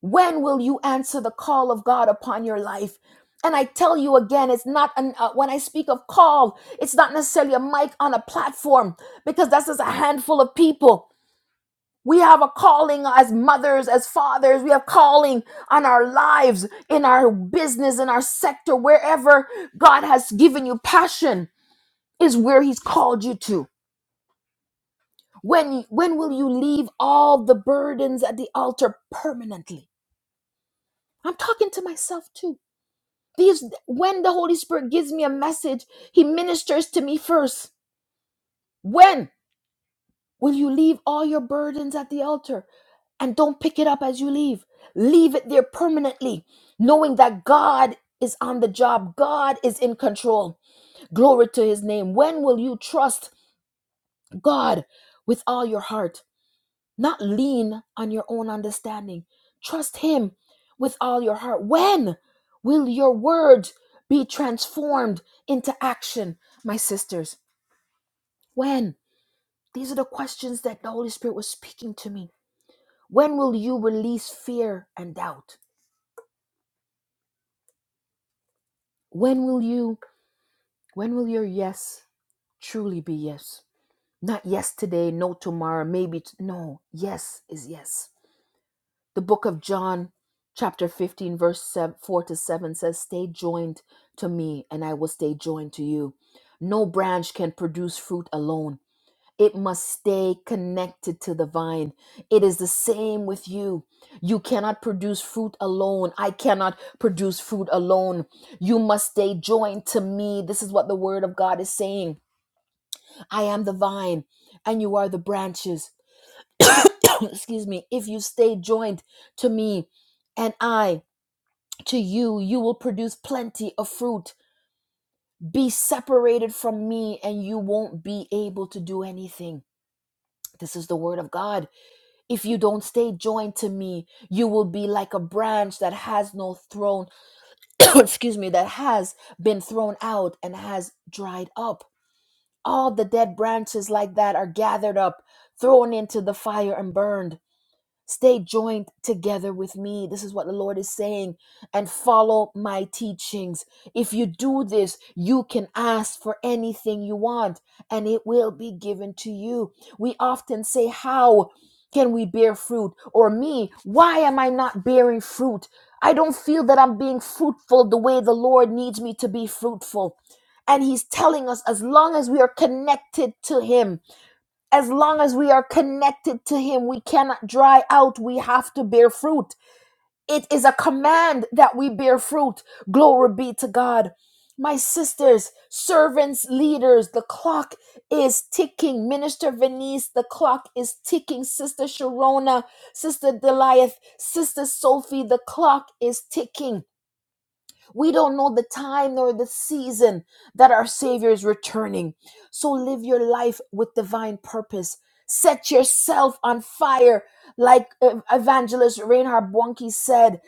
Speaker 1: When will you answer the call of God upon your life? And I tell you again, it's not an, uh, when I speak of call, it's not necessarily a mic on a platform because that's just a handful of people. We have a calling as mothers, as fathers. We have calling on our lives, in our business, in our sector, wherever God has given you passion is where He's called you to. When when will you leave all the burdens at the altar permanently? I'm talking to myself too. These when the Holy Spirit gives me a message, he ministers to me first. When will you leave all your burdens at the altar and don't pick it up as you leave? Leave it there permanently, knowing that God is on the job. God is in control. Glory to his name. When will you trust God with all your heart? not lean on your own understanding. Trust Him with all your heart. When will your words be transformed into action, my sisters? When? These are the questions that the Holy Spirit was speaking to me. When will you release fear and doubt? When will you, when will your yes truly be yes? Not yes today, no tomorrow, maybe. T- no, yes is yes. The book of John, chapter 15, verse 4 to 7 says, Stay joined to me, and I will stay joined to you. No branch can produce fruit alone. It must stay connected to the vine. It is the same with you. You cannot produce fruit alone. I cannot produce fruit alone. You must stay joined to me. This is what the word of God is saying. I am the vine, and you are the branches. excuse me, if you stay joined to me and I to you, you will produce plenty of fruit. Be separated from me and you won't be able to do anything. This is the word of God. If you don't stay joined to me, you will be like a branch that has no throne, excuse me, that has been thrown out and has dried up. All the dead branches like that are gathered up, thrown into the fire and burned. Stay joined together with me. This is what the Lord is saying. And follow my teachings. If you do this, you can ask for anything you want and it will be given to you. We often say, How can we bear fruit? Or me, why am I not bearing fruit? I don't feel that I'm being fruitful the way the Lord needs me to be fruitful. And He's telling us, as long as we are connected to Him, as long as we are connected to him we cannot dry out we have to bear fruit it is a command that we bear fruit glory be to god my sisters servants leaders the clock is ticking minister venice the clock is ticking sister sharona sister Deliath, sister sophie the clock is ticking we don't know the time nor the season that our Savior is returning. So live your life with divine purpose. Set yourself on fire, like uh, evangelist Reinhard Bonnke said,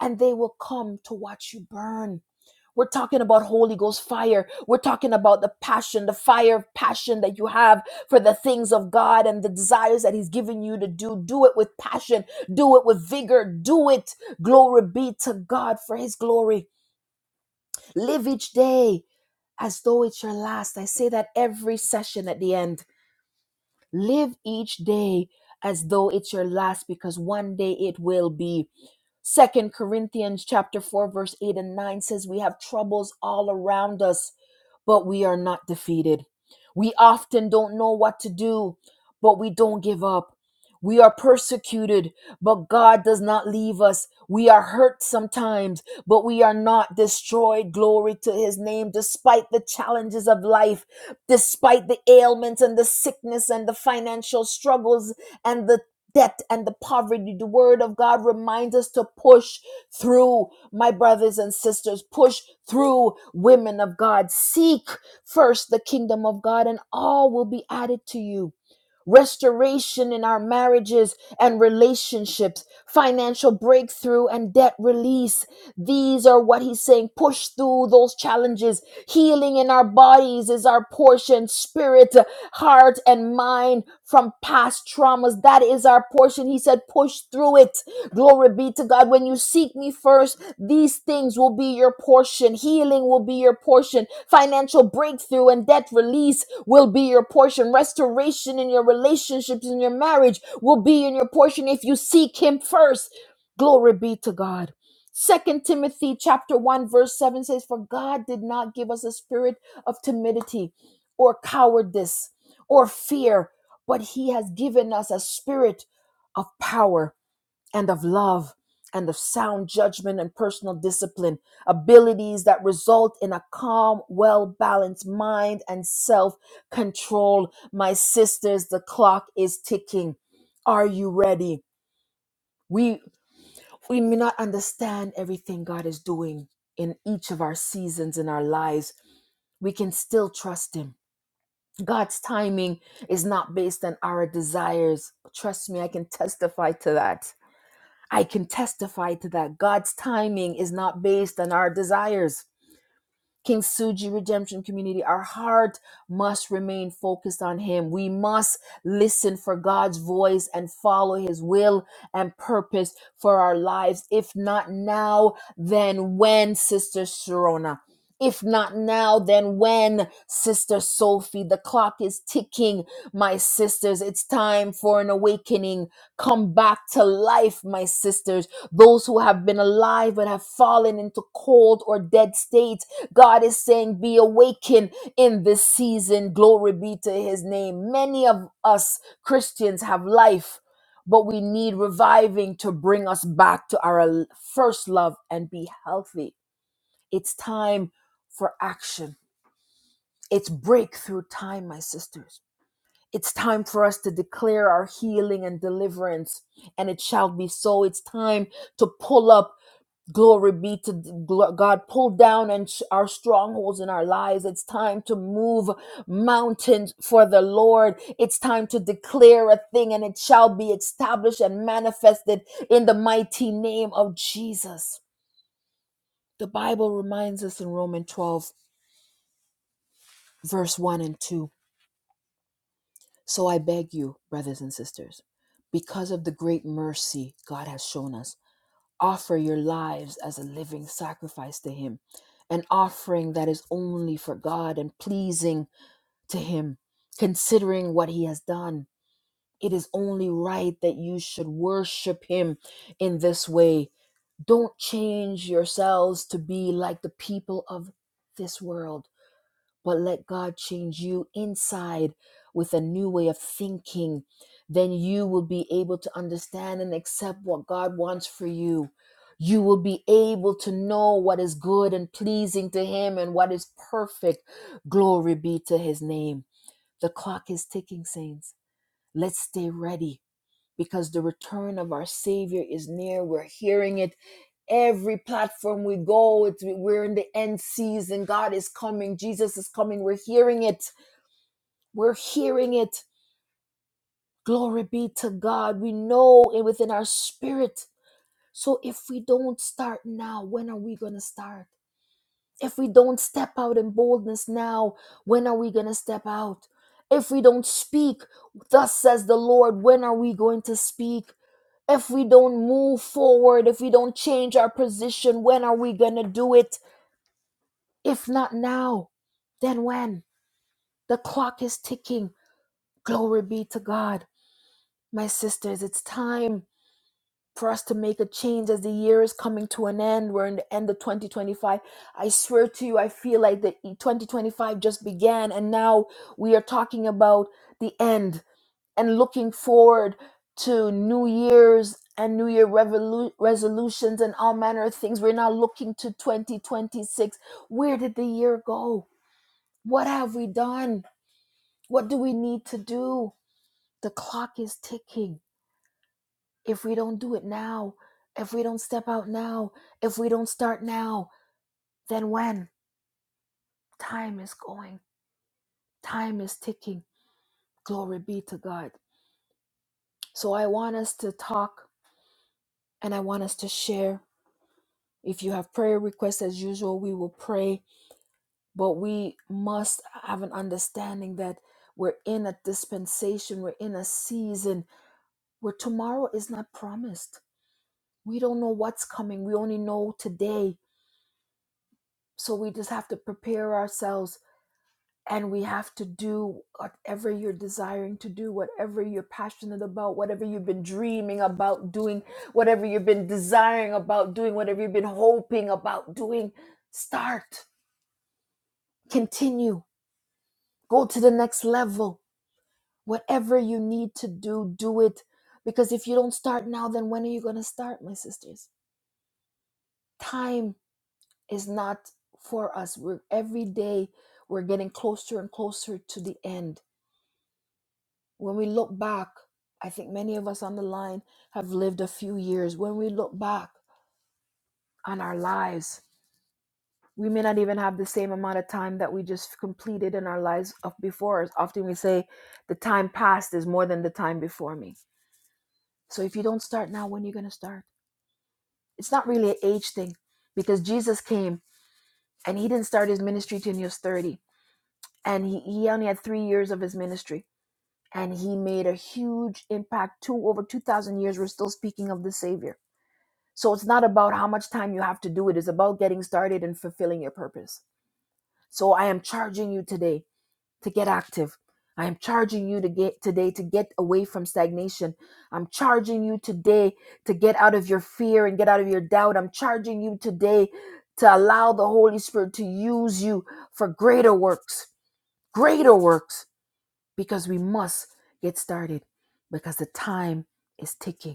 Speaker 1: and they will come to watch you burn. We're talking about Holy Ghost fire. We're talking about the passion, the fire of passion that you have for the things of God and the desires that He's given you to do. Do it with passion, do it with vigor, do it. Glory be to God for His glory. Live each day as though it's your last. I say that every session at the end. Live each day as though it's your last because one day it will be. Second Corinthians chapter 4 verse 8 and 9 says we have troubles all around us but we are not defeated. We often don't know what to do, but we don't give up. We are persecuted, but God does not leave us. We are hurt sometimes, but we are not destroyed. Glory to his name, despite the challenges of life, despite the ailments and the sickness and the financial struggles and the debt and the poverty. The word of God reminds us to push, through my brothers and sisters, push through women of God. Seek first the kingdom of God, and all will be added to you. Restoration in our marriages and relationships, financial breakthrough and debt release. These are what he's saying. Push through those challenges. Healing in our bodies is our portion, spirit, heart, and mind from past traumas. That is our our portion. He said, push through it. Glory be to God. When you seek me first, these things will be your portion. Healing will be your portion. Financial breakthrough and debt release will be your portion. Restoration in your relationships, in your marriage will be in your portion if you seek him first. Glory be to God. Second Timothy chapter 1 verse 7 says for God did not give us a spirit of timidity or cowardice or fear but he has given us a spirit of power and of love and of sound judgment and personal discipline, abilities that result in a calm, well balanced mind and self control. My sisters, the clock is ticking. Are you ready? We, we may not understand everything God is doing in each of our seasons in our lives. We can still trust Him. God's timing is not based on our desires. Trust me, I can testify to that I can testify to that. God's timing is not based on our desires. King Suji Redemption Community, our heart must remain focused on Him. We must listen for God's voice and follow His will and purpose for our lives. If not now, then when, Sister Sharona? If not now, then when, Sister Sophie? The clock is ticking, my sisters. It's time for an awakening. Come back to life, my sisters. Those who have been alive but have fallen into cold or dead states God is saying, be awakened in this season. Glory be to his name. Many of us Christians have life, but we need reviving to bring us back to our l- first love and be healthy. It's time for action. It's breakthrough time, my sisters. It's time for us to declare our healing and deliverance, and it shall be so. It's time to pull up Glory be to gl- God. Pull down and sh- our strongholds in our lives. It's time to move mountains for the Lord. It's time to declare a thing and it shall be established and manifested in the mighty name of Jesus. The Bible reminds us in Romans 12, verse 1 and 2. So I beg you, brothers and sisters, because of the great mercy God has shown us Offer your lives as a living sacrifice to Him, an offering that is only for God and pleasing to Him, considering what He has done. It is only right that you should worship Him in this way. Don't change yourselves to be like the people of this world but let God change you inside with a new way of thinking. Then you will be able to understand and accept what God wants for you. You will be able to know what is good and pleasing to Him and what is perfect. Glory be to His name. The clock is ticking, saints. Let's stay ready because the return of our Savior is near. We're hearing it every platform we go. It's, we're in the end season. God is coming. Jesus is coming. We're hearing it. We're hearing it. Glory be to God. We know it within our spirit. So if we don't start now, when are we going to start? If we don't step out in boldness now, when are we going to step out? If we don't speak, thus says the Lord, when are we going to speak? If we don't move forward, if we don't change our position, when are we going to do it? If not now, then when? The clock is ticking. Glory be to God. My sisters, it's time. for us to make a change as the year is coming to an end. We're in the end of 2025. I swear to you, I feel like the 2025 just began, and now we are talking about the end and looking forward to New Year's and New Year revolu- resolutions and all manner of things. We're now looking to 2026. Where did the year go? What have we done? What do we need to do? The clock is ticking if we don't do it now, if we don't step out now, if we don't start now, then when? Time is going, time is ticking. Glory be to God. So I want us to talk and I want us to share. If you have prayer requests, as usual, we will pray, but we must have an understanding that we're in a dispensation, we're in a season where tomorrow is not promised. We don't know what's coming, we only know today. So we just have to prepare ourselves and we have to do whatever you're desiring to do, whatever you're passionate about, whatever you've been dreaming about doing, whatever you've been desiring about doing, whatever you've been hoping about doing. Start, continue, go to the next level. Whatever you need to do, do it. Because if you don't start now, then when are you going to start, my sisters? Time is not for us. We're every day we're getting closer and closer to the end When we look back, I think many of us on the line have lived a few years. When we look back on our lives, we may not even have the same amount of time that we just completed in our lives of before. us. Often we say the time past is more than the time before me. So if you don't start now, when are you going to start? It's not really an age thing because Jesus came and he didn't start his ministry till he was 30. And he, he only had three years of his ministry. And he made a huge impact. Two over 2,000 years, we're still speaking of the Savior So it's not about how much time you have to do it, it's about getting started and fulfilling your purpose. So I am charging you today to get active. I am charging you to get today to get away from stagnation. I'm charging you today to get out of your fear and get out of your doubt. I'm charging you today to allow the Holy Spirit to use you for greater works, greater works, because we must get started because the time is ticking.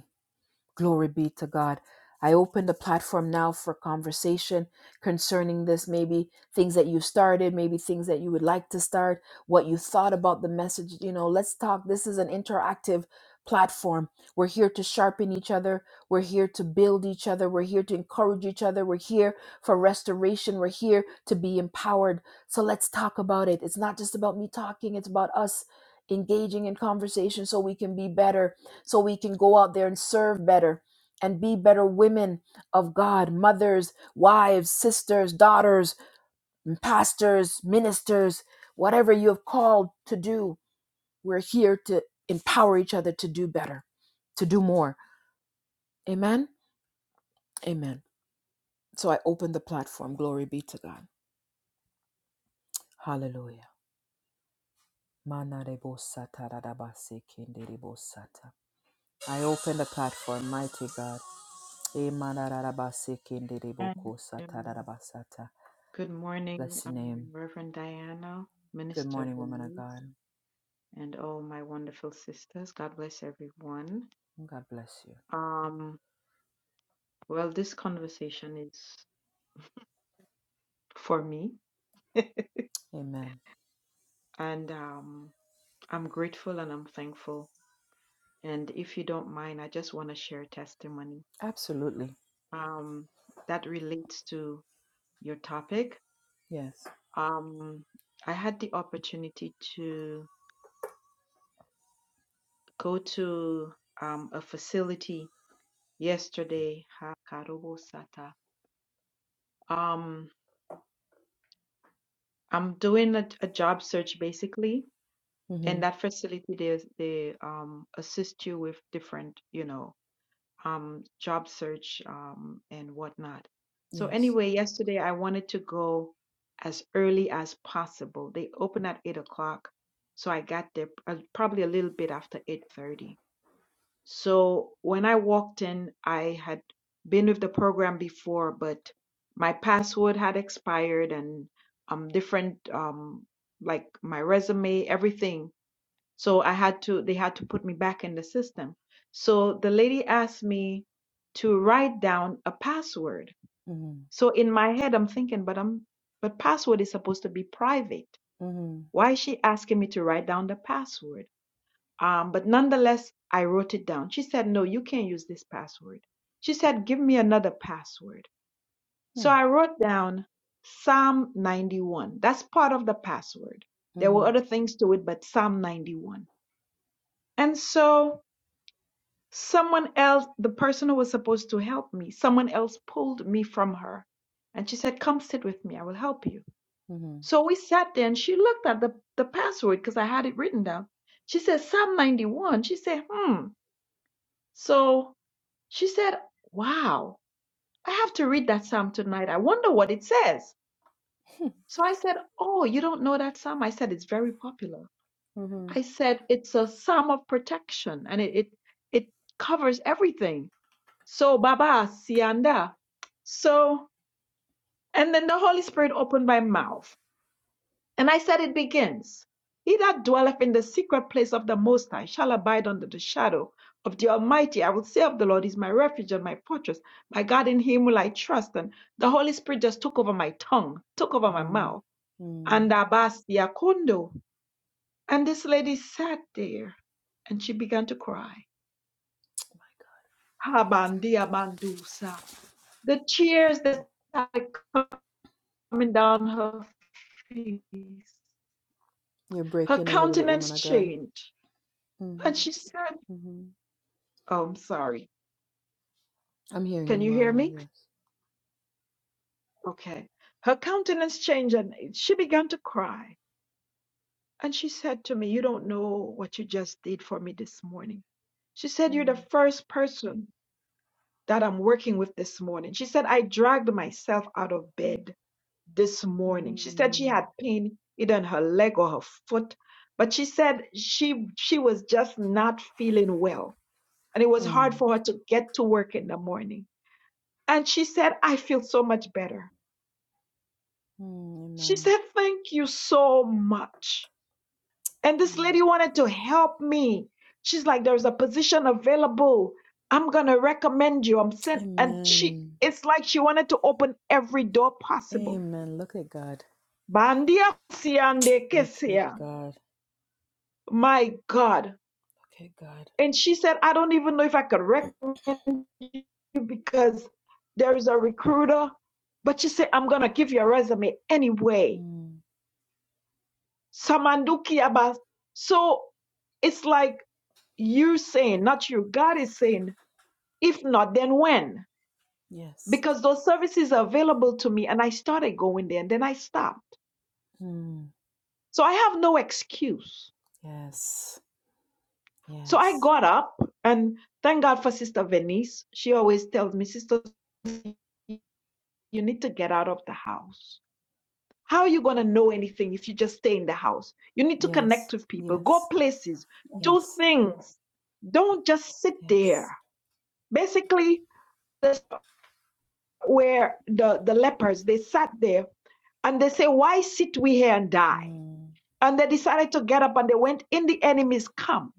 Speaker 1: Glory be to God. I open the platform now for conversation concerning this, maybe things that you started, maybe things that you would like to start, what you thought about the message. You know, let's talk. This is an interactive platform. We're here to sharpen each other. We're here to build each other. We're here to encourage each other. We're here for restoration. We're here to be empowered. So let's talk about it. It's not just about me talking, it's about us engaging in conversation so we can be better so we can go out there and serve better and be better women of God, mothers, wives, sisters, daughters, pastors, ministers, whatever you have called to do. We're here to empower each other to do better, to do more. Amen. Amen. So I open the platform. Glory be to God. Hallelujah. I open the platform, mighty God. E
Speaker 4: Amen. Amen. Good morning,
Speaker 1: Bless your
Speaker 4: um,
Speaker 1: name.
Speaker 4: Reverend Diana,
Speaker 1: Good
Speaker 4: Minister
Speaker 1: morning, woman of
Speaker 4: Venice,
Speaker 1: God.
Speaker 4: and all my wonderful sisters. God bless everyone.
Speaker 1: God bless you.
Speaker 4: Um, well, this conversation is for me,
Speaker 1: Amen.
Speaker 4: and um, I'm grateful and I'm thankful. And if you don't mind, I just want to share testimony.
Speaker 1: Absolutely.
Speaker 4: um, that relates to your topic.
Speaker 1: Yes.
Speaker 4: Um, I had the opportunity to go to um, a facility yesterday. Hakarobo Sata. Um, I'm doing a, a job search basically,
Speaker 1: Mm-hmm.
Speaker 4: and that facility they they um, assist you with different, you know. um, job search um, and whatnot. So,
Speaker 1: Yes.
Speaker 4: anyway, yesterday I wanted to go as early as possible. They open at eight o'clock, so I got there uh, probably a little bit after eight thirty. So when I walked in, I had been with the program before, but my password had expired and um different um like my resume, everything so I had to, they had to put me back in the system. So the lady asked me to write down a password.
Speaker 1: Mm-hmm.
Speaker 4: So in my head, I'm thinking, but I'm, but password is supposed to be private.
Speaker 1: Mm-hmm.
Speaker 4: Why is she asking me to write down the password? Um, but nonetheless, I wrote it down. She said, no, you can't use this password. She said, give me another password. So
Speaker 1: Hmm.
Speaker 4: I wrote down Psalm 91. That's part of the password. There
Speaker 1: Mm-hmm.
Speaker 4: were other things to it, but Psalm 91. And so someone else, the person who was supposed to help me, someone else pulled me from her. And she said, Come sit with me, I will help you.
Speaker 1: Mm-hmm.
Speaker 4: So we sat there and she looked at the, the password because I had it written down. She said, Psalm 91. She said, Hmm. So she said, Wow, I have to read that psalm tonight. I wonder what it says. So I said, Oh, you don't know that psalm? I said, It's very popular.
Speaker 1: Mm-hmm.
Speaker 4: I said, It's a psalm of protection and it, it, it covers everything. So Baba Sianda. So and then the Holy Spirit opened my mouth, and I said it begins. He that dwelleth in the secret place of the Most High shall abide under the shadow of the Almighty. I will say of the Lord is my refuge and my fortress. My God in him will I trust. And the Holy Spirit just took over my tongue, took over my
Speaker 1: Mm-hmm.
Speaker 4: mouth.
Speaker 1: Mm-hmm.
Speaker 4: And Abastia Kondo. And this lady sat there and she began to cry. Habandi, abandusa. The tears that started coming down her face.
Speaker 1: You're
Speaker 4: Her
Speaker 1: breaking a little bit,
Speaker 4: countenance
Speaker 1: woman of God.
Speaker 4: changed, and
Speaker 1: Mm-hmm.
Speaker 4: she said,
Speaker 1: Mm-hmm.
Speaker 4: Oh, I'm sorry.
Speaker 1: I'm hearing
Speaker 4: Can
Speaker 1: you
Speaker 4: you
Speaker 1: well
Speaker 4: hear
Speaker 1: now.
Speaker 4: me?
Speaker 1: Yes.
Speaker 4: Okay. Her countenance changed, and she began to cry. And she said to me, You don't know what you just did for me this morning. She said, You're the
Speaker 1: Mm-hmm.
Speaker 4: first person that I'm working with this morning. She said, I dragged myself out of bed this morning. She said she had pain either in her leg or her foot. But she said she she was just not feeling well and it was hard
Speaker 1: Mm. Mm,
Speaker 4: for her to get to work in the morning. And she said, I feel so much better. She
Speaker 1: amen.
Speaker 4: said, Thank you so much. And this
Speaker 1: Amen.
Speaker 4: lady wanted to help me. She's like, There's a position available. I'm going to recommend you. I'm sent. And she,
Speaker 1: Amen.
Speaker 4: it's like she wanted to open every door possible.
Speaker 1: Amen. Look at God.
Speaker 4: Bandia siande
Speaker 1: Look at
Speaker 4: kesia.
Speaker 1: God.
Speaker 4: My God.
Speaker 1: Look at God.
Speaker 4: And she said, I don't even know if I could recommend. because there is a recruiter, but you say, I'm going to give you a resume anyway.
Speaker 1: Mm.
Speaker 4: Samanduki Abbas. So it's like you saying, not you, God is saying, if not, then when?
Speaker 1: Yes.
Speaker 4: Because those services are available to me. And I started going there and then I stopped.
Speaker 1: Mm.
Speaker 4: So I have no excuse.
Speaker 1: Yes,
Speaker 4: So I
Speaker 1: yes,
Speaker 4: got up and thank God for Sister Venice. She always tells me, Sister, you need to get out of the house How are you going to know anything if you just stay in the house? You need to
Speaker 1: yes,
Speaker 4: connect with people, go
Speaker 1: yes,
Speaker 4: places, do
Speaker 1: yes,
Speaker 4: things. Don't just sit
Speaker 1: yes.
Speaker 4: there. Basically, that's where the, the lepers, they sat there and they say, why sit we here and die?
Speaker 1: Mm,
Speaker 4: And they decided to get up and they went in the enemy's camp,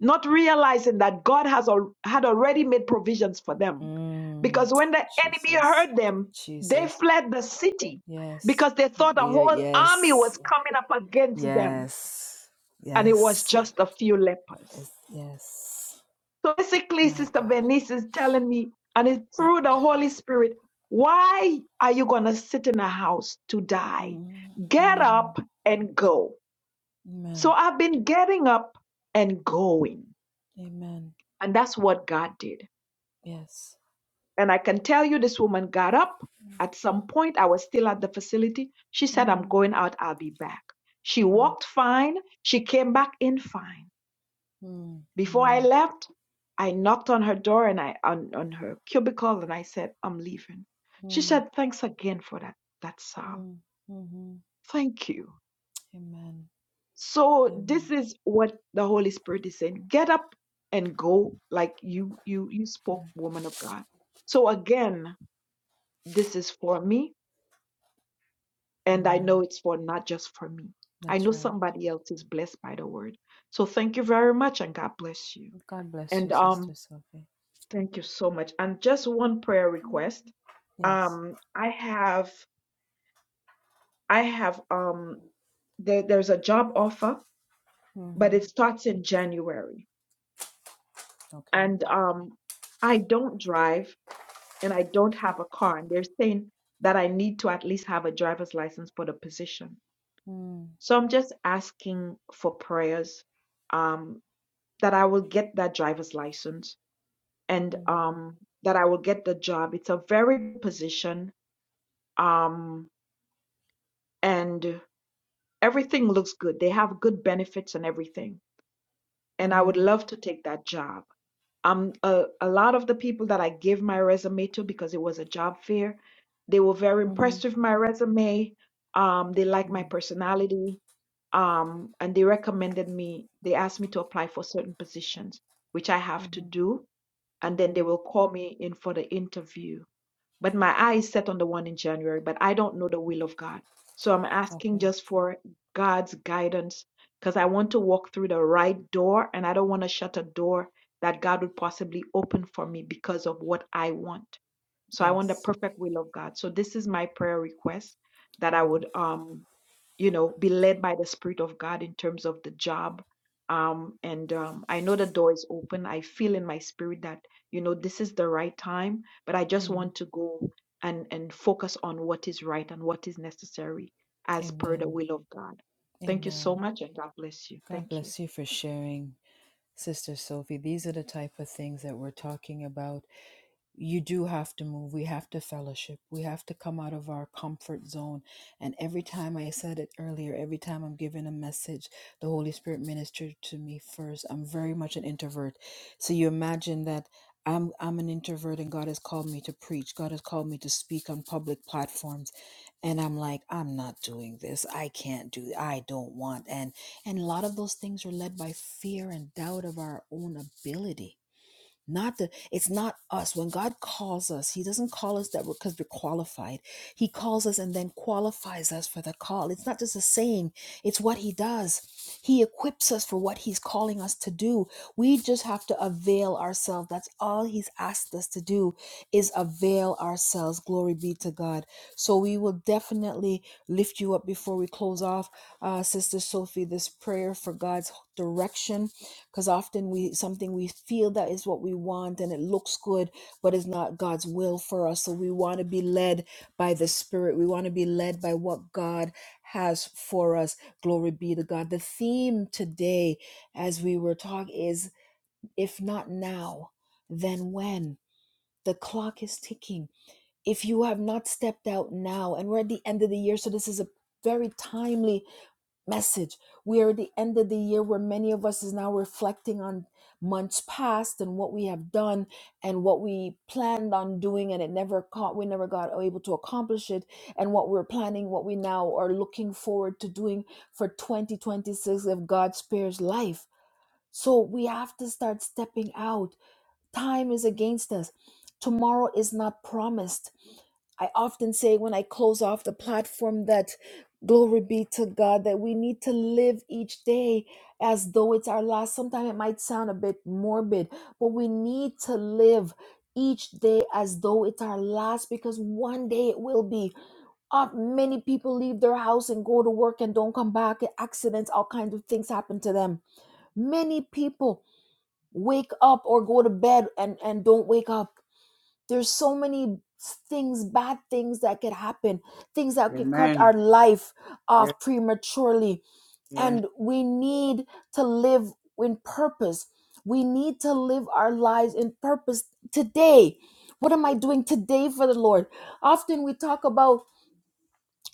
Speaker 4: not realizing that God has al- had already made provisions for them.
Speaker 1: mm.
Speaker 4: Because when the enemy
Speaker 1: Jesus,
Speaker 4: heard them, they
Speaker 1: Jesus,
Speaker 4: fled the city
Speaker 1: yes,
Speaker 4: because they
Speaker 1: my
Speaker 4: thought a
Speaker 1: dear,
Speaker 4: whole army was
Speaker 1: yes,
Speaker 4: coming up against them,
Speaker 1: yes,
Speaker 4: and it was
Speaker 1: yes,
Speaker 4: just a few lepers.
Speaker 1: yes, yes.
Speaker 4: So basically,
Speaker 1: my
Speaker 4: Sister
Speaker 1: God.
Speaker 4: Venice is telling me, and it's through the Holy Spirit, why are you going to sit in a house to die?
Speaker 1: Mm,
Speaker 4: Get
Speaker 1: mm.
Speaker 4: up and go. So
Speaker 1: Amen,
Speaker 4: I've been getting up and going.
Speaker 1: amen,
Speaker 4: And that's what God did.
Speaker 1: yes.
Speaker 4: And I can tell you, this woman got up. At some point, I was still at the facility. She said, I'm
Speaker 1: Mm,
Speaker 4: going out, I'll be back. She
Speaker 1: mm,
Speaker 4: walked fine. She came back in fine.
Speaker 1: mm.
Speaker 4: Before I
Speaker 1: Amen,
Speaker 4: left, I knocked on her door and I on, on her cubicle and I said, I'm leaving. She
Speaker 1: mm,
Speaker 4: said, Thanks again for that, that psalm.
Speaker 1: mm, mm-hmm.
Speaker 4: Thank you.
Speaker 1: amen,
Speaker 4: so
Speaker 1: amen,
Speaker 4: this is what the holy spirit is saying get up and go like you you you spoke woman of god so again this is for me and i
Speaker 1: amen.
Speaker 4: know it's for not just for me i
Speaker 1: That's
Speaker 4: know
Speaker 1: right.
Speaker 4: somebody else is blessed by the word so thank you very much and god bless you
Speaker 1: God bless
Speaker 4: and
Speaker 1: you,
Speaker 4: um
Speaker 1: Sister Sophie.
Speaker 4: thank you so much and just one prayer request
Speaker 1: Yes.
Speaker 4: um i have i have um there, there's a job offer but
Speaker 1: Mm-hmm.
Speaker 4: it starts in january
Speaker 1: Okay.
Speaker 4: and um, I don't drive and I don't have a car. And they're saying that I need to at least have a driver's license for the position.
Speaker 1: Mm-hmm.
Speaker 4: So I'm just asking for prayers um, that I will get that driver's license and
Speaker 1: Mm-hmm.
Speaker 4: um, that I will get the job. It's a very good position um, and everything looks good. They have good benefits and everything. and I
Speaker 1: Mm-hmm.
Speaker 4: would love to take that job. Um, a, a lot of the people that I gave my resume to because it was a job fair, they were very impressed
Speaker 1: Mm-hmm.
Speaker 4: with my resume. Um, they liked my personality, um, and they recommended me. They asked me to apply for certain positions, which I have to
Speaker 1: Mm-hmm.
Speaker 4: do, and then they will
Speaker 1: Mm-hmm.
Speaker 4: call me in for the interview but my eye is set on the one in January, but I don't know the will of God. So I'm asking
Speaker 1: Okay.
Speaker 4: just for God's guidance because I want to walk through the right door and I don't want to shut a door that God would possibly open for me because of what I want. So I want the
Speaker 1: Yes.
Speaker 4: perfect will of God. So this is my prayer request that I
Speaker 1: Amen.
Speaker 4: would um you know be led by the spirit of god in terms of the job um and um i know the door is open i feel in my spirit that you know this is the right time but i just
Speaker 1: Mm.
Speaker 4: want to go and and focus on what is right and what is necessary as per the
Speaker 1: Amen.
Speaker 4: will of god thank you so
Speaker 1: Amen.
Speaker 4: much and god bless you
Speaker 1: God
Speaker 4: thank you
Speaker 1: bless you for sharing, Sister Sophie. These are the type of things that we're talking about you do have to move. We have to fellowship. We have to come out of our comfort zone. And every time I said it earlier, every time I'm giving a message, the Holy Spirit ministered to me first. I'm very much an introvert. So you imagine that I'm I'm an introvert and God has called me to preach. God has called me to speak on public platforms. And I'm like, I'm not doing this. I can't do I don't want. And and a lot of those things are led by fear and doubt of our own ability not the it's not us when god calls us he doesn't call us that because we're qualified he calls us and then qualifies us for the call it's not just a saying it's what he does he equips us for what he's calling us to do we just have to avail ourselves that's all he's asked us to do is avail ourselves glory be to god so we will definitely lift you up before we close off uh, sister sophie this prayer for god's direction because often we something we feel that is what we want and it looks good but it's not god's will for us so we want to be led by the spirit we want to be led by what god has for us glory be to god the theme today as we were talking is if not now then when the clock is ticking if you have not stepped out now and we're at the end of the year so this is a very timely message. We are at the end of the year where many of us is now reflecting on months past and what we have done and what we planned on doing and it never caught we never got able to accomplish it and what we're planning what we now are looking forward to doing for 2026 if God spares life. So we have to start stepping out. Time is against us. Tomorrow is not promised. I often say when I close off the platform that glory be to God that we need to live each day as though it's our last. Sometimes it might sound a bit morbid, but we need to live each day as though it's our last because one day it will be. Uh, many people leave their house and go to work and don't come back. Accidents, all kinds of things happen to them. Many people wake up or go to bed and, and don't wake up there's so many things, bad things that could happen, things that could cut
Speaker 5: Amen.
Speaker 1: our life
Speaker 5: Yes,
Speaker 1: off prematurely.
Speaker 5: yes.
Speaker 1: And we need to live in purpose. We need to live our lives in purpose today. What am I doing today for the Lord? Often we talk about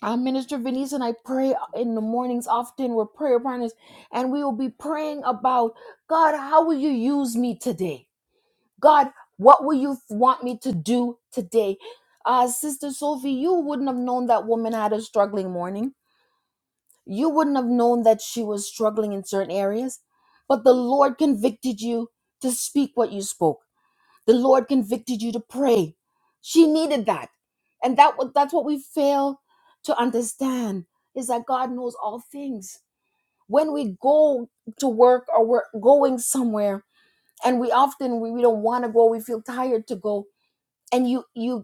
Speaker 1: uh, Minister Venice and I pray in the mornings. Often we're prayer partners, and we will be praying about God, how will you use me today? God, what will you want me to do today? Uh, Sister Sophie, you wouldn't have known that woman had a struggling morning. You wouldn't have known that she was struggling in certain areas. But the Lord convicted you to speak what you spoke. The Lord convicted you to pray. She needed that. And that wa- that's what we fail to understand is that God knows all things. When we go to work or we're going somewhere and we often we, we don't want to go, we feel tired to go and you you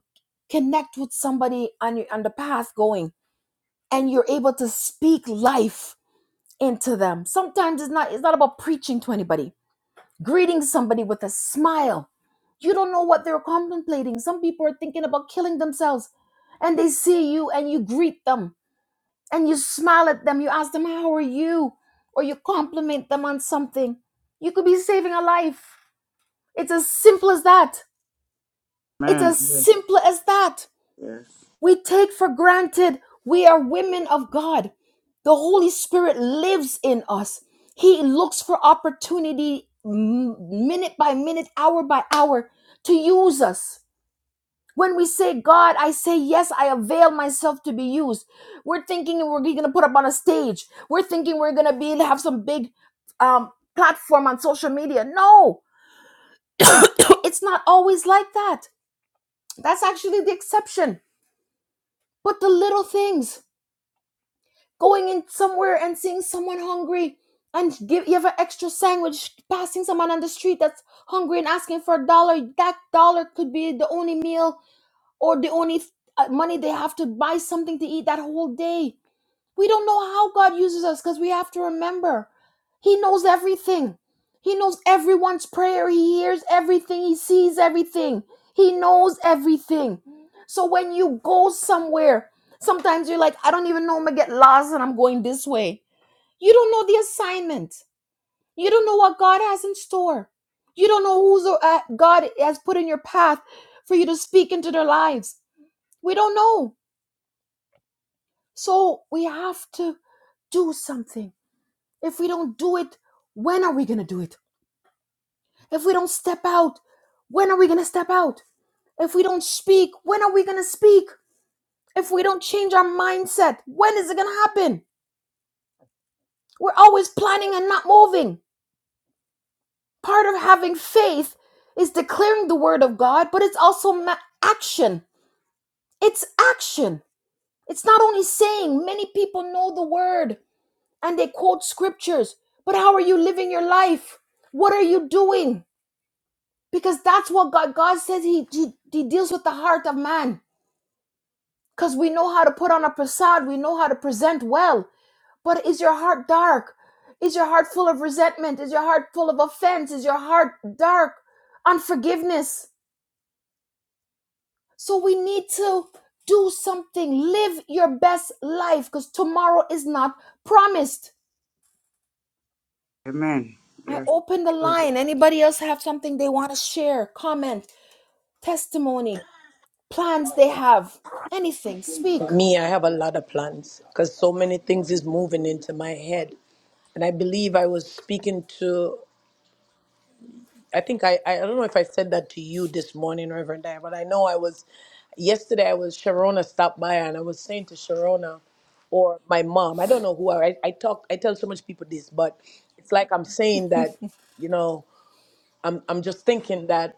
Speaker 1: connect with somebody on your on the path going and you're able to speak life into them sometimes it's not it's not about preaching to anybody greeting somebody with a smile you don't know what they're contemplating some people are thinking about killing themselves and they see you and you greet them and you smile at them you ask them how are you or you compliment them on something you could be saving a life it's as simple as that it's
Speaker 5: Amen.
Speaker 1: as
Speaker 5: Yes,
Speaker 1: simple as that
Speaker 5: yes.
Speaker 1: We take for granted we are women of God. The Holy Spirit lives in us. He looks for opportunity m- minute by minute, hour by hour to use us. When we say, God, I say yes, I avail myself to be used. We're thinking we're going to put up on a stage. We're thinking we're going to be have some big um, platform on social media. No, it's not always like that. That's actually the exception. But the little things. going in somewhere and seeing someone hungry and give you have an extra sandwich passing someone on the street that's hungry and asking for a dollar that dollar could be the only meal or the only uh, money they have to buy something to eat that whole day we don't know how God uses us because we have to remember He knows everything. He knows everyone's prayer. He hears everything. He sees everything. He knows everything. So when you go somewhere, sometimes you're like, I don't even know I'm going to get lost and I'm going this way. You don't know the assignment. You don't know what God has in store. You don't know who's uh, God has put in your path for you to speak into their lives. We don't know. So we have to do something If we don't do it, when are we going to do it? If we don't step out, when are we going to step out? If we don't speak, when are we going to speak? If we don't change our mindset, when is it going to happen? We're always planning and not moving. Part of having faith is declaring the word of God, but it's also ma- action. It's action. It's not only saying, many people know the word and they quote scriptures, but how are you living your life? What are you doing? because that's what God God says he he, he deals with the heart of man because we know how to put on a facade we know how to present well but is your heart dark is your heart full of resentment is your heart full of offense is your heart dark unforgiveness so we need to do something live your best life because tomorrow is not promised
Speaker 5: Amen.
Speaker 1: i
Speaker 5: Yes,
Speaker 1: open the
Speaker 5: true.
Speaker 1: line anybody else have something they want to share comment testimony plans they have anything speak
Speaker 2: Me, I have a lot of plans because so many things is moving into my head. And I believe I was speaking to, I think I, I I don't know if I said that to you this morning, Reverend Diane, but I know I was, yesterday I was, Sharona stopped by and I was saying to Sharona, or my mom. I don't know who I, I talk. I tell so much people this, but it's like I'm saying that, you know, I'm I'm just thinking that.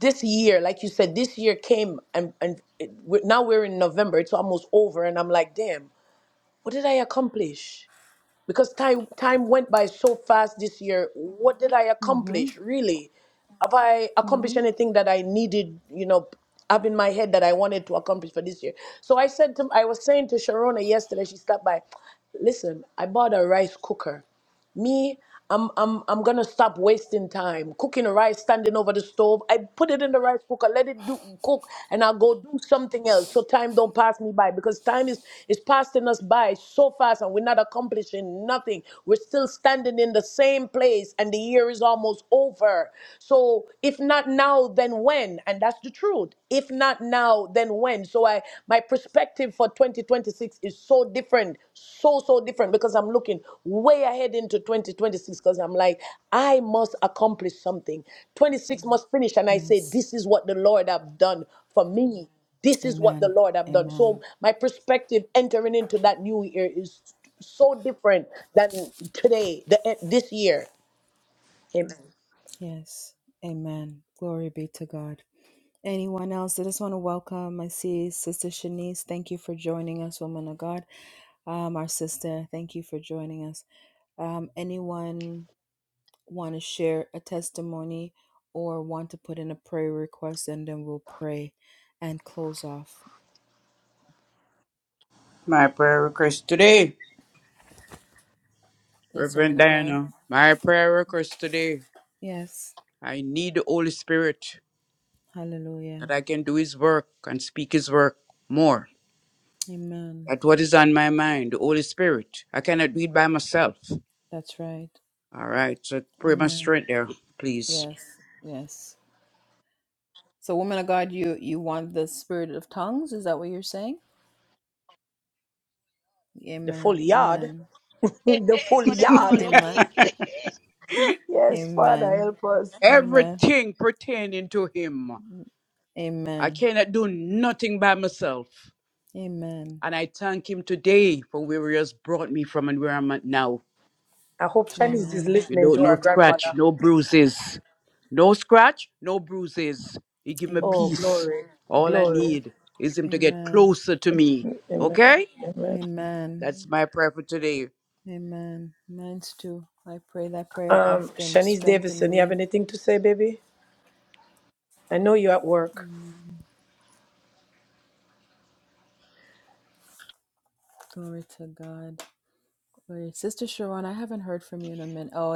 Speaker 2: this year, like you said, this year came and and it, we're, now we're in November. It's almost over, and I'm like, damn, what did I accomplish? Because time time went by so fast this year. What did I
Speaker 1: Mm-hmm.
Speaker 2: accomplish really? Have I accomplished
Speaker 1: Mm-hmm.
Speaker 2: anything that I needed? You know, up in my head that I wanted to accomplish for this year. So I said to I was saying to Sharona yesterday. She stopped by. Listen, I bought a rice cooker. Me, I'm I'm I'm gonna stop wasting time cooking the rice, standing over the stove. I put it in the rice cooker, let it do cook, and I'll go do something else. So time don't pass me by because time is is passing us by so fast, and we're not accomplishing nothing. We're still standing in the same place, and the year is almost over. So if not now, then when? And that's the truth. If not now, then when. So I my perspective for 2026 is so different, so so different because I'm looking way ahead into 2026 because I'm like I must accomplish something. 26 must finish and I say
Speaker 1: Yes.
Speaker 2: this is what the Lord have done for me. This is what the
Speaker 1: Amen.
Speaker 2: Lord have done. So
Speaker 1: Amen.
Speaker 2: my perspective entering into that new year is so different than today, the, eh, this year. Amen.
Speaker 1: Yes. Amen. Glory be to God. Anyone else? I just want to welcome. I see Sister Shanice. Thank you for joining us, woman of God. Um, our sister, thank you for joining us. Um, anyone want to share a testimony or want to put in a prayer request, and then we'll pray and close off.
Speaker 5: My prayer request today,
Speaker 1: Yes, woman
Speaker 5: Reverend
Speaker 1: of God.
Speaker 5: Diana. My prayer request today.
Speaker 1: Yes.
Speaker 5: I need the Holy Spirit that
Speaker 1: Hallelujah.
Speaker 5: I can do His work and speak His work more.
Speaker 1: Amen.
Speaker 5: That's what is on my mind, the Holy Spirit. I cannot do it by myself.
Speaker 1: That's right.
Speaker 5: All right, so pray my
Speaker 1: Amen.
Speaker 5: strength there, please.
Speaker 1: Yes, yes. So, woman of God, you you want the spirit of tongues? Is that what you're saying?
Speaker 2: The full
Speaker 1: Amen.
Speaker 2: yard,
Speaker 1: Amen.
Speaker 2: the full
Speaker 3: Godemu
Speaker 2: yard.
Speaker 3: maloki.
Speaker 1: Amen.
Speaker 2: Yes, Father,
Speaker 1: Amen.
Speaker 2: help us.
Speaker 1: Amen.
Speaker 5: Everything pertaining to Him. I
Speaker 1: Amen.
Speaker 5: cannot do nothing by myself.
Speaker 1: Amen. Amen.
Speaker 5: And I thank him today for where he has brought me from and where I'm at now.
Speaker 2: I hope Shanice is
Speaker 1: Amen.
Speaker 5: You
Speaker 2: listening
Speaker 5: know,
Speaker 2: to
Speaker 5: no
Speaker 2: her
Speaker 5: scratch,
Speaker 2: grandmother.
Speaker 5: no bruises. No scratch, no bruises. He give me
Speaker 2: Oh,
Speaker 1: Amen.
Speaker 5: peace.
Speaker 2: glory,
Speaker 5: All I
Speaker 2: glory.
Speaker 5: need is him to get
Speaker 1: Amen.
Speaker 5: closer to me.
Speaker 2: Amen.
Speaker 5: Okay?
Speaker 2: Amen.
Speaker 5: That's my prayer for today.
Speaker 1: Amen. Mines too. I pray that prayer
Speaker 2: Um,
Speaker 1: often.
Speaker 2: Shanice
Speaker 1: Strengthen
Speaker 2: Davison, you have
Speaker 1: me.
Speaker 2: anything to say, baby? I know you're at work.
Speaker 1: Amen. Glory to God. Glory. Sister Sharon, I haven't heard from you in a minute. Oh,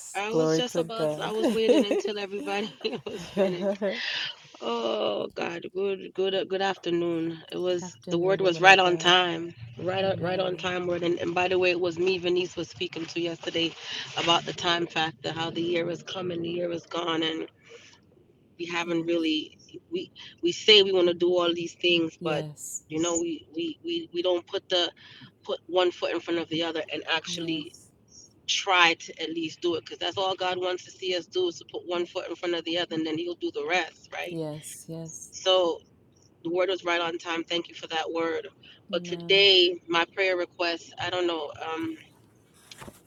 Speaker 3: I was
Speaker 1: Glory
Speaker 3: just
Speaker 1: to
Speaker 3: about. I
Speaker 1: God.
Speaker 3: was waiting until everybody was finished. Oh God, good, good, uh, good afternoon. It
Speaker 1: Good
Speaker 3: was the
Speaker 1: afternoon,
Speaker 3: word was
Speaker 1: woman
Speaker 3: right
Speaker 1: of
Speaker 3: on
Speaker 1: God.
Speaker 3: time, right, on- right on
Speaker 1: Amen.
Speaker 3: time word. And, and by the way, it was me Venice was speaking to yesterday about the time factor, how the year is coming, the year is gone, and we haven't
Speaker 1: Yes.
Speaker 3: really we we say we want to do all these things, but
Speaker 1: Yes.
Speaker 3: you know we we we we don't put the put one foot in front of the other and actually
Speaker 1: Yes.
Speaker 3: try to at least do it because that's all God wants to see us do is to put one foot in front of the other, and
Speaker 1: Mhm.
Speaker 3: then He'll do the rest, right?
Speaker 1: Yes. Yes.
Speaker 3: So the word was right on time. Thank you for that word. But
Speaker 1: Amen.
Speaker 3: today, my prayer request, I don't know. Um,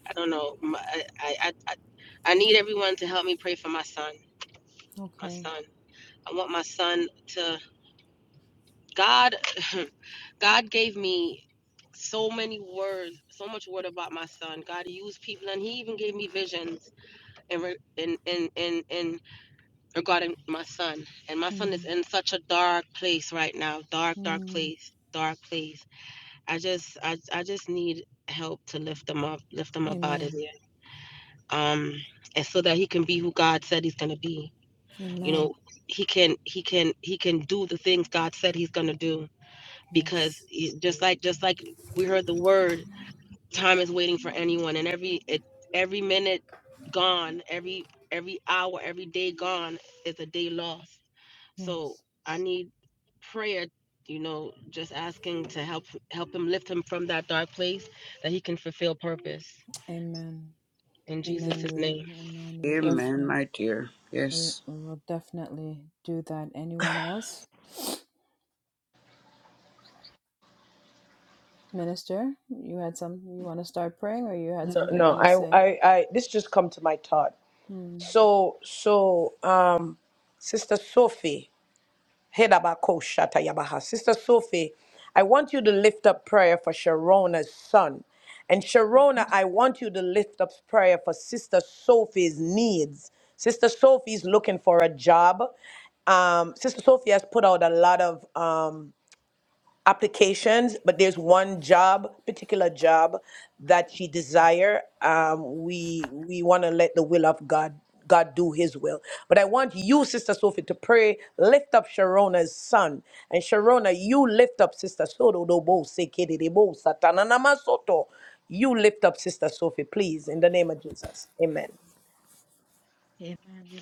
Speaker 3: I don't know. My, I, I, I, I need everyone to help me pray for my son. My
Speaker 1: Okay.
Speaker 3: son. I want my son to. God, God gave me so many words, so much word about my son. God used people, and He even gave me visions in re- in in in, in regarding my son. And my son is
Speaker 1: Mm.
Speaker 3: in such a dark place right now. Dark, dark
Speaker 1: Mm.
Speaker 3: place. Dark place I just I I just need help to lift him up, lift him up out of
Speaker 1: Amen.
Speaker 3: there. Um and so that he can be who God said he's gonna be. You
Speaker 1: Amen.
Speaker 3: know, he can he can he can do the things God said he's gonna do because
Speaker 1: Yes.
Speaker 3: he, just like just like we heard the word time is waiting for anyone and every it, every minute gone every every hour every day gone is a day lost so
Speaker 1: Yes.
Speaker 3: i need prayer you know just asking to help help him lift him from that dark place that he can fulfill purpose
Speaker 1: Amen.
Speaker 3: in
Speaker 1: Amen.
Speaker 3: jesus'
Speaker 1: We,
Speaker 3: name
Speaker 1: amen. We'll
Speaker 3: Amen.
Speaker 5: Amen,
Speaker 1: definitely,
Speaker 5: my dear.
Speaker 1: we
Speaker 5: Yes.
Speaker 1: will definitely do that. Anyone else? Minister, you had something you want to start praying or you had
Speaker 2: No,
Speaker 1: something you
Speaker 2: no.
Speaker 1: want to
Speaker 2: I,
Speaker 1: say?
Speaker 2: I, I. This just come to my thought.
Speaker 1: Mm.
Speaker 2: So, so, um, Sister Sophie. Hedabakosha tayabaha. Sister Sophie, I want you to lift up prayer for Sharona's son. And Sharona, I want you to lift up prayer for Sister Sophie's needs. Sister Sophie's looking for a job. Um, Sister Sophie has put out a lot of um, applications, but there's one job, particular job that she desire. Um, we we want to let the will of God God do His will. But I want you, Sister Sophie, to pray. Lift up Sharona's son, and Sharona, you lift up Sister Soto Dobo Sekedebo Satanana Masoto. You lift up Sister Sophie, please, in the name of Jesus. Amen.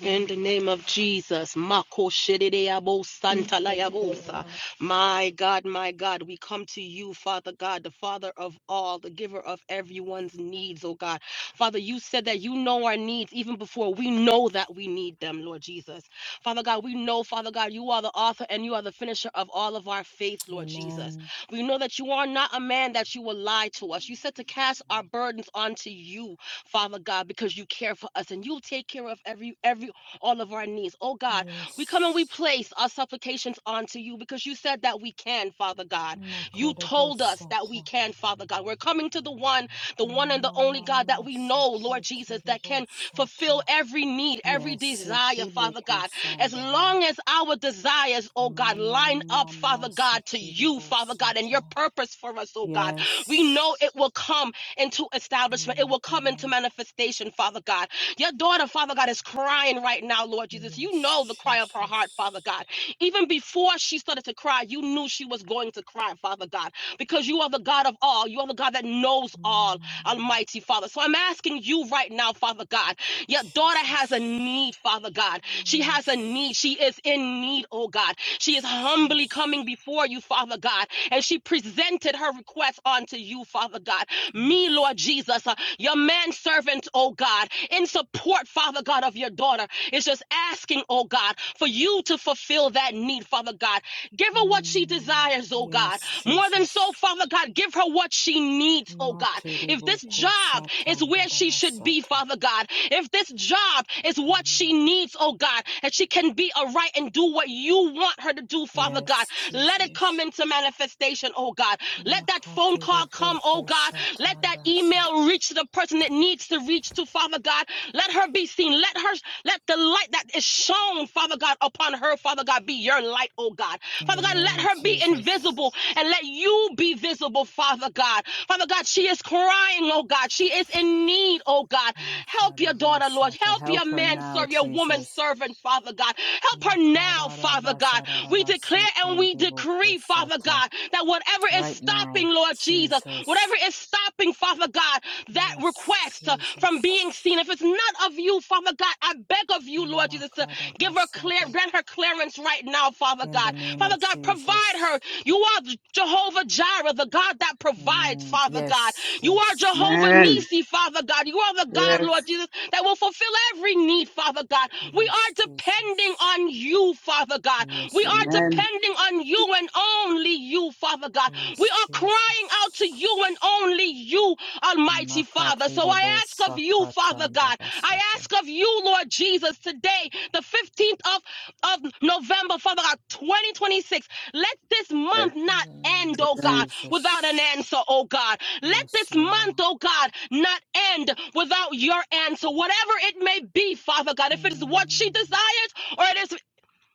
Speaker 3: In the name of Jesus, Mako Shedideabo Santa Layabosa.
Speaker 4: Amen.
Speaker 3: My God, my God, we come to you, Father God, the Father of all, the giver of everyone's needs, oh God. Father, you said that you know our needs even before we know that we need them, Lord Jesus. Father God, we know, Father God, you are the author and you are the finisher of all of our faith, Lord Jesus.
Speaker 1: Amen.
Speaker 3: We know that you are not a man that you will lie to us. You said to cast our burdens onto you, Father God, because you care for us and you'll take care of every every all of our needs. Oh God, we come and we
Speaker 1: Yes.
Speaker 3: place our supplications onto you because you said that we can, Father God. You told us that we
Speaker 1: Makarebosata.
Speaker 3: can, Father God. We're coming to the one, the one and the
Speaker 1: Mama
Speaker 3: only God that
Speaker 1: mama
Speaker 3: we know, Lord Jesus, that can fulfill
Speaker 1: seketerebosata.
Speaker 3: every need, every
Speaker 1: Yes,
Speaker 3: desire, Father
Speaker 1: sekeboko
Speaker 3: God. As
Speaker 1: sandaha.
Speaker 3: long as our desires, oh God,
Speaker 1: Mama
Speaker 3: line up, Father
Speaker 1: mama
Speaker 3: God, to you, Father God, and your
Speaker 1: sekerebosata.
Speaker 3: purpose for us, oh God, we
Speaker 1: Yes.
Speaker 3: know it will come into establishment. It will come into
Speaker 1: Yatara.
Speaker 3: manifestation, Father God. Your daughter, Father God, is crying right now, Lord Jesus. You
Speaker 1: Yes,
Speaker 3: know the cry of her heart, Father
Speaker 1: Jesus.
Speaker 3: God. Even before she started to cry, you knew she was going to cry, Father God, because you are the God of all. You are the God that knows all,
Speaker 1: Mm,
Speaker 3: Almighty Father. So I'm asking you right now, Father God. Your daughter has a
Speaker 1: Jesus.
Speaker 3: need, Father God. She has a
Speaker 1: Yes,
Speaker 3: need. She is in need, oh God. She is humbly coming
Speaker 1: Jesus.
Speaker 3: before you, Father God, and she presented her request unto you, Father God me,
Speaker 1: Yes.
Speaker 3: Lord Jesus, uh, your manservant, oh God, in support, Father God, of your daughter, is just asking, oh God, for you to fulfill that need, Father God. Give her what she
Speaker 1: Mm,
Speaker 3: desires, oh God.
Speaker 1: yes,
Speaker 3: More than so,
Speaker 1: Jesus.
Speaker 3: Father God, give her what she needs, oh God. If
Speaker 1: Materibo
Speaker 3: this job is where she should be,
Speaker 1: kusatandarabasata.
Speaker 3: Father God, if this job is what
Speaker 1: Mm.
Speaker 3: she needs, oh God, that she can be aright and do what you want her to do, Father God,
Speaker 1: Yes,
Speaker 3: let it come
Speaker 1: Jesus.
Speaker 3: into manifestation, oh God. Let that phone phone call
Speaker 1: Makateribo
Speaker 3: come, oh God. Let that
Speaker 1: kusatandasa.
Speaker 3: email reach the person that needs to reach to, Father God. Let her be seen. Let her, let the light that is shown, Father God, upon her, Father God, be your light, oh God.
Speaker 1: In the
Speaker 3: Father God,
Speaker 1: name
Speaker 3: let
Speaker 1: of
Speaker 3: her be
Speaker 1: Jesus.
Speaker 3: invisible and let you be visible, Father God. Father God, she is crying, oh God. She is in need, oh God. Help your
Speaker 1: Makarebo
Speaker 3: daughter, Lord.
Speaker 1: sata.
Speaker 3: Help your
Speaker 1: Help her
Speaker 3: man,
Speaker 1: now,
Speaker 3: serve your woman
Speaker 1: Jesus.
Speaker 3: servant, Father God. Help her now, Father God. We declare and we
Speaker 1: Makarabasarabasikindibo
Speaker 3: decree, Father
Speaker 1: kusata.
Speaker 3: God, that whatever is
Speaker 1: Right
Speaker 3: stopping,
Speaker 1: now,
Speaker 3: Lord Jesus, whatever
Speaker 1: Jesus.
Speaker 3: is stopping, Father God, that
Speaker 1: Yes,
Speaker 3: request uh, from being seen,
Speaker 1: Jesus.
Speaker 3: if it's not of you, Father God, I beg of you, Lord Jesus, to give her clear,
Speaker 1: Makadabasata.
Speaker 3: grant her clearance right now, Father
Speaker 1: In the
Speaker 3: God.
Speaker 1: name
Speaker 3: Father
Speaker 1: of
Speaker 3: God, provide her.
Speaker 1: Jesus.
Speaker 3: You are Jehovah Jireh, the God that provides, Father.
Speaker 1: Mm,
Speaker 3: Father God.
Speaker 1: yes,
Speaker 3: You are
Speaker 1: yes,
Speaker 3: Jehovah
Speaker 5: Amen.
Speaker 3: Nissi. Father God. You are the God, Lord
Speaker 5: Yes.
Speaker 3: Jesus, that will fulfill every need, Father God. We are
Speaker 1: yes,
Speaker 3: depending
Speaker 1: Jesus.
Speaker 3: on you, Father God. We
Speaker 1: Yes,
Speaker 3: are
Speaker 1: Lord.
Speaker 5: Amen.
Speaker 3: depending on you and only you, Father God. We
Speaker 1: Yes,
Speaker 3: are crying out to you and
Speaker 1: Jesus.
Speaker 3: only you, Almighty Father.
Speaker 1: Makati
Speaker 3: So I
Speaker 1: debo
Speaker 3: ask of you, Father
Speaker 1: sakatanda
Speaker 3: God. I
Speaker 1: basata.
Speaker 3: ask of you, Lord Jesus, today, the 15th of, of November, Father God, 2026. Let this
Speaker 5: Yes.
Speaker 3: month
Speaker 1: In
Speaker 3: not
Speaker 1: the
Speaker 3: end,
Speaker 1: name of
Speaker 3: oh
Speaker 5: Amen.
Speaker 3: God, without an
Speaker 1: Jesus.
Speaker 3: answer, oh God. Let
Speaker 1: Yes,
Speaker 3: this
Speaker 1: Lord.
Speaker 3: month, oh God, not end without your answer, whatever it may be, Father God. If it is what she
Speaker 1: Mm,
Speaker 3: desires, or it is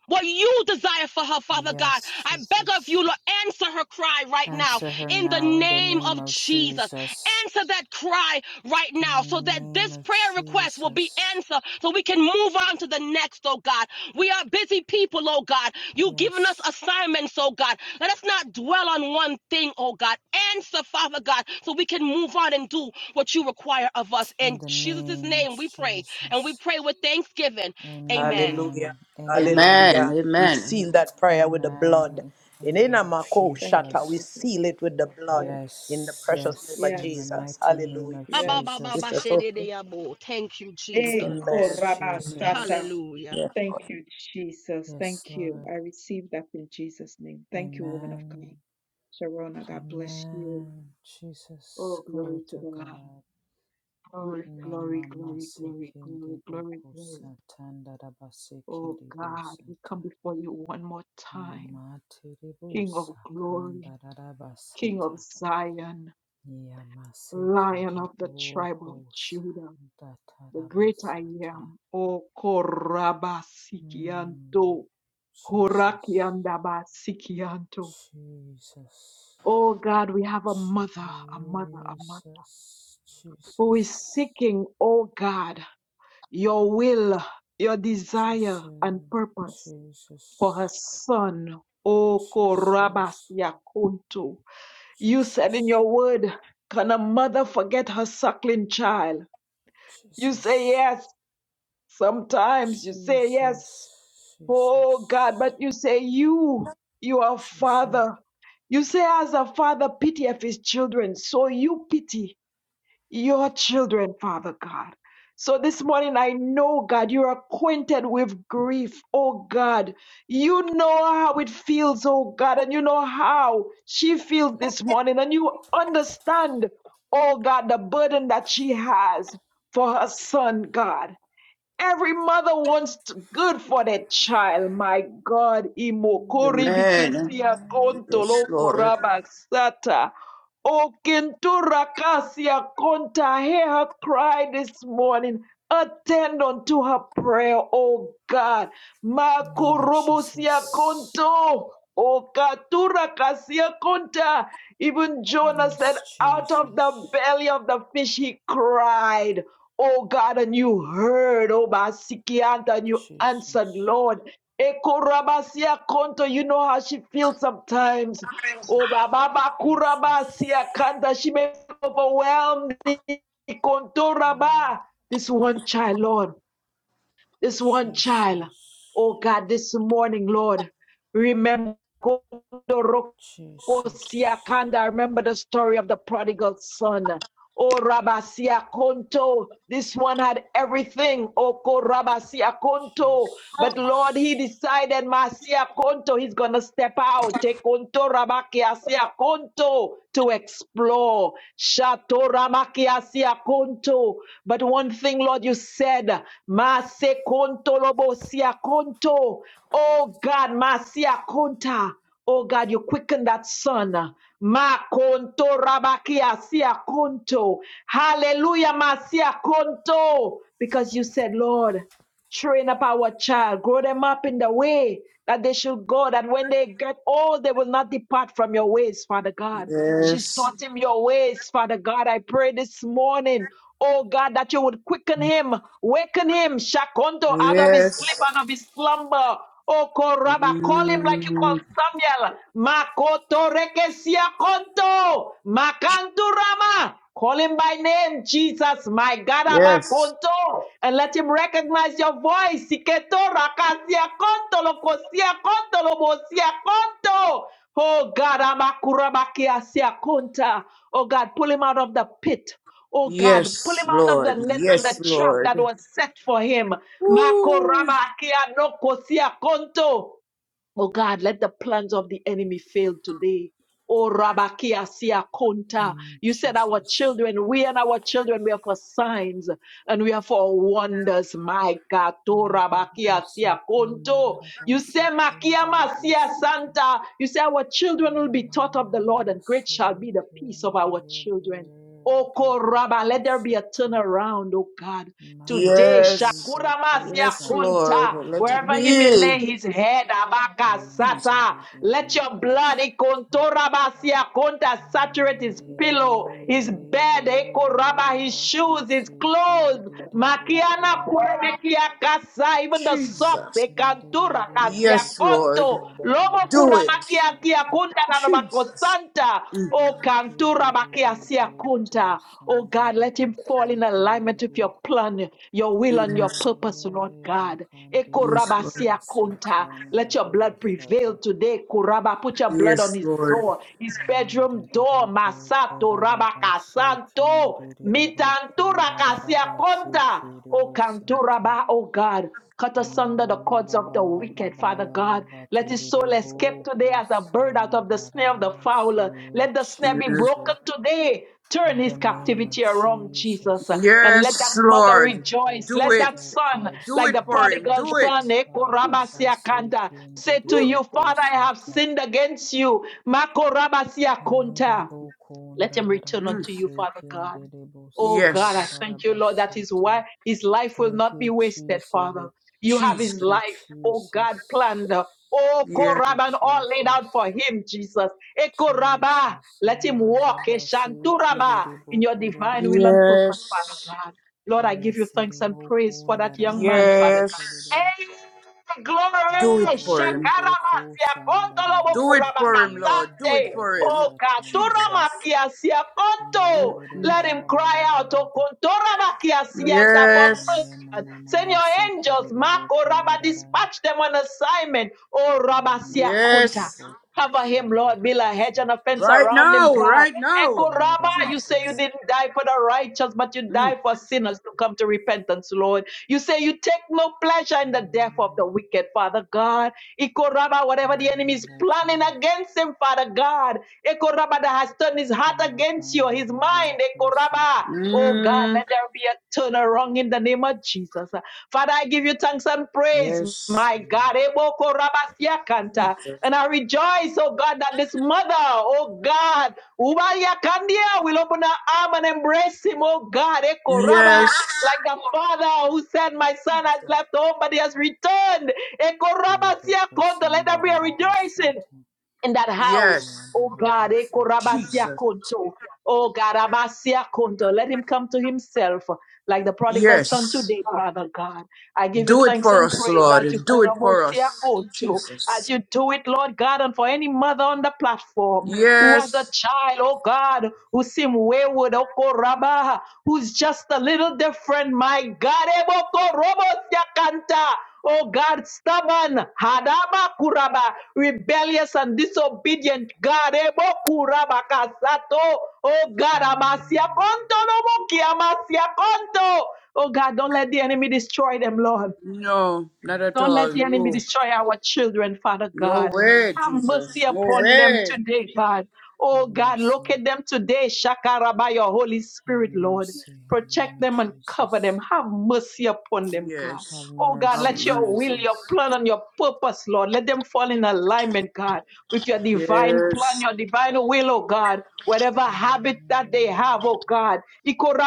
Speaker 3: what you desire for her, Father God.
Speaker 1: yes,
Speaker 3: I beg of you,
Speaker 1: Jesus.
Speaker 3: Lord, answer her cry right now
Speaker 1: Answer her
Speaker 3: in the
Speaker 1: now in the
Speaker 3: name
Speaker 1: name
Speaker 3: of
Speaker 1: of
Speaker 3: Jesus.
Speaker 1: Jesus.
Speaker 3: Answer that cry right
Speaker 1: In
Speaker 3: now so
Speaker 1: the
Speaker 3: that
Speaker 1: name
Speaker 3: this
Speaker 1: of
Speaker 3: prayer request will be
Speaker 1: Jesus.
Speaker 3: answered so we can move on to the next, oh God. We are busy people, oh God. You've given us
Speaker 1: Yes.
Speaker 3: assignments, oh God. Let us not dwell on one thing, oh God. Answer, Father God, so we can move on and do what you require of us.
Speaker 1: In
Speaker 3: In
Speaker 1: the
Speaker 3: Jesus'
Speaker 1: name of
Speaker 3: name we pray, and we
Speaker 1: Jesus.
Speaker 3: pray with thanksgiving. Amen.
Speaker 2: Hallelujah.
Speaker 1: Amen. Amen.
Speaker 5: Amen.
Speaker 2: Hallelujah. We
Speaker 5: Amen.
Speaker 2: seal that prayer with the blood.
Speaker 1: Amen. In
Speaker 2: In
Speaker 1: the blood of
Speaker 2: Enamako
Speaker 4: thank you
Speaker 2: Shata, we
Speaker 1: Jesus.
Speaker 4: jesus
Speaker 2: seal it with the blood
Speaker 4: yes
Speaker 2: in the
Speaker 1: Yes.
Speaker 2: precious name
Speaker 1: Yes.
Speaker 2: of
Speaker 4: yes
Speaker 1: In the
Speaker 2: Jesus.
Speaker 1: mighty name
Speaker 2: Hallelujah.
Speaker 1: of
Speaker 4: yes
Speaker 1: Jesus.
Speaker 2: Sister Sophie.
Speaker 3: Ababababashedeyabo. Thank you,
Speaker 4: Eh,
Speaker 3: Jesus.
Speaker 2: Amen.
Speaker 1: Yes,
Speaker 4: korabasata.
Speaker 1: Jesus.
Speaker 3: Hallelujah.
Speaker 2: Yes.
Speaker 4: Thank you, Jesus.
Speaker 1: Yes,
Speaker 4: Thank you.
Speaker 1: Lord.
Speaker 4: I receive that in Jesus' name. Thank you, woman of
Speaker 1: Amen.
Speaker 4: God. Sharona, God bless you.
Speaker 1: Amen. Jesus.
Speaker 4: Oh,
Speaker 1: Glory
Speaker 4: glory to
Speaker 1: to
Speaker 4: the Lamb.
Speaker 1: God.
Speaker 4: Glory, glory,
Speaker 1: Mama
Speaker 4: glory, glory,
Speaker 1: masiki
Speaker 4: glory, glory,
Speaker 1: deboko
Speaker 4: glory.
Speaker 1: satanda rabasiki
Speaker 4: Oh, God, we
Speaker 1: debosata.
Speaker 4: come before you one more time. King of
Speaker 1: Matiribosa
Speaker 4: glory,
Speaker 1: kanda
Speaker 4: King of
Speaker 1: rabasata.
Speaker 4: Zion, Lion
Speaker 1: Yamasekere
Speaker 4: of the tribe of
Speaker 1: boko
Speaker 4: Judah,
Speaker 1: santa
Speaker 4: the great I
Speaker 1: tarabasata.
Speaker 4: am. Oh,
Speaker 1: Mm,
Speaker 4: Korabasikianto.
Speaker 1: Jesus,
Speaker 4: Korakiandabasikianto.
Speaker 1: Jesus,
Speaker 4: Oh God, we have a mother, a mother, a mother
Speaker 1: Jesus, Jesus,
Speaker 4: who is seeking, oh God, your will, your desire and
Speaker 1: Jesus,
Speaker 4: purpose for her son. Oh Korabas
Speaker 1: Jesus,
Speaker 4: Yakuntu. You said
Speaker 1: Jesus,
Speaker 4: in your word, can a mother forget her suckling child? You say
Speaker 1: Jesus.
Speaker 4: yes. Sometimes you say
Speaker 1: Jesus,
Speaker 4: yes.
Speaker 1: Jesus,
Speaker 4: Oh God,
Speaker 1: Jesus,
Speaker 4: but you say you, you are
Speaker 1: Jesus.
Speaker 4: father. You say as a father pitieth his children, so you pity your children, Father God. So this morning, I know, God, you're acquainted with grief, oh God. You know how it feels, oh God, and you know how she feels this morning, and you understand, oh God, the burden that she has for her son, God. Every mother wants good for their child. My God, imokori
Speaker 5: Amen.
Speaker 4: bikisia
Speaker 1: Mm.
Speaker 5: Yes,
Speaker 4: kontolo
Speaker 5: Lord.
Speaker 4: koraba sata. kintura kasia konta. Hear her cry this morning. Attend unto her prayer, O God.
Speaker 1: Name of
Speaker 4: Makurubusia
Speaker 1: Jesus.
Speaker 4: konto. Okatura kasia konta. Even Jonah said,
Speaker 1: Yes,
Speaker 4: out of the
Speaker 1: Jesus.
Speaker 4: belly of the fish he cried oh God, and you heard, oh Basikianta, and you answered,
Speaker 1: Jesus.
Speaker 4: Lord. Ekorabasia Konto, you know how she feels sometimes. Oh Baba Kurabasia
Speaker 1: Jesus.
Speaker 4: Kanta, she may be overwhelmed.
Speaker 1: Mm.
Speaker 4: Kontoraba. This one child, Lord, this one child.
Speaker 1: Jesus.
Speaker 4: Oh God, this morning, Lord, remember.
Speaker 1: Jesus.
Speaker 4: I remember the story of the prodigal son. Oh, Rabasia Konto, this one had everything. Oko Rabasia Konto. But Lord, he
Speaker 1: Jesus.
Speaker 4: decided, Masia Konto, he's going to step out. Take Konto Rabakia Sia Konto to explore. Shato Ramakia Sia Konto. But one thing, Lord, you said, Mase Konto Lobo Konto. Oh God, Masia Konta. Oh God, you quicken that son. Ma konto rabakia sia konto. Hallelujah, masia konto. Because you said, Lord, train up our child, grow them up in the way that they should go, that when they get old, they will not depart from your ways, Father God. She's
Speaker 5: Yes.
Speaker 4: taught him your ways, Father God. I pray this morning, oh God, that you would quicken him, waken him, Shakonto, out of his sleep,
Speaker 5: Yes.
Speaker 4: out of his slumber. Oko Rabba, call him like you
Speaker 5: Mm,
Speaker 4: called Samuel. Makoto rekesia konto. Makantu Rama. Call him by name, Jesus, my God,
Speaker 5: Yes,
Speaker 4: Abakonto, and let him recognize your voice. Siketo rakasia konto lokosia konto lobosia konto. Oh God, amakurabakia sia konta. Oh God, pull him out of the pit. Oh God, pull
Speaker 5: yes,
Speaker 4: him out of the
Speaker 5: Lord,
Speaker 4: net and the
Speaker 5: yes,
Speaker 4: trap that
Speaker 5: Lord.
Speaker 4: was set for him.
Speaker 5: Woo.
Speaker 4: Makorabakia nokosia konto. Oh God, let the plans of the enemy fail today. Oh Rabakia sia konta.
Speaker 1: Mm,
Speaker 4: You said our
Speaker 1: Jesus.
Speaker 4: children, we and our children, we are for signs and we are for wonders. My God, to Rabakia
Speaker 1: Yeboko
Speaker 4: sia
Speaker 1: sakanda
Speaker 4: konto.
Speaker 1: raraba
Speaker 4: You say Makia
Speaker 1: sekendere
Speaker 4: Masia
Speaker 1: bosoto.
Speaker 4: Santa. You say our children will be taught of
Speaker 1: Yamama
Speaker 4: the Lord, and great shall be the peace of our
Speaker 1: masekendere
Speaker 4: children.
Speaker 1: bere
Speaker 4: Oh Koraba,
Speaker 1: deboku
Speaker 4: let there be a
Speaker 1: sata.
Speaker 4: turnaround, oh God. Today,
Speaker 1: Mandiriri
Speaker 5: Yes,
Speaker 1: boku
Speaker 4: Kuramasia
Speaker 5: yes,
Speaker 4: kunta,
Speaker 5: Lord. Let it
Speaker 4: wherever he may
Speaker 5: be.
Speaker 4: lay
Speaker 1: sakandarabasata.
Speaker 4: his head, abaka
Speaker 5: Jesus,
Speaker 4: abakasata.
Speaker 1: Matiriri
Speaker 4: Let your
Speaker 1: boku
Speaker 4: blood,
Speaker 1: sata.
Speaker 4: ikontoramasia kunta, saturate his
Speaker 1: Mandiriri
Speaker 4: pillow, his bed,
Speaker 1: bo
Speaker 4: ekoraba, his shoes, his
Speaker 1: bakasi
Speaker 4: clothes,
Speaker 1: kindiri boku
Speaker 4: makiana
Speaker 1: ndada.
Speaker 4: kurebekia kasa, even the socks,
Speaker 5: Jesus.
Speaker 4: ekantura
Speaker 1: Matindiriri
Speaker 4: kasia
Speaker 5: Yes,
Speaker 1: boku
Speaker 5: Lord.
Speaker 4: konto, lomo
Speaker 5: Do it,
Speaker 4: kuramakia kia
Speaker 1: sandarabasata.
Speaker 4: kunda na nabako
Speaker 5: Jesus.
Speaker 4: santa.
Speaker 5: Mm,
Speaker 4: O kantura bakia
Speaker 1: Yetindiriri
Speaker 4: sia
Speaker 1: boku
Speaker 4: kunta. Oh God, let him fall in alignment with
Speaker 1: sandarabasi
Speaker 4: your plan, your will, and your
Speaker 5: mm.
Speaker 4: purpose, Lord
Speaker 1: Eh,
Speaker 4: God. Eko
Speaker 1: bakandere
Speaker 5: Yes,
Speaker 4: raba
Speaker 5: Lord.
Speaker 1: boko
Speaker 4: sia kunta.
Speaker 1: satan
Speaker 4: Let your blood
Speaker 1: darabasada.
Speaker 4: prevail today. Kuraba, put your blood on
Speaker 5: Yes,
Speaker 4: his
Speaker 5: Lord.
Speaker 4: door, his bedroom
Speaker 1: Mandere
Speaker 4: door.
Speaker 1: boko
Speaker 4: Masato rabaka
Speaker 1: darabashi
Speaker 4: santo.
Speaker 1: kendere boko
Speaker 4: Mitantura kasia
Speaker 1: darabashi
Speaker 4: kunta.
Speaker 1: kere
Speaker 4: O
Speaker 1: bosata.
Speaker 4: kanturaba, oh God. Cut
Speaker 1: Ya
Speaker 4: asunder the
Speaker 1: baba
Speaker 4: cords
Speaker 1: baba
Speaker 4: of the
Speaker 1: baba
Speaker 4: wicked,
Speaker 1: baba
Speaker 4: Father God.
Speaker 1: baba
Speaker 4: Let his
Speaker 1: terere
Speaker 4: soul escape
Speaker 1: boko
Speaker 4: today as a bird out of the snare of the
Speaker 1: sandararase
Speaker 4: fowler. Let the snare be
Speaker 5: Yes,
Speaker 4: broken
Speaker 1: Jesus.
Speaker 4: today.
Speaker 1: In
Speaker 4: Turn
Speaker 1: the
Speaker 4: his
Speaker 1: name of
Speaker 4: captivity around, Jesus,
Speaker 1: Jesus.
Speaker 4: and let that
Speaker 5: yes,
Speaker 4: mother
Speaker 5: Lord.
Speaker 1: Eh, bo
Speaker 4: rejoice.
Speaker 5: Do
Speaker 1: bo
Speaker 4: Let that
Speaker 1: bo
Speaker 5: it.
Speaker 1: ko
Speaker 4: son,
Speaker 5: Do
Speaker 4: like
Speaker 5: it
Speaker 4: the
Speaker 5: for him.
Speaker 1: sanda
Speaker 4: prodigal
Speaker 5: Do
Speaker 1: da
Speaker 5: it,
Speaker 1: ba
Speaker 4: son,
Speaker 1: ba ba ba
Speaker 5: Jesus.
Speaker 1: se
Speaker 4: Ekorabasiakanta,
Speaker 1: kende
Speaker 4: say
Speaker 1: de
Speaker 4: to
Speaker 5: Woo.
Speaker 1: bo
Speaker 4: you,
Speaker 1: ko
Speaker 4: Father, I have
Speaker 1: sata.
Speaker 4: sinned against you.
Speaker 1: Eh, de
Speaker 4: Makorabasiakonta.
Speaker 1: bo ko
Speaker 4: Let
Speaker 1: nda
Speaker 4: him
Speaker 1: da da
Speaker 4: return
Speaker 1: ba
Speaker 5: Mm.
Speaker 4: unto you,
Speaker 1: se
Speaker 4: Father God.
Speaker 1: kende de bo
Speaker 4: Oh God,
Speaker 1: sanda
Speaker 4: I
Speaker 1: da
Speaker 5: Yes,
Speaker 1: da
Speaker 4: thank you,
Speaker 1: ba
Speaker 4: Lord. That is
Speaker 1: sata.
Speaker 4: why his life will
Speaker 1: Thank
Speaker 4: not be
Speaker 1: you,
Speaker 4: wasted, Father.
Speaker 1: Jesus.
Speaker 4: You have
Speaker 1: Thank
Speaker 5: Jesus.
Speaker 4: his
Speaker 1: you,
Speaker 4: life, oh
Speaker 1: Jesus.
Speaker 4: God, planned. Oh,
Speaker 1: Thank
Speaker 5: Yes.
Speaker 1: you,
Speaker 4: Koraban, all laid
Speaker 1: Jesus.
Speaker 4: out for him, Jesus. Ekoraba,
Speaker 1: Jesus.
Speaker 4: let him
Speaker 1: Manda
Speaker 4: walk,
Speaker 1: ba se kede
Speaker 4: Eshanturaba,
Speaker 1: de bo
Speaker 4: in your
Speaker 1: ko de de
Speaker 4: divine will
Speaker 1: ba.
Speaker 4: and purpose, Father
Speaker 5: Yes.
Speaker 4: God. Lord, I give you
Speaker 1: Yes,
Speaker 4: thanks
Speaker 1: de
Speaker 4: and
Speaker 1: bo
Speaker 4: praise
Speaker 1: ko
Speaker 4: for that
Speaker 1: nda da da
Speaker 4: young
Speaker 1: ba
Speaker 4: man, Father
Speaker 1: ka
Speaker 4: God.
Speaker 5: Yes.
Speaker 1: te de de ba.
Speaker 4: ¡Eh!
Speaker 5: Do it
Speaker 4: ¡Glory!
Speaker 5: for him.
Speaker 1: Niboboboko
Speaker 4: Shakarabasia, Pontolo
Speaker 5: Do it for him,
Speaker 1: sandarabasikerebo
Speaker 5: Lord. Do it
Speaker 4: Bokurabakasante,
Speaker 5: for him. Jesus.
Speaker 1: korarabasatandaraha.
Speaker 4: Okaturamakiasia, Ponto.
Speaker 1: Nyerere
Speaker 5: Mm-mm.
Speaker 4: Let him
Speaker 1: baba baba
Speaker 4: cry out,
Speaker 1: baba
Speaker 4: O
Speaker 1: ba.
Speaker 4: Kontorabakiasianta, for mercy.
Speaker 5: Yes.
Speaker 1: Ye mama
Speaker 4: Send
Speaker 1: mama
Speaker 4: your
Speaker 1: se
Speaker 4: angels,
Speaker 1: sekerebo
Speaker 4: Mako Rabba,
Speaker 1: korarara.
Speaker 4: dispatch them on assignment, O Rabasia Konta.
Speaker 5: Yes.
Speaker 1: Machereboko
Speaker 4: Cover him, Lord. Build a hedge and a
Speaker 1: sandarabasata.
Speaker 4: fence
Speaker 5: Right
Speaker 4: around him,
Speaker 5: now.
Speaker 4: God.
Speaker 5: Right
Speaker 4: Echo
Speaker 5: now.
Speaker 4: Rabba, you say
Speaker 1: Yereboka.
Speaker 4: you
Speaker 5: Jesus.
Speaker 4: didn't die for the righteous, but you
Speaker 5: Mm.
Speaker 4: died for sinners to come to repentance, Lord. You say you take no pleasure in the death of the
Speaker 1: Mm,
Speaker 4: wicked, Father God. Ikoraba, whatever the enemy is
Speaker 1: Yereboko.
Speaker 4: planning against him, Father God. Ekoraba, that has turned his heart against you, his mind.
Speaker 1: Makandereboko sata.
Speaker 4: Ekoraba. Oh God,
Speaker 5: Mm.
Speaker 4: let there be a turnaround in the name of Jesus. Father, I give you thanks and praise,
Speaker 5: Yes.
Speaker 4: my
Speaker 1: Mm,
Speaker 4: God. Ebokoraba siakanta.
Speaker 5: Jesus.
Speaker 4: And I rejoice, oh God, that this mother, oh God, Ubaya Kandia will open her arm and embrace him, oh God. Eko
Speaker 5: Yes.
Speaker 4: raba like the father who said, My son has left home, but he has returned.
Speaker 1: Yeboko
Speaker 4: Ekorabasiakonto, Let there be a rejoicing
Speaker 1: sandarabasata.
Speaker 4: in that house.
Speaker 1: Ya
Speaker 5: Yes.
Speaker 4: Oh
Speaker 1: baba
Speaker 4: God,
Speaker 1: basekerebo.
Speaker 5: Jesus.
Speaker 4: Ekorabasiakonto. oh God, Abasiakonto. let him come to himself like the prodigal son
Speaker 5: Yes.
Speaker 4: today, Father God. I give you
Speaker 5: Do it
Speaker 4: thanks
Speaker 5: for
Speaker 4: and
Speaker 5: us,
Speaker 4: praise
Speaker 5: Lord.
Speaker 4: as you
Speaker 5: Do it for us.
Speaker 4: Korabasiakonto, as
Speaker 5: Jesus.
Speaker 4: you do it, Lord God, and for any mother on the platform who was a
Speaker 5: Yes.
Speaker 4: child, oh God, who seemed wayward, oh Koraba, who's just a little different, my God, Eboko Robos Yakanta. Oh God, stubborn, hadaba kuraba, rebellious and disobedient God, ebo kuraba kasato. Oh God, amasia
Speaker 1: Mm,
Speaker 4: konto no moki, amasia konto. Oh God, don't let the enemy destroy them, Lord.
Speaker 5: No, not
Speaker 1: mm,
Speaker 5: at
Speaker 4: Don't
Speaker 5: all.
Speaker 4: let the enemy
Speaker 5: No.
Speaker 4: destroy
Speaker 1: Jesus,
Speaker 4: our children, Father
Speaker 5: No
Speaker 4: God.
Speaker 5: way,
Speaker 4: Have mercy
Speaker 5: Jesus.
Speaker 1: Jesus,
Speaker 5: No
Speaker 4: upon them
Speaker 5: way.
Speaker 4: today, God.
Speaker 1: have
Speaker 4: Oh God, look
Speaker 1: mercy,
Speaker 4: at them today, Shakara, by your Holy
Speaker 1: have
Speaker 4: Spirit, Lord.
Speaker 1: mercy in the
Speaker 4: Protect
Speaker 1: name of
Speaker 4: them and cover
Speaker 1: Jesus.
Speaker 4: them. Have mercy upon them, God.
Speaker 1: Have
Speaker 5: Yes.
Speaker 4: Oh God,
Speaker 5: Have
Speaker 1: mercy,
Speaker 4: let your will,
Speaker 5: mercy.
Speaker 4: your
Speaker 1: Jesus.
Speaker 4: plan, and your purpose, Lord, let them fall in alignment, God, with your divine plan,
Speaker 5: Yes.
Speaker 4: your divine will, oh God. Whatever habit that they have, oh
Speaker 1: Mm,
Speaker 4: God.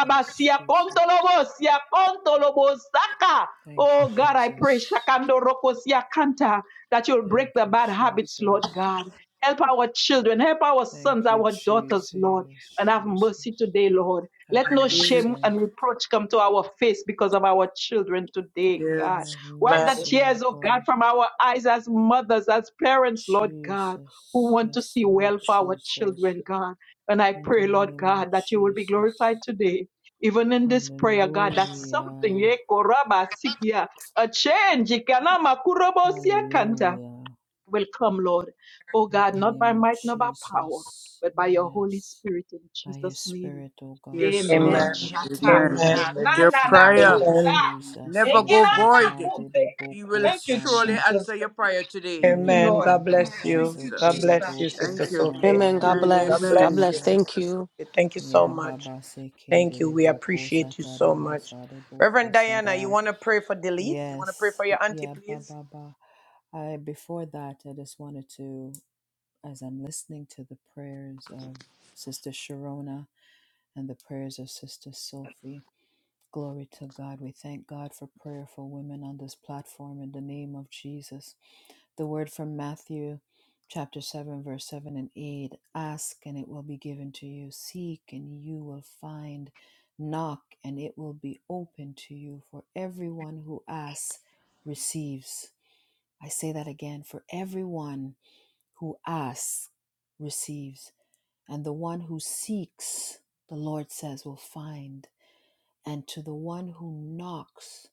Speaker 1: yes, Jesus.
Speaker 4: kontolobosia kontolobosaka.
Speaker 1: Thank you,
Speaker 4: Oh God, I pray
Speaker 1: Jesus.
Speaker 4: Shakando Rokosia Kanta that you'll break
Speaker 1: Thank
Speaker 4: the
Speaker 1: you,
Speaker 4: bad habits, Lord
Speaker 1: Jesus.
Speaker 4: God. Help our children, help our sons,
Speaker 1: Thank you,
Speaker 4: our daughters, Lord, and
Speaker 1: Jesus,
Speaker 4: have mercy
Speaker 1: Jesus.
Speaker 4: today, Lord.
Speaker 1: Have
Speaker 4: Let no
Speaker 5: Yes.
Speaker 4: shame
Speaker 1: mercy.
Speaker 4: and reproach come to our face because of our children today,
Speaker 5: Yes,
Speaker 4: God.
Speaker 1: Have
Speaker 4: Wipe the
Speaker 2: Amen.
Speaker 1: mercy,
Speaker 4: tears,
Speaker 1: O
Speaker 4: oh God,
Speaker 1: God.
Speaker 4: from our eyes as mothers, as parents, Lord God, who
Speaker 1: Jesus.
Speaker 4: want to
Speaker 1: Yes,
Speaker 4: see
Speaker 1: Lord
Speaker 4: well for our
Speaker 1: Jesus.
Speaker 4: children, God. And I
Speaker 1: in the
Speaker 4: pray, Lord
Speaker 1: name of
Speaker 4: God, that you will be glorified
Speaker 1: Jesus.
Speaker 4: today even in this prayer, God, that's something.
Speaker 1: Hallelujah.
Speaker 4: Ye koraba sikia. A change. Ikanama kurobo siakanta
Speaker 1: Hallelujah.
Speaker 4: Will come, Lord. Oh
Speaker 1: In
Speaker 4: God,
Speaker 1: the
Speaker 4: not
Speaker 1: name
Speaker 4: by
Speaker 1: of
Speaker 4: might, not by power,
Speaker 1: Jesus.
Speaker 4: but by your Holy
Speaker 1: Yes.
Speaker 4: Spirit in
Speaker 1: By your
Speaker 4: Jesus' name.
Speaker 1: Spirit, O God.
Speaker 5: yes, Lord.
Speaker 4: Amen.
Speaker 2: Amen.
Speaker 4: Shaka.
Speaker 1: In
Speaker 5: Amen.
Speaker 1: the
Speaker 2: Amen.
Speaker 4: Na na
Speaker 5: Let your
Speaker 4: na
Speaker 1: mighty
Speaker 4: na,
Speaker 1: name
Speaker 5: prayer
Speaker 1: of
Speaker 4: kosa.
Speaker 2: Amen.
Speaker 1: Jesus.
Speaker 5: never
Speaker 4: Eki
Speaker 5: go
Speaker 4: na na,
Speaker 1: Lesaka
Speaker 5: void.
Speaker 1: de
Speaker 4: kute.
Speaker 1: de
Speaker 5: He
Speaker 1: boko
Speaker 5: will
Speaker 4: Thank you,
Speaker 5: surely
Speaker 1: sanda.
Speaker 4: Jesus.
Speaker 5: answer your prayer today.
Speaker 4: Thank you,
Speaker 1: Ya
Speaker 2: Amen.
Speaker 4: Lord.
Speaker 2: God bless
Speaker 1: babaka
Speaker 4: Thank
Speaker 2: you.
Speaker 4: you,
Speaker 2: God
Speaker 1: seke
Speaker 5: Jesus.
Speaker 1: de
Speaker 4: Jesus.
Speaker 2: bless you,
Speaker 1: boko
Speaker 2: Sister
Speaker 5: Thank you.
Speaker 1: sanda
Speaker 2: Sophie.
Speaker 3: Amen. God
Speaker 5: Amen.
Speaker 2: God
Speaker 3: bless. God
Speaker 2: bless
Speaker 5: Amen.
Speaker 2: you,
Speaker 3: bless.
Speaker 1: arabasata.
Speaker 3: Thank
Speaker 2: Sister
Speaker 3: you.
Speaker 2: Sophie. Thank you so
Speaker 1: Ya
Speaker 2: much.
Speaker 1: baba seke
Speaker 2: Thank
Speaker 1: de
Speaker 2: you.
Speaker 1: de
Speaker 2: We
Speaker 1: boko
Speaker 2: appreciate you
Speaker 1: sata
Speaker 2: so much.
Speaker 1: arabasa de boko
Speaker 2: Reverend Diana, you
Speaker 1: sata.
Speaker 2: want to pray for Delith? You want to pray
Speaker 1: Yes.
Speaker 2: for your auntie,
Speaker 1: Yeah. Ba
Speaker 2: please?
Speaker 1: ba ba. I before that, I just wanted to, as I'm listening to the prayers of Sister Sharona and the prayers of Sister Sophie, Glory to God. We thank God for prayerful women on this platform in the name of Jesus. The word from Matthew chapter 7, verse 7 and 8 Ask and it will be given to you, seek and you will find, knock and it will be open to you. For everyone who asks receives. I say that again for everyone who asks receives, and the one who seeks, the Lord says, will find and to the one who knocks,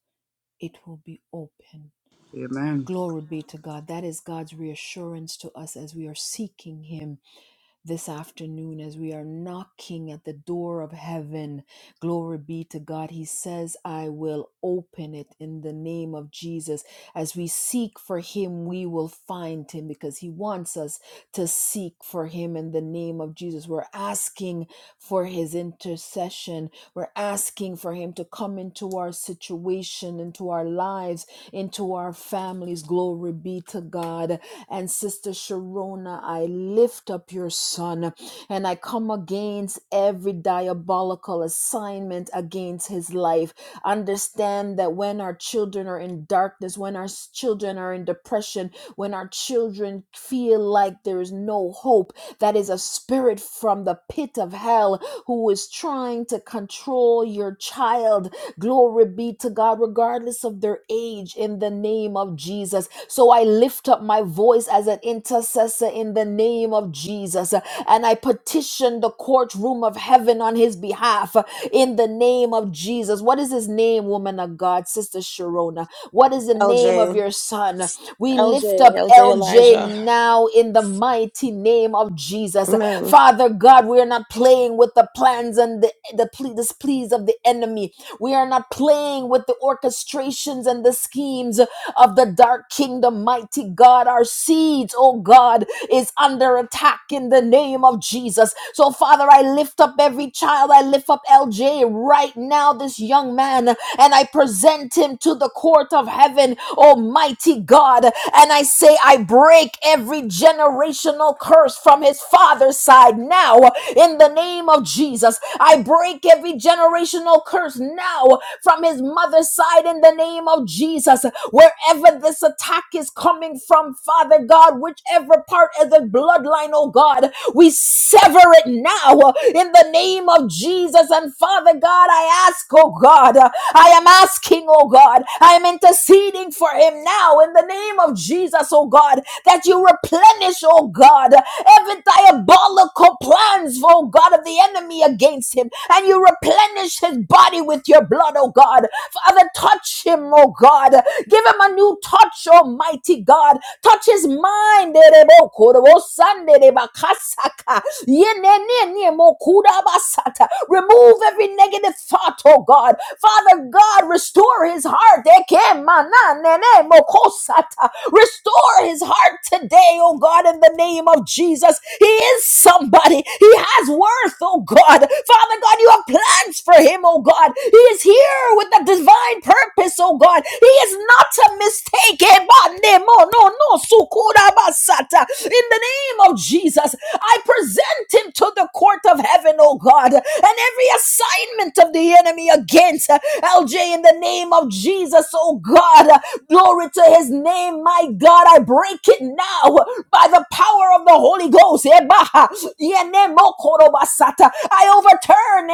Speaker 1: it will be open.
Speaker 5: Amen.
Speaker 1: Glory be to God. That is God's reassurance to us as we are seeking Him this afternoon as we are knocking at the door of heaven. Glory be to God. He says, I will open it in the name of Jesus. As we seek for Him, we will find Him because He wants us to seek for Him in the name of Jesus. We're asking for His intercession, we're asking for Him to come into our situation, into our lives into our families. Glory be to God. And Sister Sharona, I lift up your son and I come against every diabolical assignment against his life. Understand that when our children are in darkness, when our s- children are in depression, when our children feel like there is no hope, that is a spirit from the pit of hell who is trying to control your child Glory be to God, regardless of their age, in the name of Jesus. So I lift up my voice as an intercessor in the name of Jesus, and I petition the courtroom of heaven on his behalf in the name of Jesus. What is his name, woman of God, Sister Sharona? What is the name of
Speaker 3: LJ.
Speaker 1: your son? We lift
Speaker 3: LJ.
Speaker 1: up
Speaker 3: LJ
Speaker 1: LJ
Speaker 3: Elijah.
Speaker 1: now in the mighty name of Jesus.
Speaker 3: Amen.
Speaker 1: Father God, we are not playing with the plans and the, the ple- displeas of the enemy we are not playing with the orchestrations and the schemes of the dark kingdom, mighty God. Our seeds, oh God, is under attack in the name of Jesus. So, Father, I lift up every child. I lift up LJ right now, this young man, and I present him to the court of heaven, Almighty God. And I say, I break every generational curse from his father's side now in the name of Jesus. I break every generational curse now from his mother's side in the name of Jesus. Wherever this attack is coming from, Father God, whichever part of the bloodline, oh God, we sever it now in the name of Jesus. And Father God, I ask, oh God, I am asking, oh God, I am interceding for him now in the name of Jesus, oh God, that you replenish, oh God, every diabolical plans, oh God, of the enemy against him, and you replenish his body with your blood, oh God. Father, touch him, oh God. Give him a new touch, Almighty God. Touch his mind. Remove every negative thought, oh God. Father God, restore his heart. Restore his heart today, oh God, in the name of Jesus. He is somebody. He has worth, oh God. Father God, you have plans for him, oh God. He is here with the divine purpose, oh God. He is not a mistake. No, no, In the name of Jesus, I present him to the court of heaven, oh God, and every assignment of the enemy against against uh, LJ in the name of Jesus, oh God. Uh, Glory to his name, my God. I break it now uh, by the power of the Holy Ghost. I overturn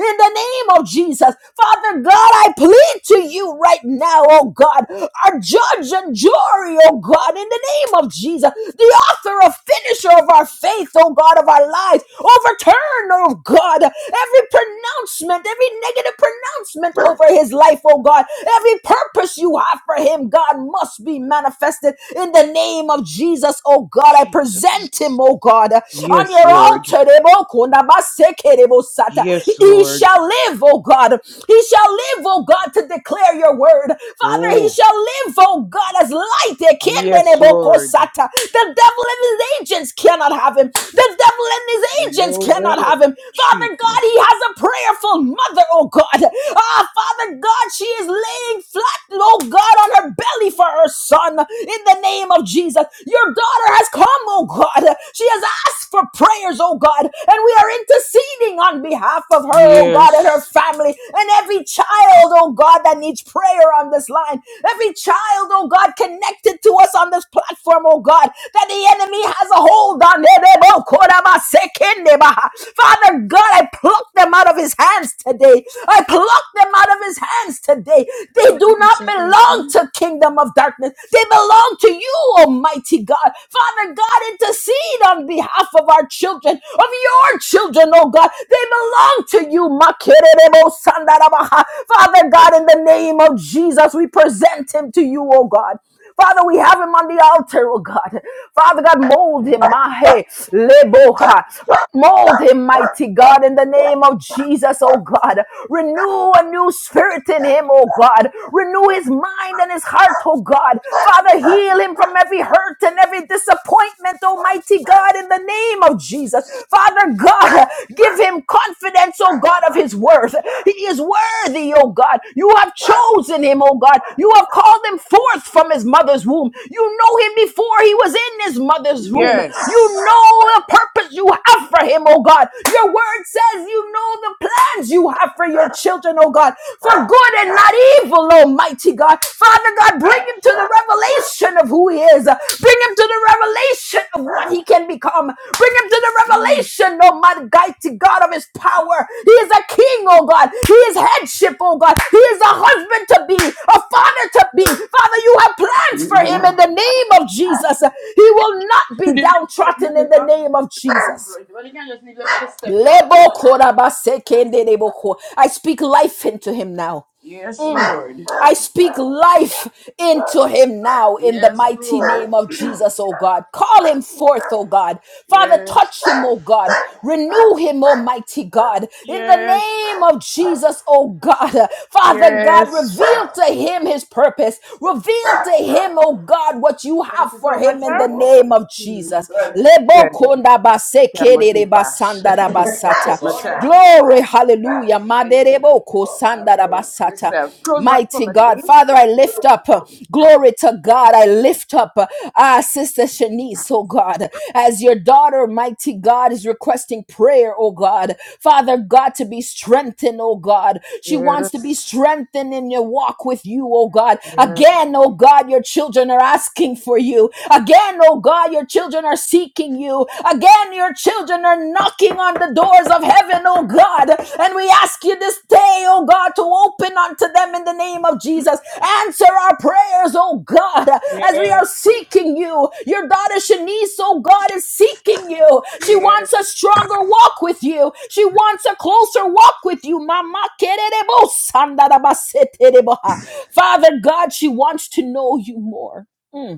Speaker 1: in the name of Jesus. Father God, I plead to you right now, oh God, our judge and jury, oh God, in the name of Jesus, the author of finisher of our faith, oh God, of our lives, overturn, oh God, Every pronouncement, every negative pronouncement over his life, oh God, every purpose you have for him, God, must be manifested in the name of Jesus, oh God. I present
Speaker 5: Jesus.
Speaker 1: him, oh God, on
Speaker 5: Yes,
Speaker 1: your
Speaker 5: Lord.
Speaker 1: altar. Debo kunda baseke
Speaker 5: Yes,
Speaker 1: He
Speaker 5: Lord.
Speaker 1: shall live, oh God. He shall live, oh God, to declare your word. Father, he
Speaker 5: Oh,
Speaker 1: shall live, oh God, as light. Ekende
Speaker 5: yes,
Speaker 1: debo
Speaker 5: Lord.
Speaker 1: kosata. The devil and his agents cannot have him. The devil and his agents
Speaker 5: No
Speaker 1: cannot
Speaker 5: way.
Speaker 1: have him. Father God,
Speaker 5: Jesus.
Speaker 1: he has a prayerful mother, oh God. Ah, Father God, she is laying flat, oh God, on her belly for her son in the name of Jesus. Your daughter has come, oh God. She has asked for prayers, oh God, and we are interceding on behalf of her, oh God, and her
Speaker 5: Yes.
Speaker 1: family, and every child, oh God, that needs prayer on this line. Every child, oh God, connected to us on this platform, oh God, that the enemy has a hold on. Father, Father God, I pluck them out of his hands today. I pluck them out of his hands today. They
Speaker 5: Over
Speaker 1: do
Speaker 5: and
Speaker 1: not belong
Speaker 5: surviving.
Speaker 1: to kingdom of darkness. They belong to you, Almighty God. Father God, intercede on behalf of our children, of your children, oh God. They belong to you, Makerebo Sandarabaha. Father God, in the name of Jesus, we present him to you, oh God. Father, we have him on the altar, oh God. Father God, mold him, Mahe, Leboha. Mold him, mighty God, in the name of Jesus, oh God. Renew a new spirit in him, oh God. Renew his mind and his heart, oh God. Father, heal him from every hurt and every disappointment, almighty God, in the name of Jesus. Father God, give him confidence, oh God, of his worth. He is worthy, oh God. You have chosen him, oh God. You have called him forth from his mother's womb. You know him before he was in his mother's womb.
Speaker 5: Yes.
Speaker 1: You know the purpose you have have for him, oh God. Your word says you know the plans you have for your children, oh God, for good and not evil, almighty God. Father God, bring him to the revelation of who he is. Bring him to the revelation of what he can become. Bring him to the
Speaker 5: Mm.
Speaker 1: revelation, oh my mighty God, of his power. He is a king, oh God. He is headship, oh God. He is a husband to be, a father to be. Father, you have plans for him in
Speaker 5: Mhm.
Speaker 1: the name of Jesus. He will not be
Speaker 5: Could you lift that
Speaker 1: downtrodden in
Speaker 5: another
Speaker 1: the
Speaker 5: block? bro.
Speaker 1: name of Jesus.
Speaker 5: But you can just leave your footstep, bro. Just
Speaker 1: Lebo
Speaker 5: a block.
Speaker 1: korabase kende debo I speak life into him now.
Speaker 5: Yes, Lord.
Speaker 1: I speak life into him now in the
Speaker 5: Yes,
Speaker 1: mighty
Speaker 5: Lord.
Speaker 1: name of Jesus, oh God. Call him forth, oh God. Father,
Speaker 5: Yes.
Speaker 1: touch him, oh God. Renew him, almighty God. In the
Speaker 5: Yes.
Speaker 1: name of Jesus, oh God. Father God,
Speaker 5: Yes.
Speaker 1: reveal to him his purpose. Reveal to him, oh God, what you
Speaker 5: Thank
Speaker 1: have
Speaker 5: you
Speaker 1: for
Speaker 5: so much,
Speaker 1: him in the
Speaker 5: sir.
Speaker 1: name of
Speaker 5: Mhm.
Speaker 1: Jesus. Lebo
Speaker 5: Yes.
Speaker 1: konda base
Speaker 5: Can't go
Speaker 1: kede
Speaker 5: too fast.
Speaker 1: basanda basata.
Speaker 5: my time.
Speaker 1: Glory,
Speaker 5: Yes.
Speaker 1: Hallelujah.
Speaker 5: Thank you.
Speaker 1: Maderebo
Speaker 5: Yes,
Speaker 1: kosandarabasata.
Speaker 5: sir. Close back for
Speaker 1: Mighty
Speaker 5: me,
Speaker 1: God.
Speaker 5: please.
Speaker 1: Father, I lift up. uh, Glory to God. I lift up uh, sister Shanice, oh God, as your daughter, mighty God, is requesting prayer, oh God. Father God, to be strengthened, oh God. She wants to be
Speaker 5: Yes.
Speaker 1: strengthened in your walk with you, oh God.
Speaker 5: Yes.
Speaker 1: Again, oh God, your children are asking for you. Again, oh God, your children are seeking you you. Again, your children are knocking on the doors of heaven, oh God. And we ask you this day, oh God, to open unto them in the name of Jesus. Answer our prayers, oh God, as we are
Speaker 5: Yes.
Speaker 1: seeking you. Your daughter Shanice, oh God, is seeking you. She wants a
Speaker 5: Yes,
Speaker 1: stronger walk with you. She wants a closer walk with you. Mama kererebo sandarabasetereboha. Father God, she wants to know you more. Mm.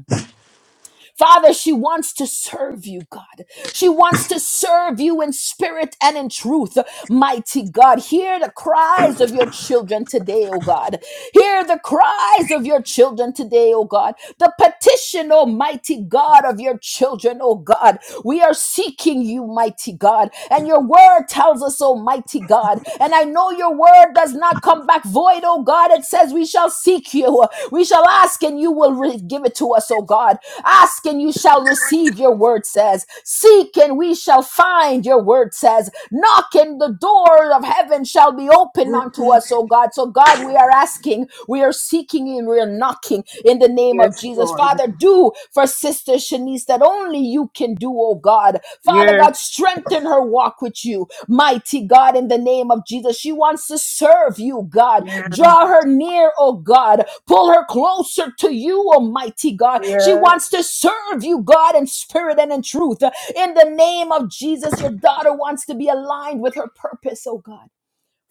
Speaker 1: Father, she wants to serve you, God. She wants to serve you in spirit and in truth. Mighty God, hear the cries of your children today, oh God. Hear the cries of your children today, oh God. The petition, almighty God, of your children, oh God. We are seeking you, mighty God. And your word tells us, almighty God. And I know your word does not come back not void, oh God. It says we shall seek you. We shall ask and you will re- give it to us, oh God. Ask and you shall receive, your word says. Seek and we shall find, your word says. Knock and the door of heaven shall be opened unto us, oh God. So, God, we are asking, we are seeking, and we are knocking in the name of
Speaker 5: yes,
Speaker 1: Jesus.
Speaker 5: Lord.
Speaker 1: Father, do for sisters. Denise that only you can do, oh God. Father God,
Speaker 5: Yes,
Speaker 1: strengthen her walk with you, mighty God, in the name of Jesus. She wants to serve you, God.
Speaker 5: yes,
Speaker 1: Draw her near, oh God. Pull her closer to you, almighty God. She wants to
Speaker 5: yes,
Speaker 1: serve you, God, in spirit and in truth. In the name of Jesus, your daughter wants to be aligned with her purpose, oh God.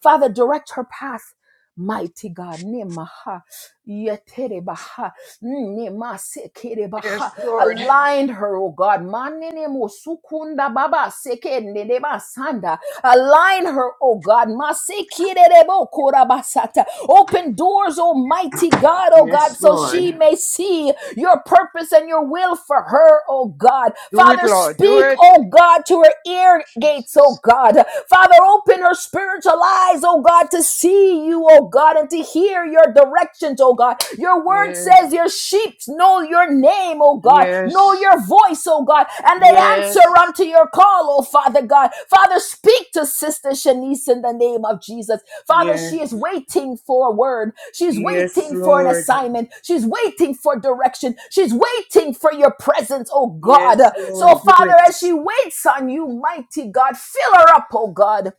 Speaker 1: Father, direct her path. Mighty God, Nimaha, Yeterebaha, Nimase
Speaker 5: yes, Lord.
Speaker 1: aligned her, oh God. Manene mo sukunda baba seke nene basanda. Align her, oh God. Masekirebo basata. Open doors, Almighty God, oh God,
Speaker 5: Yes,
Speaker 1: so
Speaker 5: Lord.
Speaker 1: she may see your purpose and your will for her, oh God.
Speaker 5: Do it,
Speaker 1: Father,
Speaker 5: Lord. Do
Speaker 1: speak,
Speaker 5: it.
Speaker 1: oh God, to her ear gates, oh
Speaker 5: Jesus.
Speaker 1: God. Father, open her spiritual eyes, oh God, to see you, oh God, and to hear your your directions, oh God. Your word
Speaker 5: Yes,
Speaker 1: says your sheep know your name, oh God, know
Speaker 5: yes,
Speaker 1: your voice, oh God, and they answer
Speaker 5: yes,
Speaker 1: unto your call, oh Father God. Father, speak to Sister Shanice in the name of Jesus. Father,
Speaker 5: yes,
Speaker 1: she is waiting for a word. She's
Speaker 5: yes,
Speaker 1: waiting for an
Speaker 5: Lord.
Speaker 1: assignment. She's waiting for direction. She's waiting for your presence, oh God.
Speaker 5: Yes,
Speaker 1: So,
Speaker 5: Lord. Do
Speaker 1: Father,
Speaker 5: it.
Speaker 1: as she waits on you, mighty God, fill her up, oh God.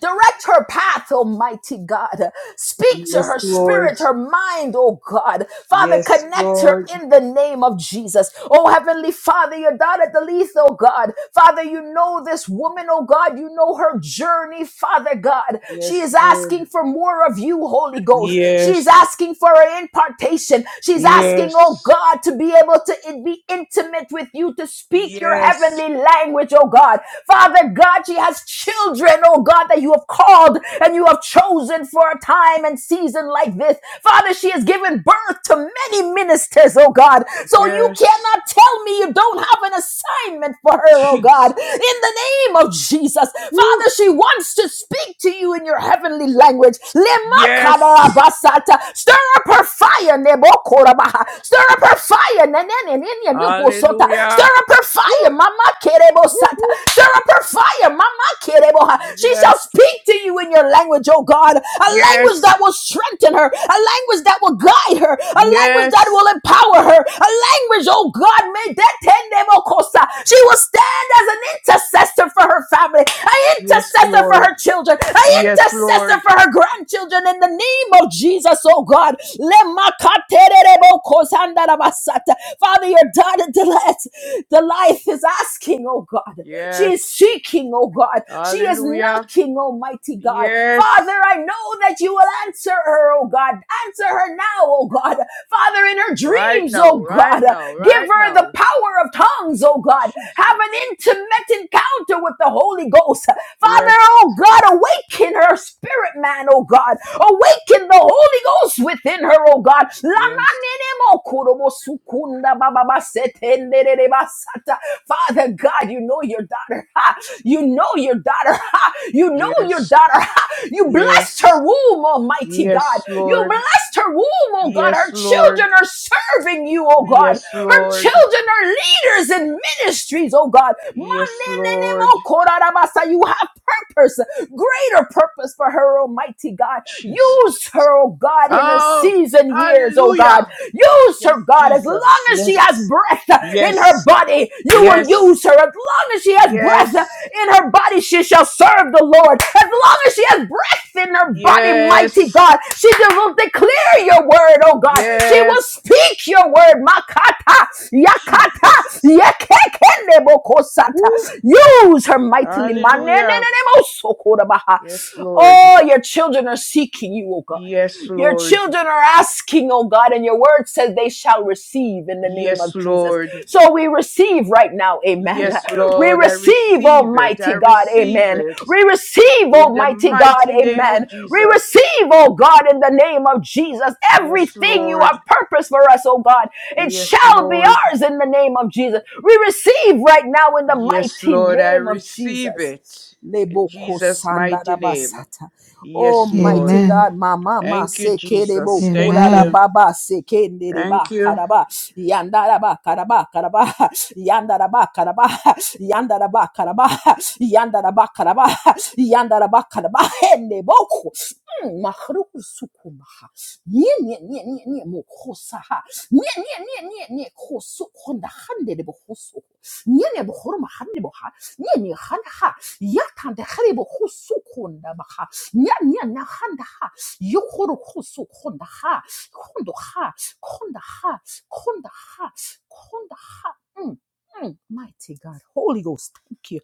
Speaker 1: Direct her path, Almighty God. Speak to
Speaker 5: Yes,
Speaker 1: her
Speaker 5: Lord.
Speaker 1: spirit, her mind, oh God. Father,
Speaker 5: Yes,
Speaker 1: connect her
Speaker 5: Lord.
Speaker 1: in the name of Jesus. Oh Heavenly Father, your daughter Delith, oh God. Father, you know this woman, oh God. You know her journey, Father God. She
Speaker 5: Yes,
Speaker 1: is
Speaker 5: Lord.
Speaker 1: asking for more of you, Holy Ghost. She's
Speaker 5: Yes,
Speaker 1: asking for an impartation. She's asking, oh
Speaker 5: yes,
Speaker 1: God, to be able to in- be intimate with you, to speak your
Speaker 5: yes,
Speaker 1: heavenly language, oh God. Father God, she has children children, oh God, that you have called and you have chosen for a time and season like this. Father, she has given birth to many ministers, oh God. So you
Speaker 5: yes.
Speaker 1: cannot tell me you don't have an assignment for her, oh God. In
Speaker 5: Jesus.
Speaker 1: the name of Jesus,
Speaker 5: Woo.
Speaker 1: Father, she wants to speak to you in your heavenly language.
Speaker 5: Yes.
Speaker 1: Lemakarabasata. Stir up her fire, Nebokorabaha. Stir up her fire, Nenenenenenyoposota. Stir
Speaker 5: Hallelujah.
Speaker 1: up her
Speaker 5: Woo,
Speaker 1: fire, Mama
Speaker 5: woo,
Speaker 1: Kerebosata.
Speaker 5: woo.
Speaker 1: Stir up her fire fire. Mama kerebo. She
Speaker 5: Yes,
Speaker 1: shall speak to you in your language, oh God. A language
Speaker 5: yes,
Speaker 1: that will strengthen her. A language that will guide her. A language that will
Speaker 5: yes,
Speaker 1: empower her. A language, oh God, may that tendebo kosa. She will stand as an intercessor for her family, an
Speaker 5: yes,
Speaker 1: intercessor for
Speaker 5: Lord.
Speaker 1: her children, an
Speaker 5: Yes,
Speaker 1: intercessor
Speaker 5: Lord.
Speaker 1: for her grandchildren in the name of Jesus, oh God. Father, your daughter Delette, Delight is asking, oh God. She
Speaker 5: Yes.
Speaker 1: is seeking, oh God. She is
Speaker 5: Hallelujah.
Speaker 1: knocking, Almighty God. Father,
Speaker 5: Yes.
Speaker 1: I know that you will answer her, oh God. Answer her now, oh God. Father, in her
Speaker 5: Right
Speaker 1: dreams, oh
Speaker 5: now, right
Speaker 1: God.
Speaker 5: now,
Speaker 1: Give
Speaker 5: right
Speaker 1: her the
Speaker 5: now.
Speaker 1: power of tongues, oh God. Have
Speaker 5: Jesus.
Speaker 1: an intimate encounter with the Holy Ghost. Father,
Speaker 5: Yes,
Speaker 1: oh God, awaken her spirit, man, oh God. Awaken the Holy Ghost within her, oh God.
Speaker 5: yes,
Speaker 1: Father God, you know your daughter. You know your daughter. You know your
Speaker 5: yes,
Speaker 1: daughter. You blessed her
Speaker 5: yes,
Speaker 1: womb, Almighty God.
Speaker 5: yes,
Speaker 1: You
Speaker 5: Lord.
Speaker 1: blessed her womb, oh God.
Speaker 5: Yes,
Speaker 1: Her
Speaker 5: Lord.
Speaker 1: children are serving you, oh God.
Speaker 5: Yes,
Speaker 1: Her
Speaker 5: Lord.
Speaker 1: children are leaders in ministries, oh God.
Speaker 5: Yes, Lord.
Speaker 1: You have purpose, greater purpose for her, Almighty God.
Speaker 5: Jesus.
Speaker 1: Use her, oh God, in her
Speaker 5: Oh,
Speaker 1: season years, oh God.
Speaker 5: hallelujah.
Speaker 1: Use her,
Speaker 5: Yes,
Speaker 1: God, as long
Speaker 5: Jesus.
Speaker 1: as she has
Speaker 5: Yes.
Speaker 1: breath in her
Speaker 5: Yes.
Speaker 1: body. You will use
Speaker 5: Yes.
Speaker 1: her. As long as she has breath
Speaker 5: Yes.
Speaker 1: in her body, she shall serve the Lord. As long as she has breath in her body, mighty
Speaker 5: Yes.
Speaker 1: God, she will declare your word, oh God. She will
Speaker 5: Yes.
Speaker 1: speak your word. Makata, yakata,
Speaker 5: Jesus.
Speaker 1: yekekenebokosata.
Speaker 5: Woo.
Speaker 1: Use her mightily.
Speaker 5: Hallelujah.
Speaker 1: Manenenenemosokorabaha.
Speaker 5: Yes, Lord.
Speaker 1: Oh, your children are seeking you, oh God.
Speaker 5: Yes,
Speaker 1: Your
Speaker 5: Lord.
Speaker 1: children are asking, oh God, and your word says they shall receive in the name
Speaker 5: Yes,
Speaker 1: of Jesus.
Speaker 5: Lord.
Speaker 1: So we receive right now, amen.
Speaker 5: Yes,
Speaker 1: We
Speaker 5: Lord. I
Speaker 1: receive,
Speaker 5: receive it. I
Speaker 1: Almighty God,
Speaker 5: receive
Speaker 1: amen.
Speaker 5: it.
Speaker 1: We receive,
Speaker 5: In the
Speaker 1: Almighty God,
Speaker 5: mighty name of
Speaker 1: amen. We
Speaker 5: Jesus.
Speaker 1: receive, oh God, in the name of Jesus,
Speaker 5: Yes,
Speaker 1: everything you
Speaker 5: Lord.
Speaker 1: have purposed for us, oh God. It
Speaker 5: Yes,
Speaker 1: shall be
Speaker 5: Lord.
Speaker 1: ours in the name of Jesus. We receive right now in the
Speaker 5: Yes,
Speaker 1: mighty
Speaker 5: Lord, I
Speaker 1: name of
Speaker 5: receive
Speaker 1: Jesus.
Speaker 5: it. In
Speaker 1: Leboko
Speaker 5: Jesus' mighty name.
Speaker 1: sandarabasata. Oh,
Speaker 5: Yes,
Speaker 1: mighty
Speaker 5: Lord.
Speaker 1: God, mama ma
Speaker 5: Thank you,
Speaker 1: sekerebo
Speaker 5: Jesus. Thank you.
Speaker 1: kurarababa
Speaker 5: Thank
Speaker 1: sekendereba
Speaker 5: you,
Speaker 1: karaba yandaraba karaba karaba yandaraba karaba yandaraba karaba yandaraba karaba yandaraba karaba hendeboko Mm, mahruku sukumaha nie nie nie nie nie mokosaha nie nie nie nie nie kosu konda hande de bohosu nie ne bohorma hande يعني خانها يتان ده خريب خصو ha. بها يعني نخانها يخور خصو كوندها كوندها كوندها كوندها كوندها Mm, mm, Mighty God, Holy Ghost, thank you.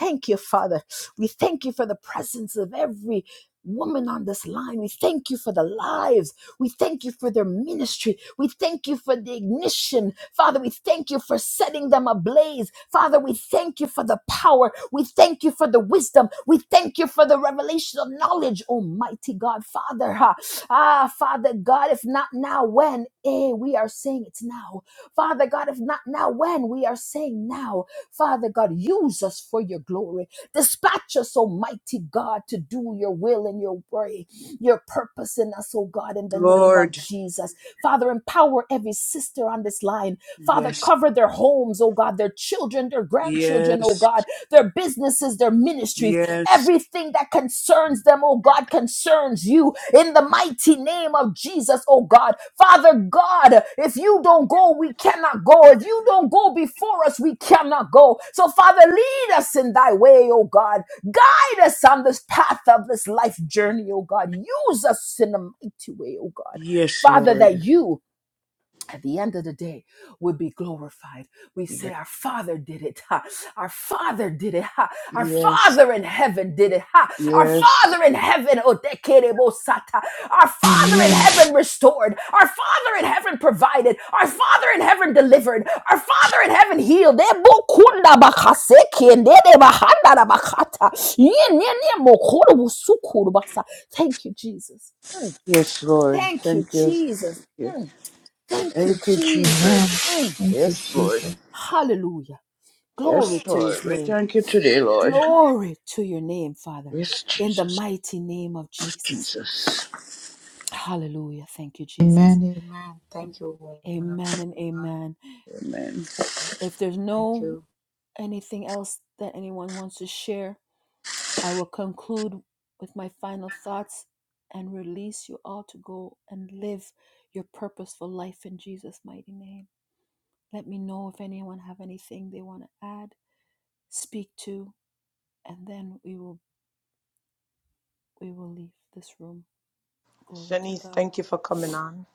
Speaker 1: Thank you, Father. We thank you for the presence of every woman on this line. We thank you for the lives we thank you for their ministry. We thank you for the ignition. Father, we thank you for setting them ablaze. Father, we thank you for the power. We thank you for the wisdom. We thank you for the revelation of knowledge, Almighty God. Father, ha. ah, Father God, if not now, when? Eh, we are saying it's now. Father God, if not now, when? We are saying now. Father God, use us for your glory. Dispatch us, Almighty God, to do your will and your way your purpose in us, oh God, in the name of
Speaker 5: Lord.
Speaker 1: Jesus. Father, empower every sister on this line. Father,
Speaker 5: Yes,
Speaker 1: cover their homes, oh God, their children, their grandchildren, oh
Speaker 5: yes,
Speaker 1: God, their businesses, their ministries,
Speaker 5: yes,
Speaker 1: everything that concerns them, oh God, concerns you in the mighty name of Jesus, oh God. Father God, if you don't go, we cannot go. If you don't go before us, we cannot go. So, Father, lead us in thy way, oh God. Guide us on this path of this life journey, oh God. Use us in a mighty way, oh God.
Speaker 5: yes,
Speaker 1: Father, that
Speaker 5: Lord.
Speaker 1: you at the end of the day would be glorified. We say,
Speaker 5: Yes,
Speaker 1: Our Father did it. Ha. Our Father did it. Ha. Our Father in heaven did it. Ha. Our
Speaker 5: yes,
Speaker 1: Father in heaven, Otekerebosata. our Father in heaven restored. Our Father in heaven provided. Our Father in heaven delivered. Our Father in heaven healed. Ebokunda bakaseke, ndede bahanda da bakata. Yen, yen, yen, mokoro busukuru basa. Thank you, Jesus. Mm.
Speaker 5: yes, Lord.
Speaker 1: Thank you,
Speaker 5: Thank you.
Speaker 1: Jesus. Mm. Thank you,
Speaker 5: Thank you,
Speaker 1: Jesus.
Speaker 5: Jesus.
Speaker 1: Mm.
Speaker 5: Yes, Lord.
Speaker 1: Hallelujah. Glory
Speaker 5: Yes,
Speaker 1: to
Speaker 5: Lord.
Speaker 1: his
Speaker 5: We
Speaker 1: name.
Speaker 5: thank you today, Lord.
Speaker 1: Glory to your name, Father,
Speaker 5: Yes,
Speaker 1: in the
Speaker 5: Jesus.
Speaker 1: mighty name of
Speaker 5: Yes,
Speaker 1: Jesus.
Speaker 5: Jesus.
Speaker 1: Hallelujah. Thank you, Jesus.
Speaker 4: Amen. Amen.
Speaker 1: And
Speaker 4: Thank you, woman of
Speaker 1: amen and
Speaker 4: God.
Speaker 1: amen.
Speaker 5: Amen.
Speaker 4: Thank you.
Speaker 1: If there's
Speaker 4: Thank
Speaker 1: no
Speaker 4: you.
Speaker 1: anything else that anyone wants to share, I will conclude with my final thoughts and release you all to go and live your purposeful life in Jesus' mighty name. Let me know if anyone have anything they want to add speak to and we will we will leave this room glory to
Speaker 2: Shanice,
Speaker 1: god
Speaker 2: thank you for coming on.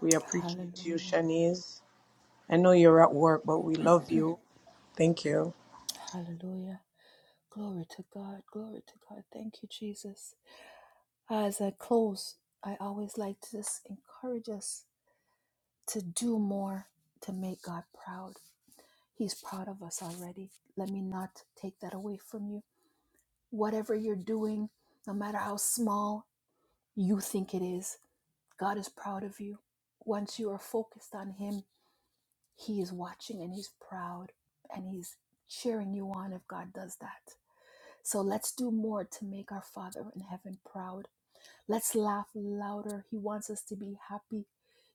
Speaker 2: We appreciate you,
Speaker 1: hallelujah
Speaker 2: Shanice. I know you're at work, but we love you. Thank you.
Speaker 1: hallelujah glory to god glory to god thank you jesus as i close i always like to just encourage us to do more to make god proud he's proud of us already let me not take that away from you whatever you're doing no matter how small you think it is god is proud of you once you are focused on him He is watching and he's proud and he's cheering you on if God does that. So let's do more to make our Father in heaven proud Let's laugh louder. He wants us to be happy.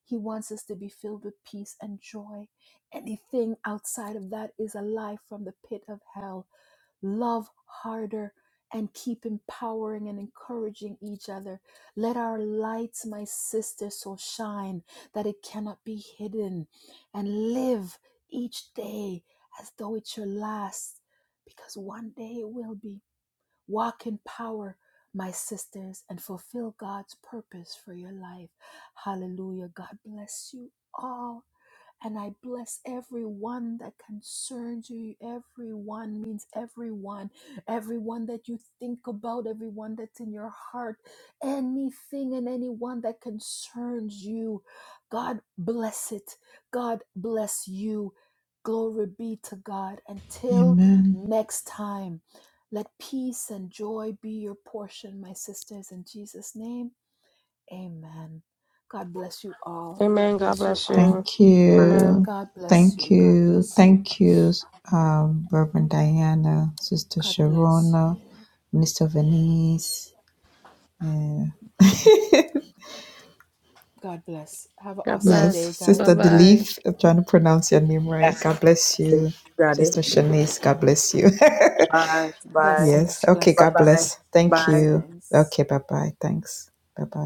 Speaker 1: He wants us to be filled with peace and joy. Anything outside of that is a lie from the pit of hell. Love harder and keep empowering and encouraging each other. Let our lights, my sister, so shine that it cannot be hidden. And live each day as though it's your last, because one day it will be. Walk in power, my sisters, and fulfill God's purpose for your life. Hallelujah. God bless you all. And I bless everyone that concerns you. Everyone means everyone. Everyone that you think about, everyone that's in your heart, anything and anyone that concerns you. God bless it. God bless you. Glory be to God. Until next time, let peace and joy be your portion, my sisters. In Jesus' name, amen. God bless you all. God
Speaker 3: Amen. God
Speaker 1: bless you
Speaker 3: bless
Speaker 1: all.
Speaker 3: you.
Speaker 4: Thank
Speaker 2: Amen.
Speaker 3: Amen.
Speaker 4: you.
Speaker 1: God bless
Speaker 4: Thank
Speaker 1: you. God
Speaker 4: you.
Speaker 1: bless you.
Speaker 4: Thank you, um, Reverend Diana, Sister
Speaker 1: God bless
Speaker 4: Sharona,
Speaker 1: you.
Speaker 4: Minister Venice. Yeah.
Speaker 1: God bless. Have an
Speaker 3: God
Speaker 1: awesome
Speaker 4: Yes,
Speaker 3: bless.
Speaker 1: day,
Speaker 3: Bye
Speaker 4: Sister
Speaker 1: guys.
Speaker 3: bye.
Speaker 4: Delith. I'm trying to pronounce your name right.
Speaker 2: That's it.
Speaker 4: God bless
Speaker 2: That's it.
Speaker 4: you.
Speaker 2: You got it.
Speaker 4: Sister Shanice, God bless you.
Speaker 2: Bye. Bye.
Speaker 4: yes.
Speaker 1: Blessings,
Speaker 4: Okay,
Speaker 2: Bye.
Speaker 4: God
Speaker 2: Bye.
Speaker 1: blessings,
Speaker 4: bless. Thank
Speaker 2: Bye.
Speaker 4: you.
Speaker 1: blessings.
Speaker 4: Okay, bye bye. Thanks. Bye bye.